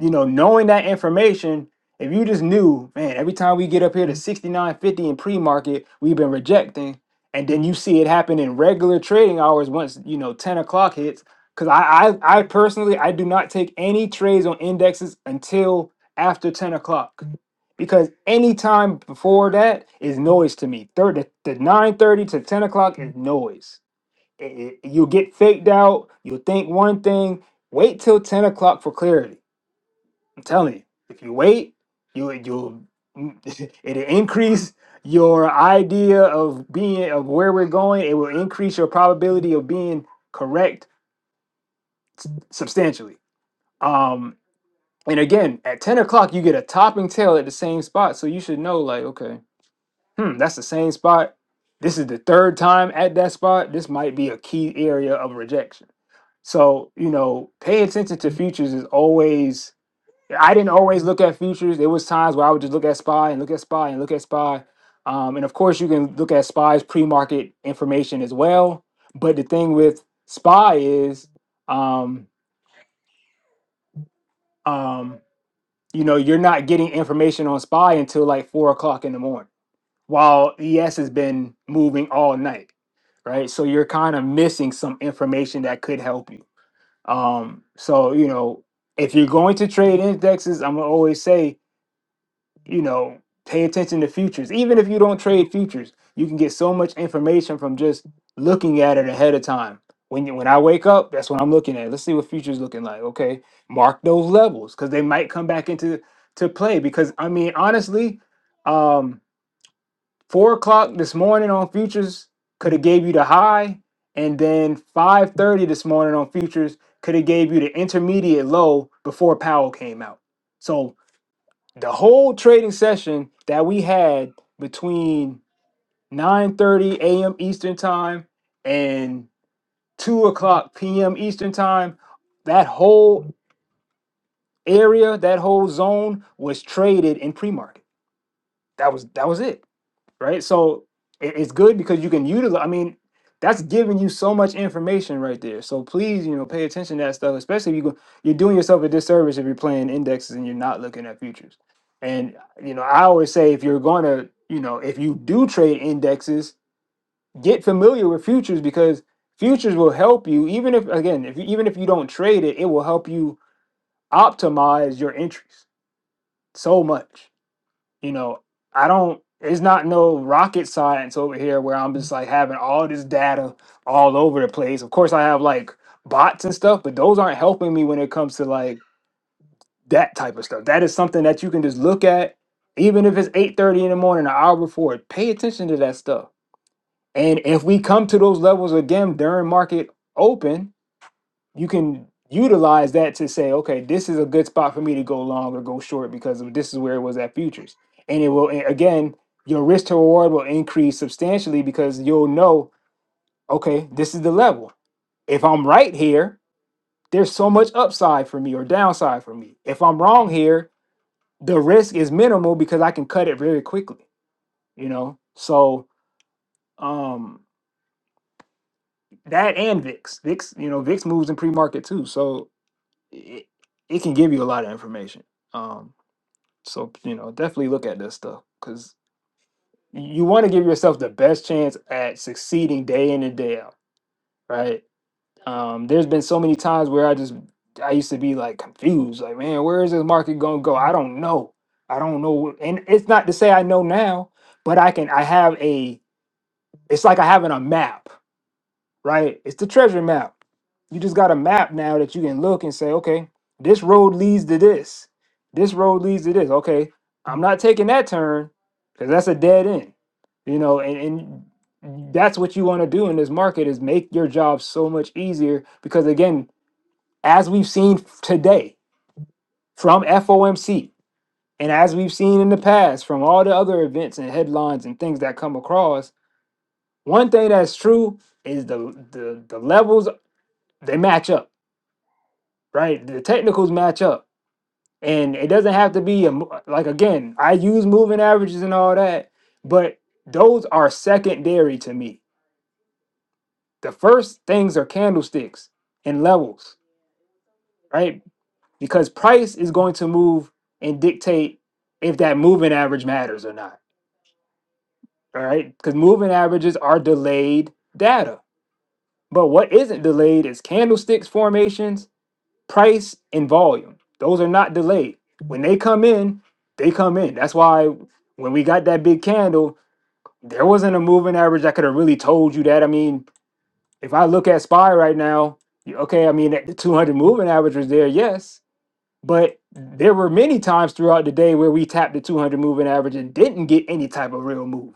D: you know, knowing that information, if you just knew, man, every time we get up here to 69.50 in pre-market, we've been rejecting. And then you see it happen in regular trading hours once, you know, 10 o'clock hits. Cause I, I, I personally, I do not take any trades on indexes until after 10 o'clock. Because any time before that is noise to me. Third, the, 9.30 to 10 o'clock is noise it- it- you get faked out. you think one thing. Wait till ten o'clock for clarity. I'm telling you, if you wait, you you'll [laughs] it'll increase your idea of being of where we're going. It will increase your probability of being correct substantially. Um, and again, at ten o'clock, you get a topping tail at the same spot, so you should know, like, okay. hmm, that's the same spot. This is the third time at that spot. This might be a key area of rejection. So, you know, pay attention to futures is always I didn't always look at futures. There was times where I would just look at SPY and look at SPY and look at SPY. Um, and of course you can look at SPY's pre-market information as well. But the thing with SPY is um um you know you're not getting information on SPY until like four o'clock in the morning while ES has been moving all night, right? So you're kind of missing some information that could help you. Um, so you know, if you're going to trade indexes, I'm gonna always say, you know, pay attention to futures. Even if you don't trade futures, you can get so much information from just looking at it ahead of time. When you, when I wake up, that's what I'm looking at. Let's see what futures looking like. Okay, mark those levels because they might come back into to play. Because I mean, honestly. Um, Four o'clock this morning on futures could have gave you the high, and then five thirty this morning on futures could have gave you the intermediate low before Powell came out. So the whole trading session that we had between nine thirty a.m. Eastern time and two o'clock p.m. Eastern time, that whole area, that whole zone was traded in pre-market. That was that was it. right? So it- it's good because you can utilize. I mean, that's giving you so much information right there. So please, you know, pay attention to that stuff, especially if you go, you're doing yourself a disservice if you're playing indexes and you're not looking at futures. And you know, I always say if you're going to, you know, if you do trade indexes, get familiar with futures because futures will help you. Even if again, if you, even if you don't trade it, it will help you optimize your entries so much you know, I don't. It's not no rocket science over here where I'm just like having all this data all over the place. Of course, I have like bots and stuff, but those aren't helping me when it comes to like that type of stuff. That is something that you can just look at, even if it's eight thirty in the morning, an hour before. Pay attention to that stuff. And if we come to those levels again during market open, you can utilize that to say, okay, this is a good spot for me to go long or go short because of this is where it was at futures. And it will and again, your risk to reward will increase substantially because you'll know, okay, this is the level. If I'm right here, there's so much upside for me or downside for me. If I'm wrong here, the risk is minimal because I can cut it very quickly, you know? So um that and VIX. VIX, you know, VIX moves in pre-market too. So it, it can give you a lot of information. Um, So, you know, definitely look at this stuff because you want to give yourself the best chance at succeeding day in and day out, right? Um, there's been so many times where I just I used to be like confused, like, man, where is this market gonna go? I don't know. I don't know. And it's not to say I know now, but I can I have a it's like I having a map right? It's the treasure map. You just got a map now that you can look and say, okay, this road leads to this. This road leads to this. Okay, I'm not taking that turn because that's a dead end. You know, and, and Mhm. that's what you want to do in this market is make your job so much easier because again, as we've seen f- today from FOMC and as we've seen in the past from all the other events and headlines and things that come across, one thing that's true is the the, the levels they match up right? The technicals match up, and it doesn't have to be a, mo- like again. I use moving averages and all that, but those are secondary to me. The first things are candlesticks and levels, right? Because price is going to move and dictate if that moving average matters or not. All right, because moving averages are delayed data, but what isn't delayed is candlesticks formations price and volume. Those are not delayed. When they come in, they come in. That's why when we got that big candle, there wasn't a moving average that could have really told you that. I mean, if I look at SPY right now, y- okay, I mean, the 200 moving average was there, yes, but there were many times throughout the day where we tapped the 200 moving average and didn't get any type of real move,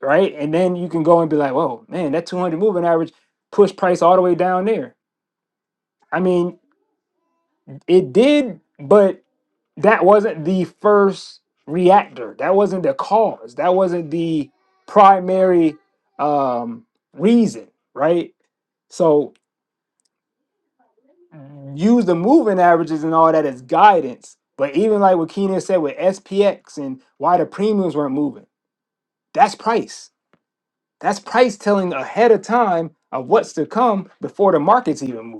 D: right? And then you can go and be like, whoa, man, that 200 moving average pushed price all the way down there. I mean, It did, but that wasn't the first reactor. That wasn't the cause. That wasn't the primary um, reason, right? So use the moving averages and all that as guidance. But even like what Keenan said with SPX and why the premiums weren't moving, that's price. That's price telling ahead of time of what's to come before the markets even move.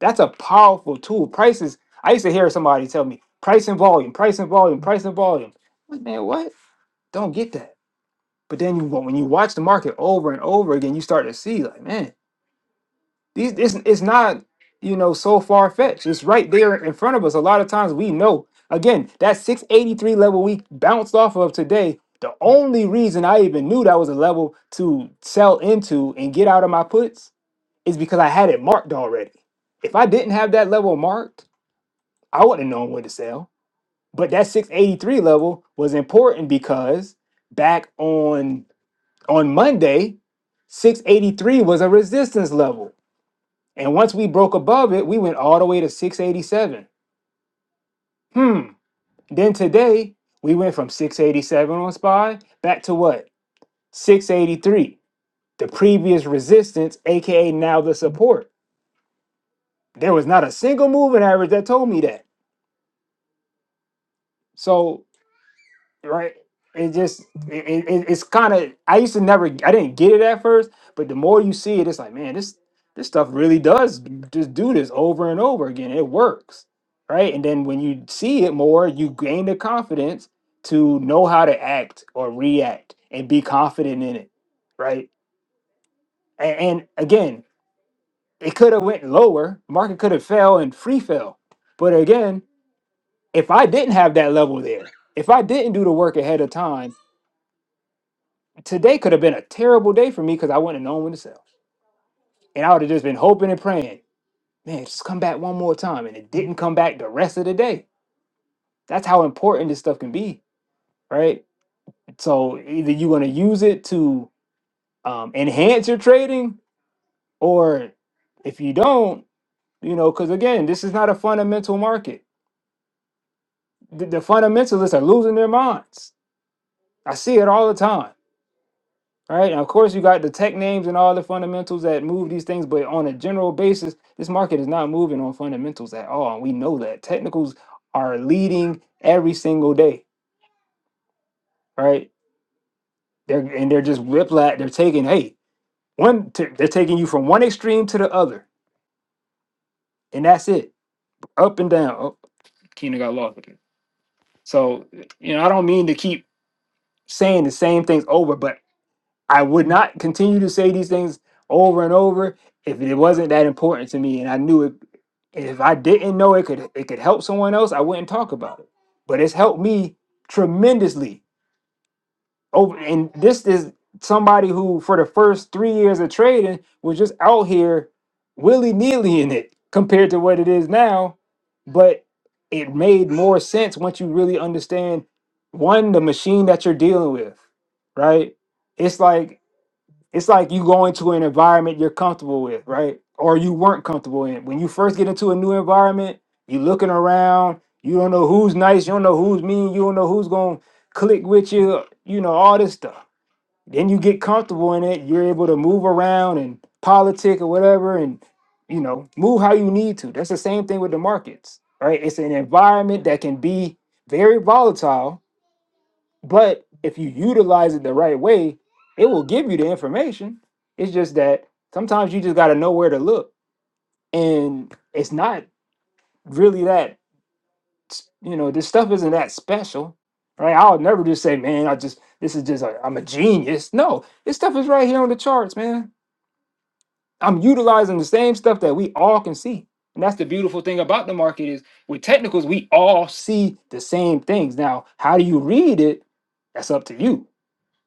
D: That's a powerful tool. Prices. I used to hear somebody tell me price and volume, price and volume, price and volume. I'm Like, man, what? Don't get that. But then you, when you watch the market over and over again, you start to see like, man, these it's, it's not you know so far fetched. It's right there in front of us. A lot of times we know. Again, that 683 level we bounced off of today. The only reason I even knew that was a level to sell into and get out of my puts is because I had it marked already. If I didn't have that level marked I wouldn't have known when to sell. But that 683 level was important because back on on Monday, 683 was a resistance level. And once we broke above it, we went all the way to 687. Hmm. Then today, we went from 687 on SPY back to what? 683, the previous resistance, aka now the support. There was not a single moving average that told me that. So right it just it, it, it's kind of i used to never i didn't get it at first but the more you see it it's like man this this stuff really does just do this over and over again it works right and then when you see it more you gain the confidence to know how to act or react and be confident in it right and, and again it could have went lower market could have fell and free fell but again if i didn't have that level there if i didn't do the work ahead of time today could have been a terrible day for me because I wouldn't have known when to sell. And I would have just been hoping and praying, man, just come back one more time. And it didn't come back the rest of the day. That's how important this stuff can be, right? So either you're going to use it to um, enhance your trading, or if you don't, you know, because again, this is not a fundamental market. The, the fundamentalists are losing their minds. I see it all the time. All right? now, of course, you got the tech names and all the fundamentals that move these things, but on a general basis, this market is not moving on fundamentals at all. And we know that technicals are leading every single day, All right? They're and they're just whiplash. They're taking hey one, t- they're taking you from one extreme to the other, and that's it, up and down. Oh, Keena got lost with it. So you know, I don't mean to keep saying the same things over, but I would not continue to say these things over and over if it wasn't that important to me and I knew it And if I didn't know it could it could help someone else, I wouldn't talk about it. But it's helped me tremendously. Over and this is somebody who for the first three years of trading was just out here willy-nilly in it compared to what it is now. But it made more sense once you really understand one, the machine that you're dealing with, right? It's like it's like you go into an environment you're comfortable with, right? Or you weren't comfortable in. When you first get into a new environment, you looking around, you don't know who's nice, you don't know who's mean, you don't know who's gonna click with you, you know, all this stuff. Then you get comfortable in it, you're able to move around and politic or whatever, and you know, move how you need to. That's the same thing with the markets, right? It's an environment that can be very volatile but if you utilize it the right way, it will give you the information. It's just that sometimes you just got to know where to look. And it's not really that, you know, this stuff isn't that special, right? I would never just say, man, I just, this is just, i I'm a genius. No, this stuff is right here on the charts, man. I'm utilizing the same stuff that we all can see. And that's the beautiful thing about the market is with technicals, we all see the same things. Now, how do you read it? That's up to you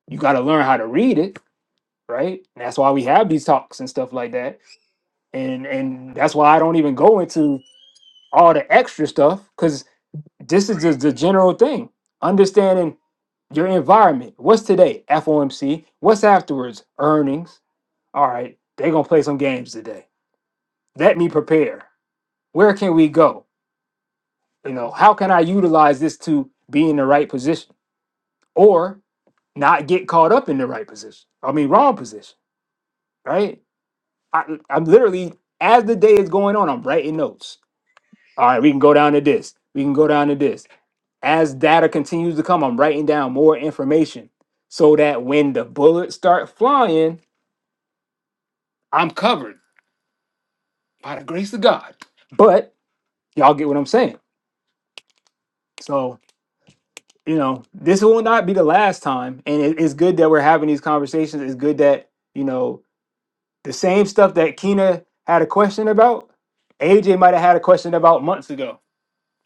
D: you got to learn how to read it right and that's why we have these talks and stuff like that and and that's why i don't even go into all the extra stuff because this is just the general thing understanding your environment what's today fomc what's afterwards earnings all right they're gonna play some games today let me prepare where can we go you know how can i utilize this to be in the right position or not get caught up in the right position i mean wrong position right I, I'm literally as the day is going on, I'm writing notes. All right, we can go down to this. We can go down to this. As data continues to come, I'm writing down more information so that when the bullets start flying, I'm covered by the grace of God. But y'all get what I'm saying. So you know, this will not be the last time, and it- it's good that we're having these conversations. It's good that you know the same stuff that Kina had a question about. AJ might have had a question about months ago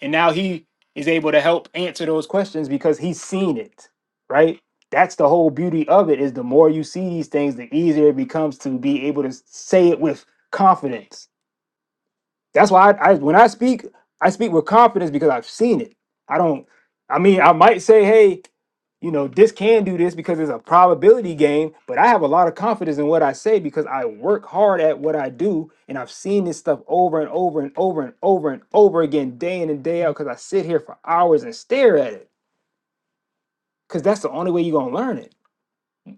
D: And now he is able to help answer those questions because he's seen it, right? That's the whole beauty of it is the more you see these things, the easier it becomes to be able to say it with confidence that's why I, I when I speak, I speak with confidence because I've seen it. I don't. I mean, I might say, hey, you know, this can do this because it's a probability game, but I have a lot of confidence in what I say because I work hard at what I do and I've seen this stuff over and over and over and over and over again, day in and day out, because I sit here for hours and stare at it. Because that's the only way you're gonna learn it.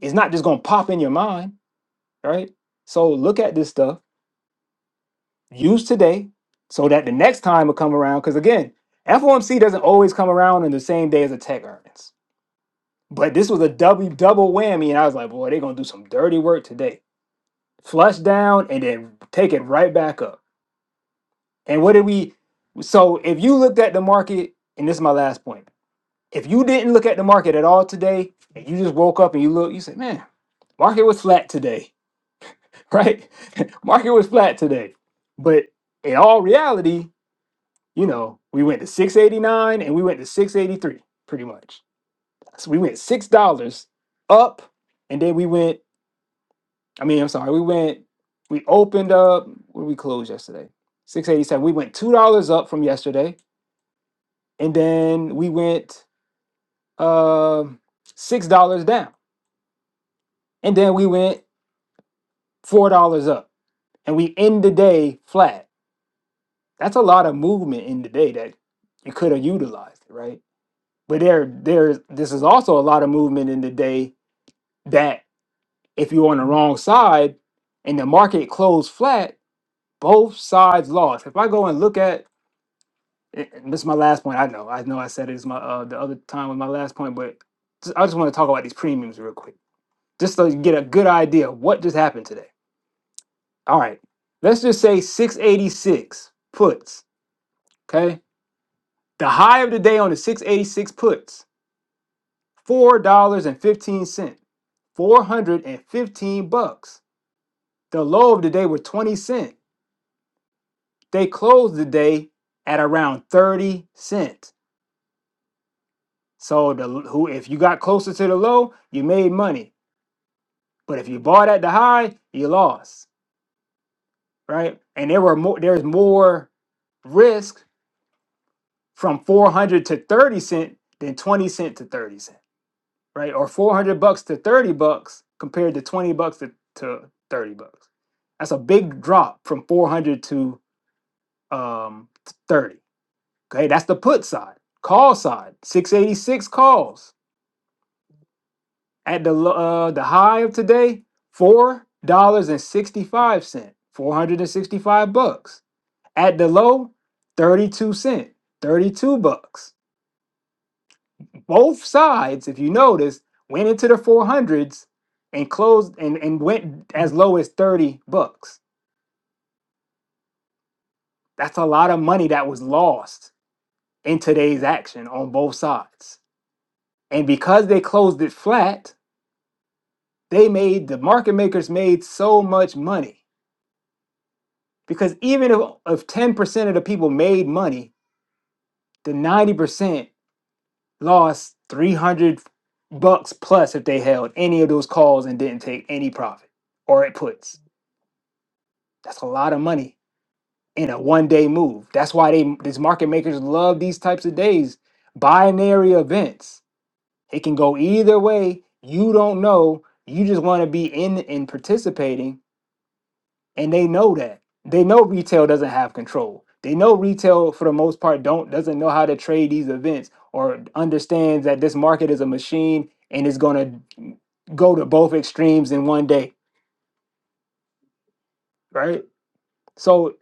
D: It's not just gonna pop in your mind, right? So look at this stuff use today so that the next time will come around. Because again, FOMC doesn't always come around in the same day as a tech earnings. But this was a double double whammy, and I was like, boy, they're gonna do some dirty work today. Flush down and then take it right back up. And what did we so if you looked at the market, and this is my last point, if you didn't look at the market at all today, and you just woke up and you look, you say, Man, market was flat today, [laughs] right? [laughs] market was flat today. But in all reality, you know, we went to 689 and we went to 683 pretty much. So we went six dollars up and then we went, I mean, I'm sorry, we went, we opened up, where did we closed yesterday? 687. We went two dollars up from yesterday, and then we went um six dollars down. And then we went four dollars up. And we end the day flat. That's a lot of movement in the day that you could have utilized, right? But there there this is also a lot of movement in the day that if you're on the wrong side and the market closed flat, both sides lost. If I go and look at and this is my last point. I know, I know, I said it is my uh, the other time was my last point, but just- I just want to talk about these premiums real quick, just so you get a good idea of what just happened today. All right, let's just say 686 puts. Okay, the high of the day on the 686 puts four dollars and fifteen cent, four hundred and fifteen bucks. The low of the day were 20 cent. They closed the day at around 30 cents. So the who if you got closer to the low, you made money. But if you bought at the high, you lost, right? And there were more there's more risk from 400 to 30 cent than 20 cent to 30 cent, right? Or 400 bucks to 30 bucks compared to 20 bucks to, to 30 bucks. That's a big drop from 400 to um 30. Okay, that's the put side. Call side, 686 calls. At the lo- uh, the high of today, four dollars and sixty five cent, four hundred and sixty five bucks. At the low, thirty two cent, thirty two bucks. Both sides, if you notice, went into the four hundreds and closed and, and went as low as thirty bucks. That's a lot of money that was lost in today's action on both sides. And because they closed it flat, they made the market makers made so much money Because even if, if 10% of the people made money, the 90% lost 300 bucks plus if they held any of those calls and didn't take any profit or it puts. That's a lot of money in a one day move. That's why they these market makers love these types of days, binary events. It can go either way. You don't know. You just want to be in and participating and they know that they know retail doesn't have control they know retail for the most part don't doesn't know how to trade these events or understands that this market is a machine and it's going to go to both extremes in one day right so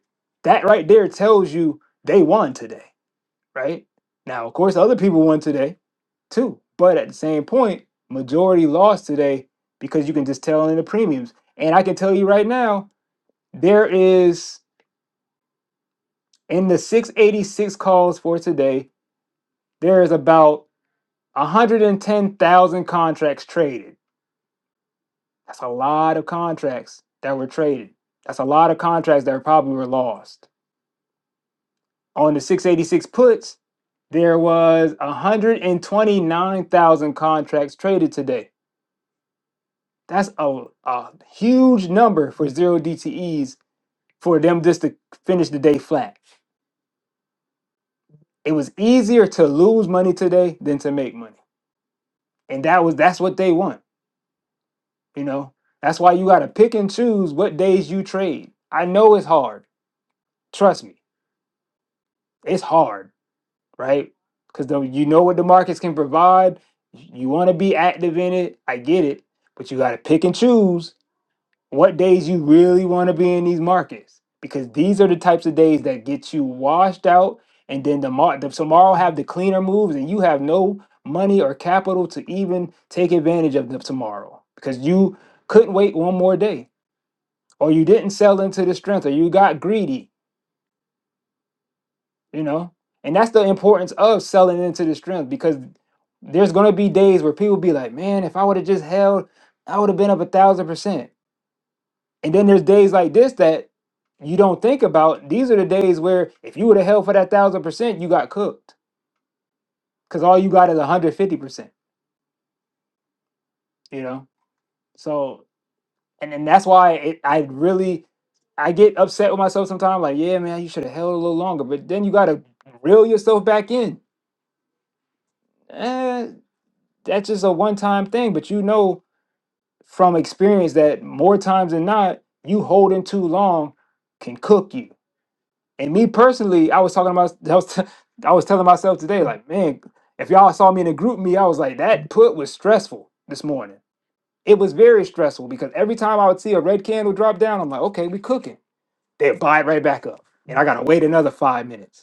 D: that right there tells you they won today right now of course other people won today too but at the same point majority lost today because you can just tell in the premiums and i can tell you right now there is In the 686 calls for today, there is about 110,000 contracts traded. That's a lot of contracts that were traded. That's a lot of contracts that probably were lost. On the 686 puts, there was 129,000 contracts traded today. That's a, a huge number for zero DTEs for them just to finish the day flat. It was easier to lose money today than to make money. And that was that's what they want You know, that's why you got to pick and choose what days you trade. I know it's hard. Trust me, it's hard, right? Because though you know what the markets can provide, you want to be active in it. I get it, but you got to pick and choose what days you really want to be in these markets because these are the types of days that get you washed out, and then the, mar- the tomorrow have the cleaner moves, and you have no money or capital to even take advantage of the tomorrow because you couldn't wait one more day or you didn't sell into the strength or you got greedy you know and that's the importance of selling into the strength because there's going to be days where people be like man if i would have just held i would have been up a thousand percent and then there's days like this that you don't think about these are the days where if you would have held for that thousand percent you got cooked because all you got is 150 percent you know so and, and that's why it, i really i get upset with myself sometimes like yeah man you should have held a little longer but then you got to reel yourself back in eh, that's just a one time thing. But you know from experience that more times than not, you holding too long can cook you. And me personally, I was talking about, I was, [laughs] I was telling myself today, like, man, if y'all saw me in a group me, I was like, that put was stressful this morning. It was very stressful because every time I would see a red candle drop down, I'm like, okay, we cooking. They buy it right back up. And I gotta wait another five minutes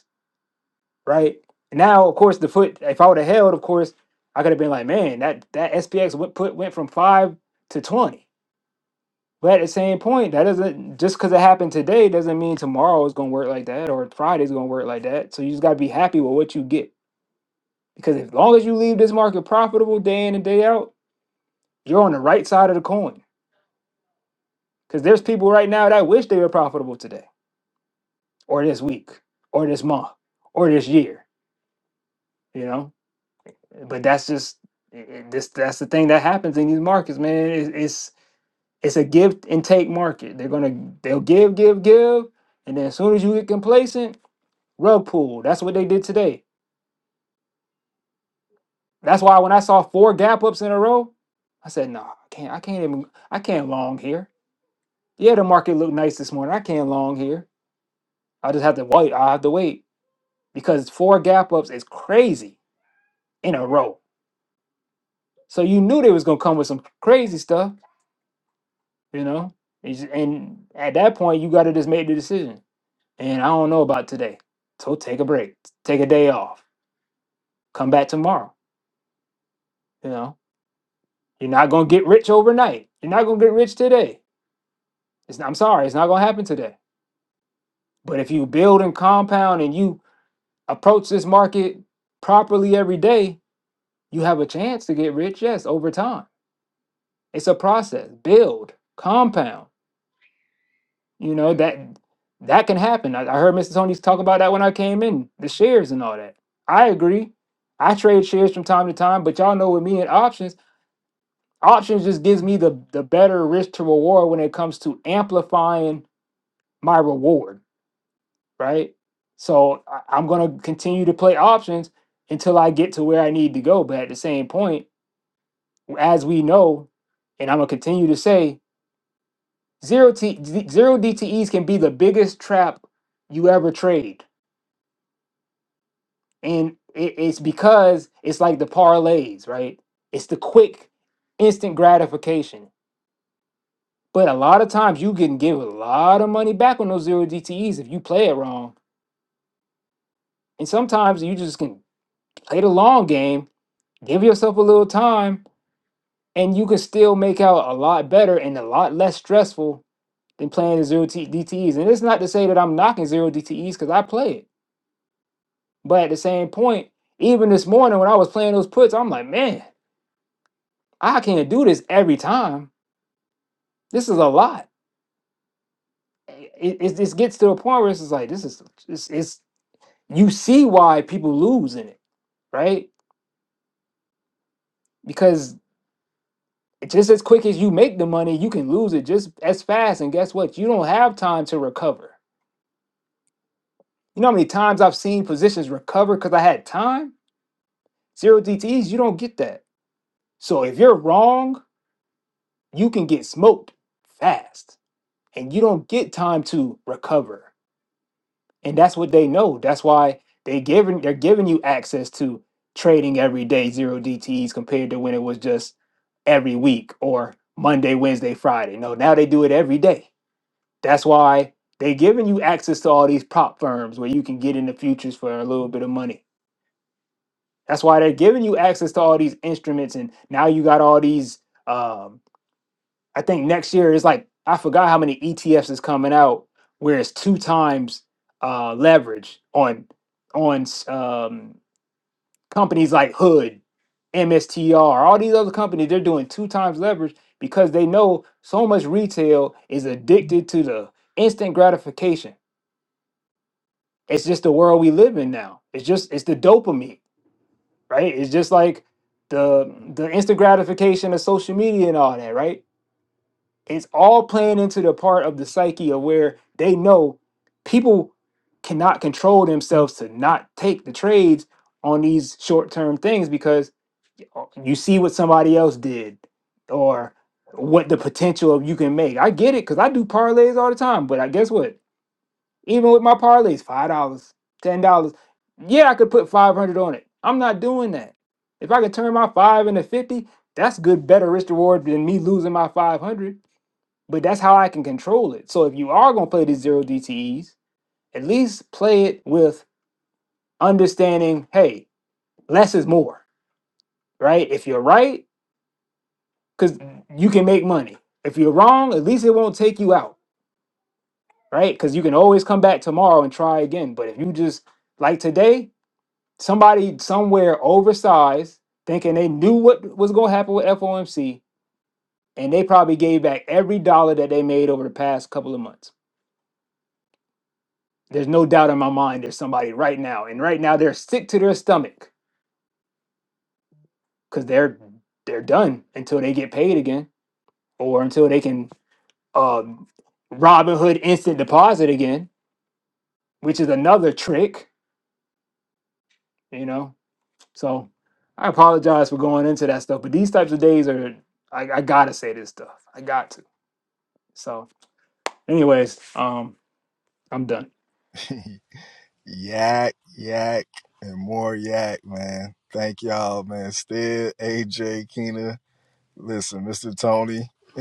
D: right? Now, of course, the foot. If I would have held, of course, I could have been like, man, that that SPX went put went from five to twenty. But at the same point, that doesn't just because it happened today doesn't mean tomorrow is going to work like that or Friday's going to work like that. So you just got to be happy with what you get because as long as you leave this market profitable day in and day out, you're on the right side of the coin. Because there's people right now that wish they were profitable today or this week or this month or this year. You know. But that's just it- this. That's the thing that happens in these markets, man. It- It's it's a give and take market. They're gonna they'll give, give, give, and then as soon as you get complacent, rug pull. That's what they did today. That's why when I saw four gap ups in a row, I said, "No, I can't. I can't even. I can't long here. Yeah, the market looked nice this morning. I can't long here. I just have to wait. I have to wait because four gap ups is crazy in a row. So you knew they was gonna come with some crazy stuff. You know, It's- and at that point, you got to just make the decision. And I don't know about today, so take a break, take a day off, come back tomorrow. You know, you're not gonna get rich overnight. You're not gonna get rich today. It's I'm sorry, it's not gonna happen today. But if you build and compound and you approach this market properly every day, you have a chance to get rich. Yes, over time, it's a process. Build, compound. You know that that can happen. I, I heard Mr. Tony talk about that when I came in, the shares and all that. I agree. I trade shares from time to time, but y'all know with me and options, options just gives me the the better risk to reward when it comes to amplifying my reward, right? So I, I'm gonna continue to play options until I get to where I need to go. But at the same point, as we know, and I'm gonna continue to say, zero T zero DTEs can be the biggest trap you ever trade and it, it's because it's like the parlays, right? It's the quick, instant gratification. But a lot of times you can give a lot of money back on those zero DTEs if you play it wrong. And sometimes you just can play the long game, give yourself a little time, and you can still make out a lot better and a lot less stressful than playing the zero T- DTEs. And it's not to say that I'm knocking zero DTEs because I play it. But at the same point, even this morning when I was playing those puts, I'm like, man, I can't do this every time This is a lot. It, it, it gets to a point where it's just like this is it's, it's you see why people lose in it, right? Because just as quick as you make the money, you can lose it just as fast. And guess what? You don't have time to recover. You know how many times I've seen positions recover because I had time? Zero DTEs, you don't get that. So if you're wrong, you can get smoked fast and you don't get time to recover. and that's what they know. That's why they giving they're giving you access to trading every day zero DTEs compared to when it was just every week or Monday, Wednesday, Friday. No, now they do it every day. That's why they giving you access to all these prop firms where you can get into futures for a little bit of money. That's why they're giving you access to all these instruments, and now you got all these. um, I think next year is like I forgot how many ETFs is coming out where it's two times uh, leverage on on um, companies like Hood, MSTR, all these other companies. They're doing two times leverage because they know so much retail is addicted to the instant gratification. It's just the world we live in now. It's just it's the dopamine, right? It's just like the the instant gratification of social media and all that, right? It's all playing into the part of the psyche of where they know people cannot control themselves to not take the trades on these short term things because you see what somebody else did or what the potential of you can make. I get it because I do parlays all the time, but I guess what? Even with my parlays, five dollars, ten dollars, yeah, I could put five hundred on it. I'm not doing that. If I could turn my five into fifty, that's good, better risk reward than me losing my five hundred but that's how I can control it. So if you are going to play these zero DTEs, at least play it with understanding, hey, less is more, right? If you're right, because you can make money. If you're wrong, at least it won't take you out, right? Because you can always come back tomorrow and try again. But if you just like today, somebody somewhere oversized thinking they knew what was going to happen with FOMC, and they probably gave back every dollar that they made over the past couple of months There's no doubt in my mind there's somebody right now. And right now they're sick to their stomach because they're they're done until they get paid again or until they can um Robinhood instant deposit again, which is another trick, you know. So I apologize for going into that stuff, but these types of days are I, I gotta say this stuff. I got to. So anyways, um I'm done.
A: Yak, yak, and more yak, man. Thank y'all, man. Stead, AJ, Keena. Listen, Mr. Tony, [laughs]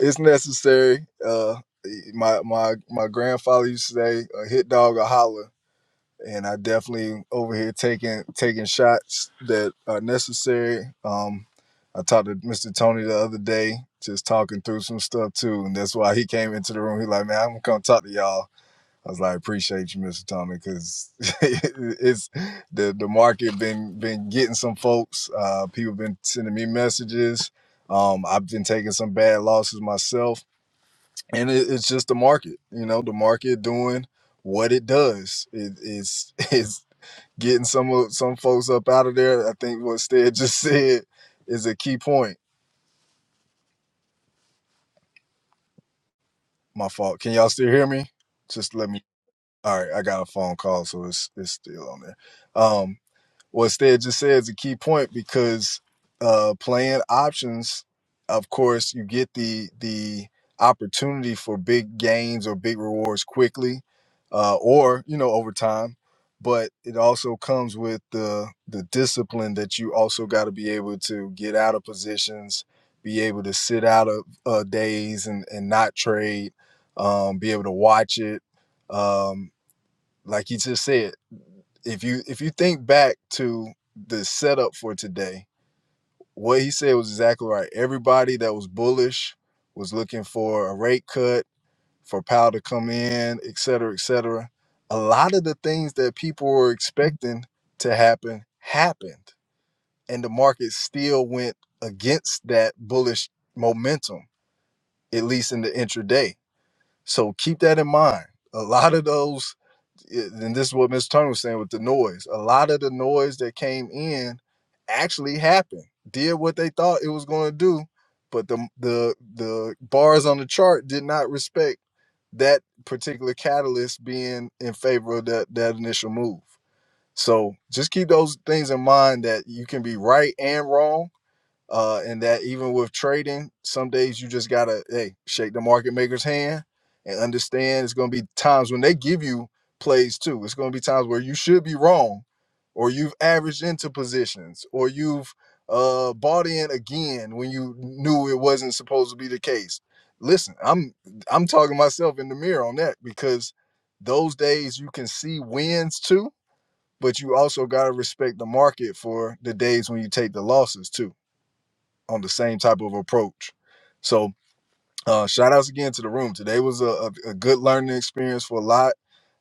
A: it's necessary. Uh, my my my grandfather used to say, "A hit dog, a holler," and I definitely over here taking taking shots that are necessary. Um, I talked to Mr. Tony the other day, just talking through some stuff too, and that's why he came into the room. He like, "Man, I'm gonna come talk to y'all." I was like, because [laughs] it's the the market been been getting some folks. Uh, people been sending me messages. Um, I've been taking some bad losses myself, and it, it's just the market. You know, the market doing what it does. It, it's [laughs] it's getting some of some folks up out of there. I think what Stead just [laughs] said is a key point. My fault. Can y'all still hear me? Just let me. All right, I got a phone call, so it's it's still on there. Um. what Stead just said is a key point because uh, playing options, of course, you get the the opportunity for big gains or big rewards quickly, uh, or you know over time. But it also comes with the the discipline that you also got to be able to get out of positions, be able to sit out of uh, days and and not trade, um, be able to watch it. Um, like you just said, if you if you think back to the setup for today, what he said was exactly right. Everybody that was bullish was looking for a rate cut, for Powell to come in, et cetera, et cetera. A lot of the things that people were expecting to happen happened, and the market still went against that bullish momentum, at least in the intraday. So keep that in mind. A lot of those it- and this is what Mr. Turner was saying with the noise. A lot of the noise that came in actually happened, did what they thought it was going to do, but the the the bars on the chart did not respect that particular catalyst being in favor of that that initial move. So just keep those things in mind that you can be right and wrong uh, and that even with trading, some days you just gotta hey shake the market maker's hand and understand it's gonna be times when they give you plays too. It's gonna be times where you should be wrong, or you've averaged into positions, or you've uh, bought in again when you knew it wasn't supposed to be the case. Listen, I'm I'm talking myself in the mirror on that because those days you can see wins too, but you also gotta respect the market for the days when you take the losses too on the same type of approach. So uh, shout outs again to the room. Today was a, a, a good learning experience for a lot.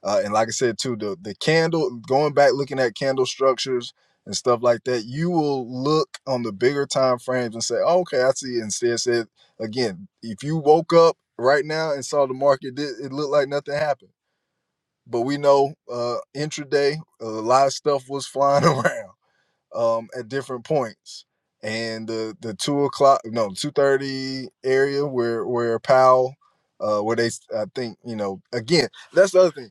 A: Uh, and like I said too, the the candle going back looking at candle structures and stuff like that, you will look on the bigger time frames and say, oh, okay, I see. it." Instead, said again, if you woke up right now and saw the market, it, it looked like nothing happened. But we know uh, intraday, a lot of stuff was flying [laughs] around um, at different points. And the the two o'clock, no, two thirty area where where Powell, uh, where they, I think you know, again, that's the other thing.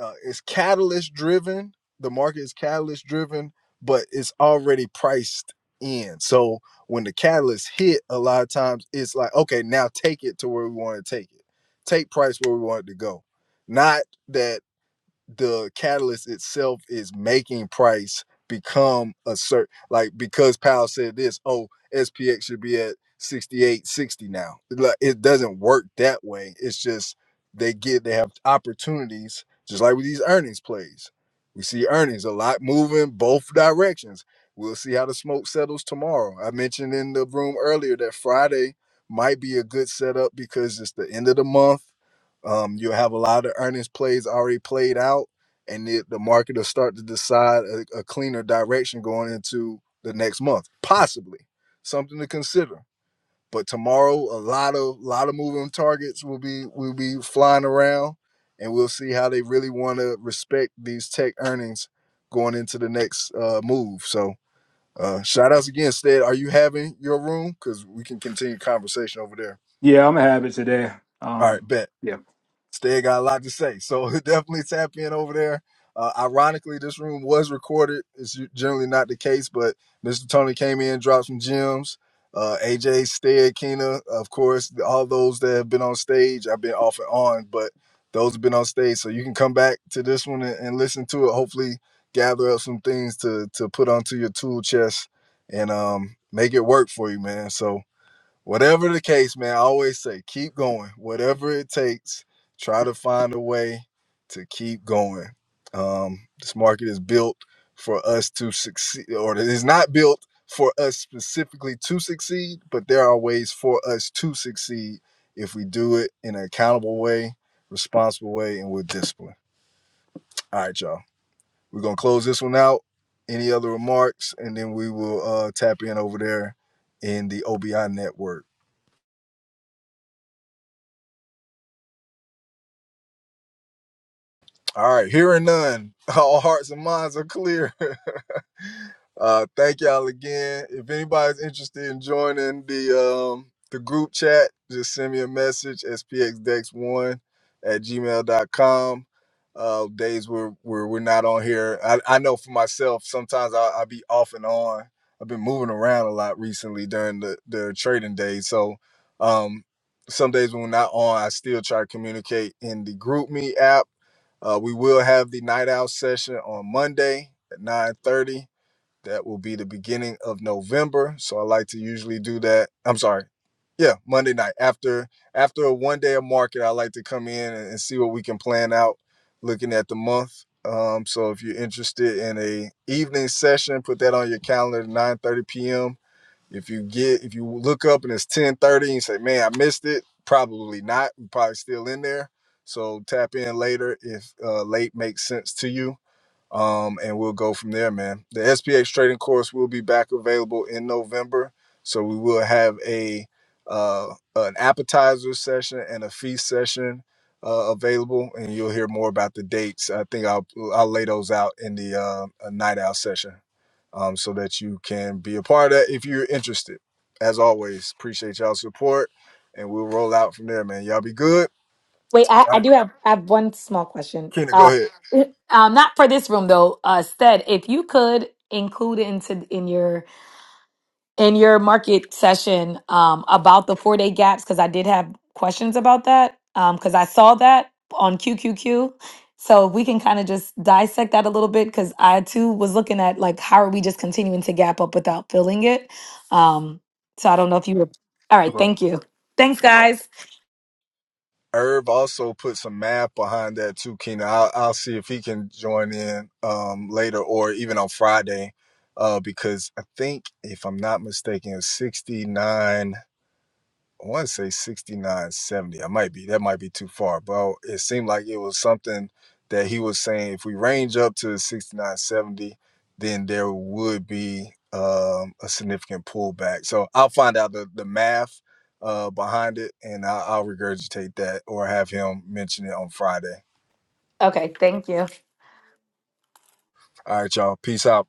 A: Uh, it's catalyst driven. The market is catalyst driven, but it's already priced in. So when the catalyst hit, a lot of times it's like, okay, now take it to where we want to take it. Take price where we want it to go. Not that the catalyst itself is making price become a certain like because Powell said this, oh, SPX should be at 68, 60 now. Like, it doesn't work that way. It's just they get they have opportunities just like with these earnings plays. We see earnings a lot moving both directions. We'll see how the smoke settles tomorrow. I mentioned in the room earlier that Friday might be a good setup because it's the end of the month um, you'll have a lot of earnings plays already played out, and the, the market will start to decide a, a cleaner direction going into the next month, possibly something to consider. But tomorrow, a lot of lot of moving targets will be will be flying around, and we'll see how they really want to respect these tech earnings going into the next uh, move. So, uh, shout outs again, Stead. Are you having your room? Because we can continue conversation over there.
D: Yeah, I'm gonna have it today.
A: All
D: Um
A: right, bet.
D: yeah.
A: Stead got a lot to say. So [laughs] definitely tap in over there. Uh, ironically, this room was recorded. It's generally not the case, but Mr. Tony came in, dropped some gems. Uh, AJ, Stead, Kina, of course, all those that have been on stage. I've been off and on, but those have been on stage. So you can come back to this one and, and listen to it. Hopefully, gather up some things to to put onto your tool chest and um, make it work for you, man. So Whatever the case, man, I always say keep going. Whatever it takes, try to find a way to keep going. Um, this market is built for us to succeed, or it is not built for us specifically to succeed, but there are ways for us to succeed if we do it in an accountable way, responsible way, and with discipline. All right, y'all. We're gonna close this one out. Any other remarks, and then we will uh, tap in over there in the OBI network. All right, hearing none, [laughs] all hearts and minds are clear. [laughs] Uh, thank y'all again. If anybody's interested in joining the um, the group chat, just send me a message, spxdex1 at gmail gmail.com. Uh, days where, where we're not on here. I, I know for myself, sometimes I'll, I'll be off and on. I've been moving around a lot recently during the, the trading days. So um, some days when we're not on, I still try to communicate in the GroupMe app uh, we will have the night out session on Monday at 9:30. That will be the beginning of November. So I like to usually do that. I'm sorry. Yeah, Monday night after after a one day of market, I like to come in and, and see what we can plan out looking at the month. Um, so if you're interested in a evening session, put that on your calendar 9:30 p.m if you get if you look up and it's 10:30 and you say, "Man, I missed it." Probably not. We're probably still in there. So tap in later if uh, late makes sense to you. Um, and we'll go from there, man. The SPX trading course will be back available in November. So we will have a uh, an appetizer session and a feast session uh, available, and you'll hear more about the dates. I think I'll I'll lay those out in the uh, a night out session um, so that you can be a part of that if you're interested. As always, appreciate y'all's support, and we'll roll out from there, man. Y'all be good.
E: Wait, I,
A: All
E: I
A: right,
E: do have I have one small question.
A: Keena, go
E: Uh,
A: ahead.
E: uh, not for this room though. Uh, Stead, if you could include into in your in your market session um, about the four day gaps because I did have questions about that Um, because I saw that on QQQ. So we can kind of just dissect that a little bit because I too was looking at like how are we just continuing to gap up without filling it. Um, so I don't know if you were all
D: no
E: right.
D: problem.
E: Thank you. Thanks, guys.
A: Herb also put some math behind that too, Keena. I'll, I'll see if he can join in um, later or even on Friday, uh, because I think, if I'm not mistaken, 69. I want to say 69 70. I might be. That might be too far. But it seemed like it was something that he was saying if we range up to 69 70, then there would be um, a significant pullback. So I'll find out the, the math uh, behind it and I'll, I'll regurgitate that or have him mention it on Friday.
E: Okay, thank you.
A: All right, y'all. Peace out.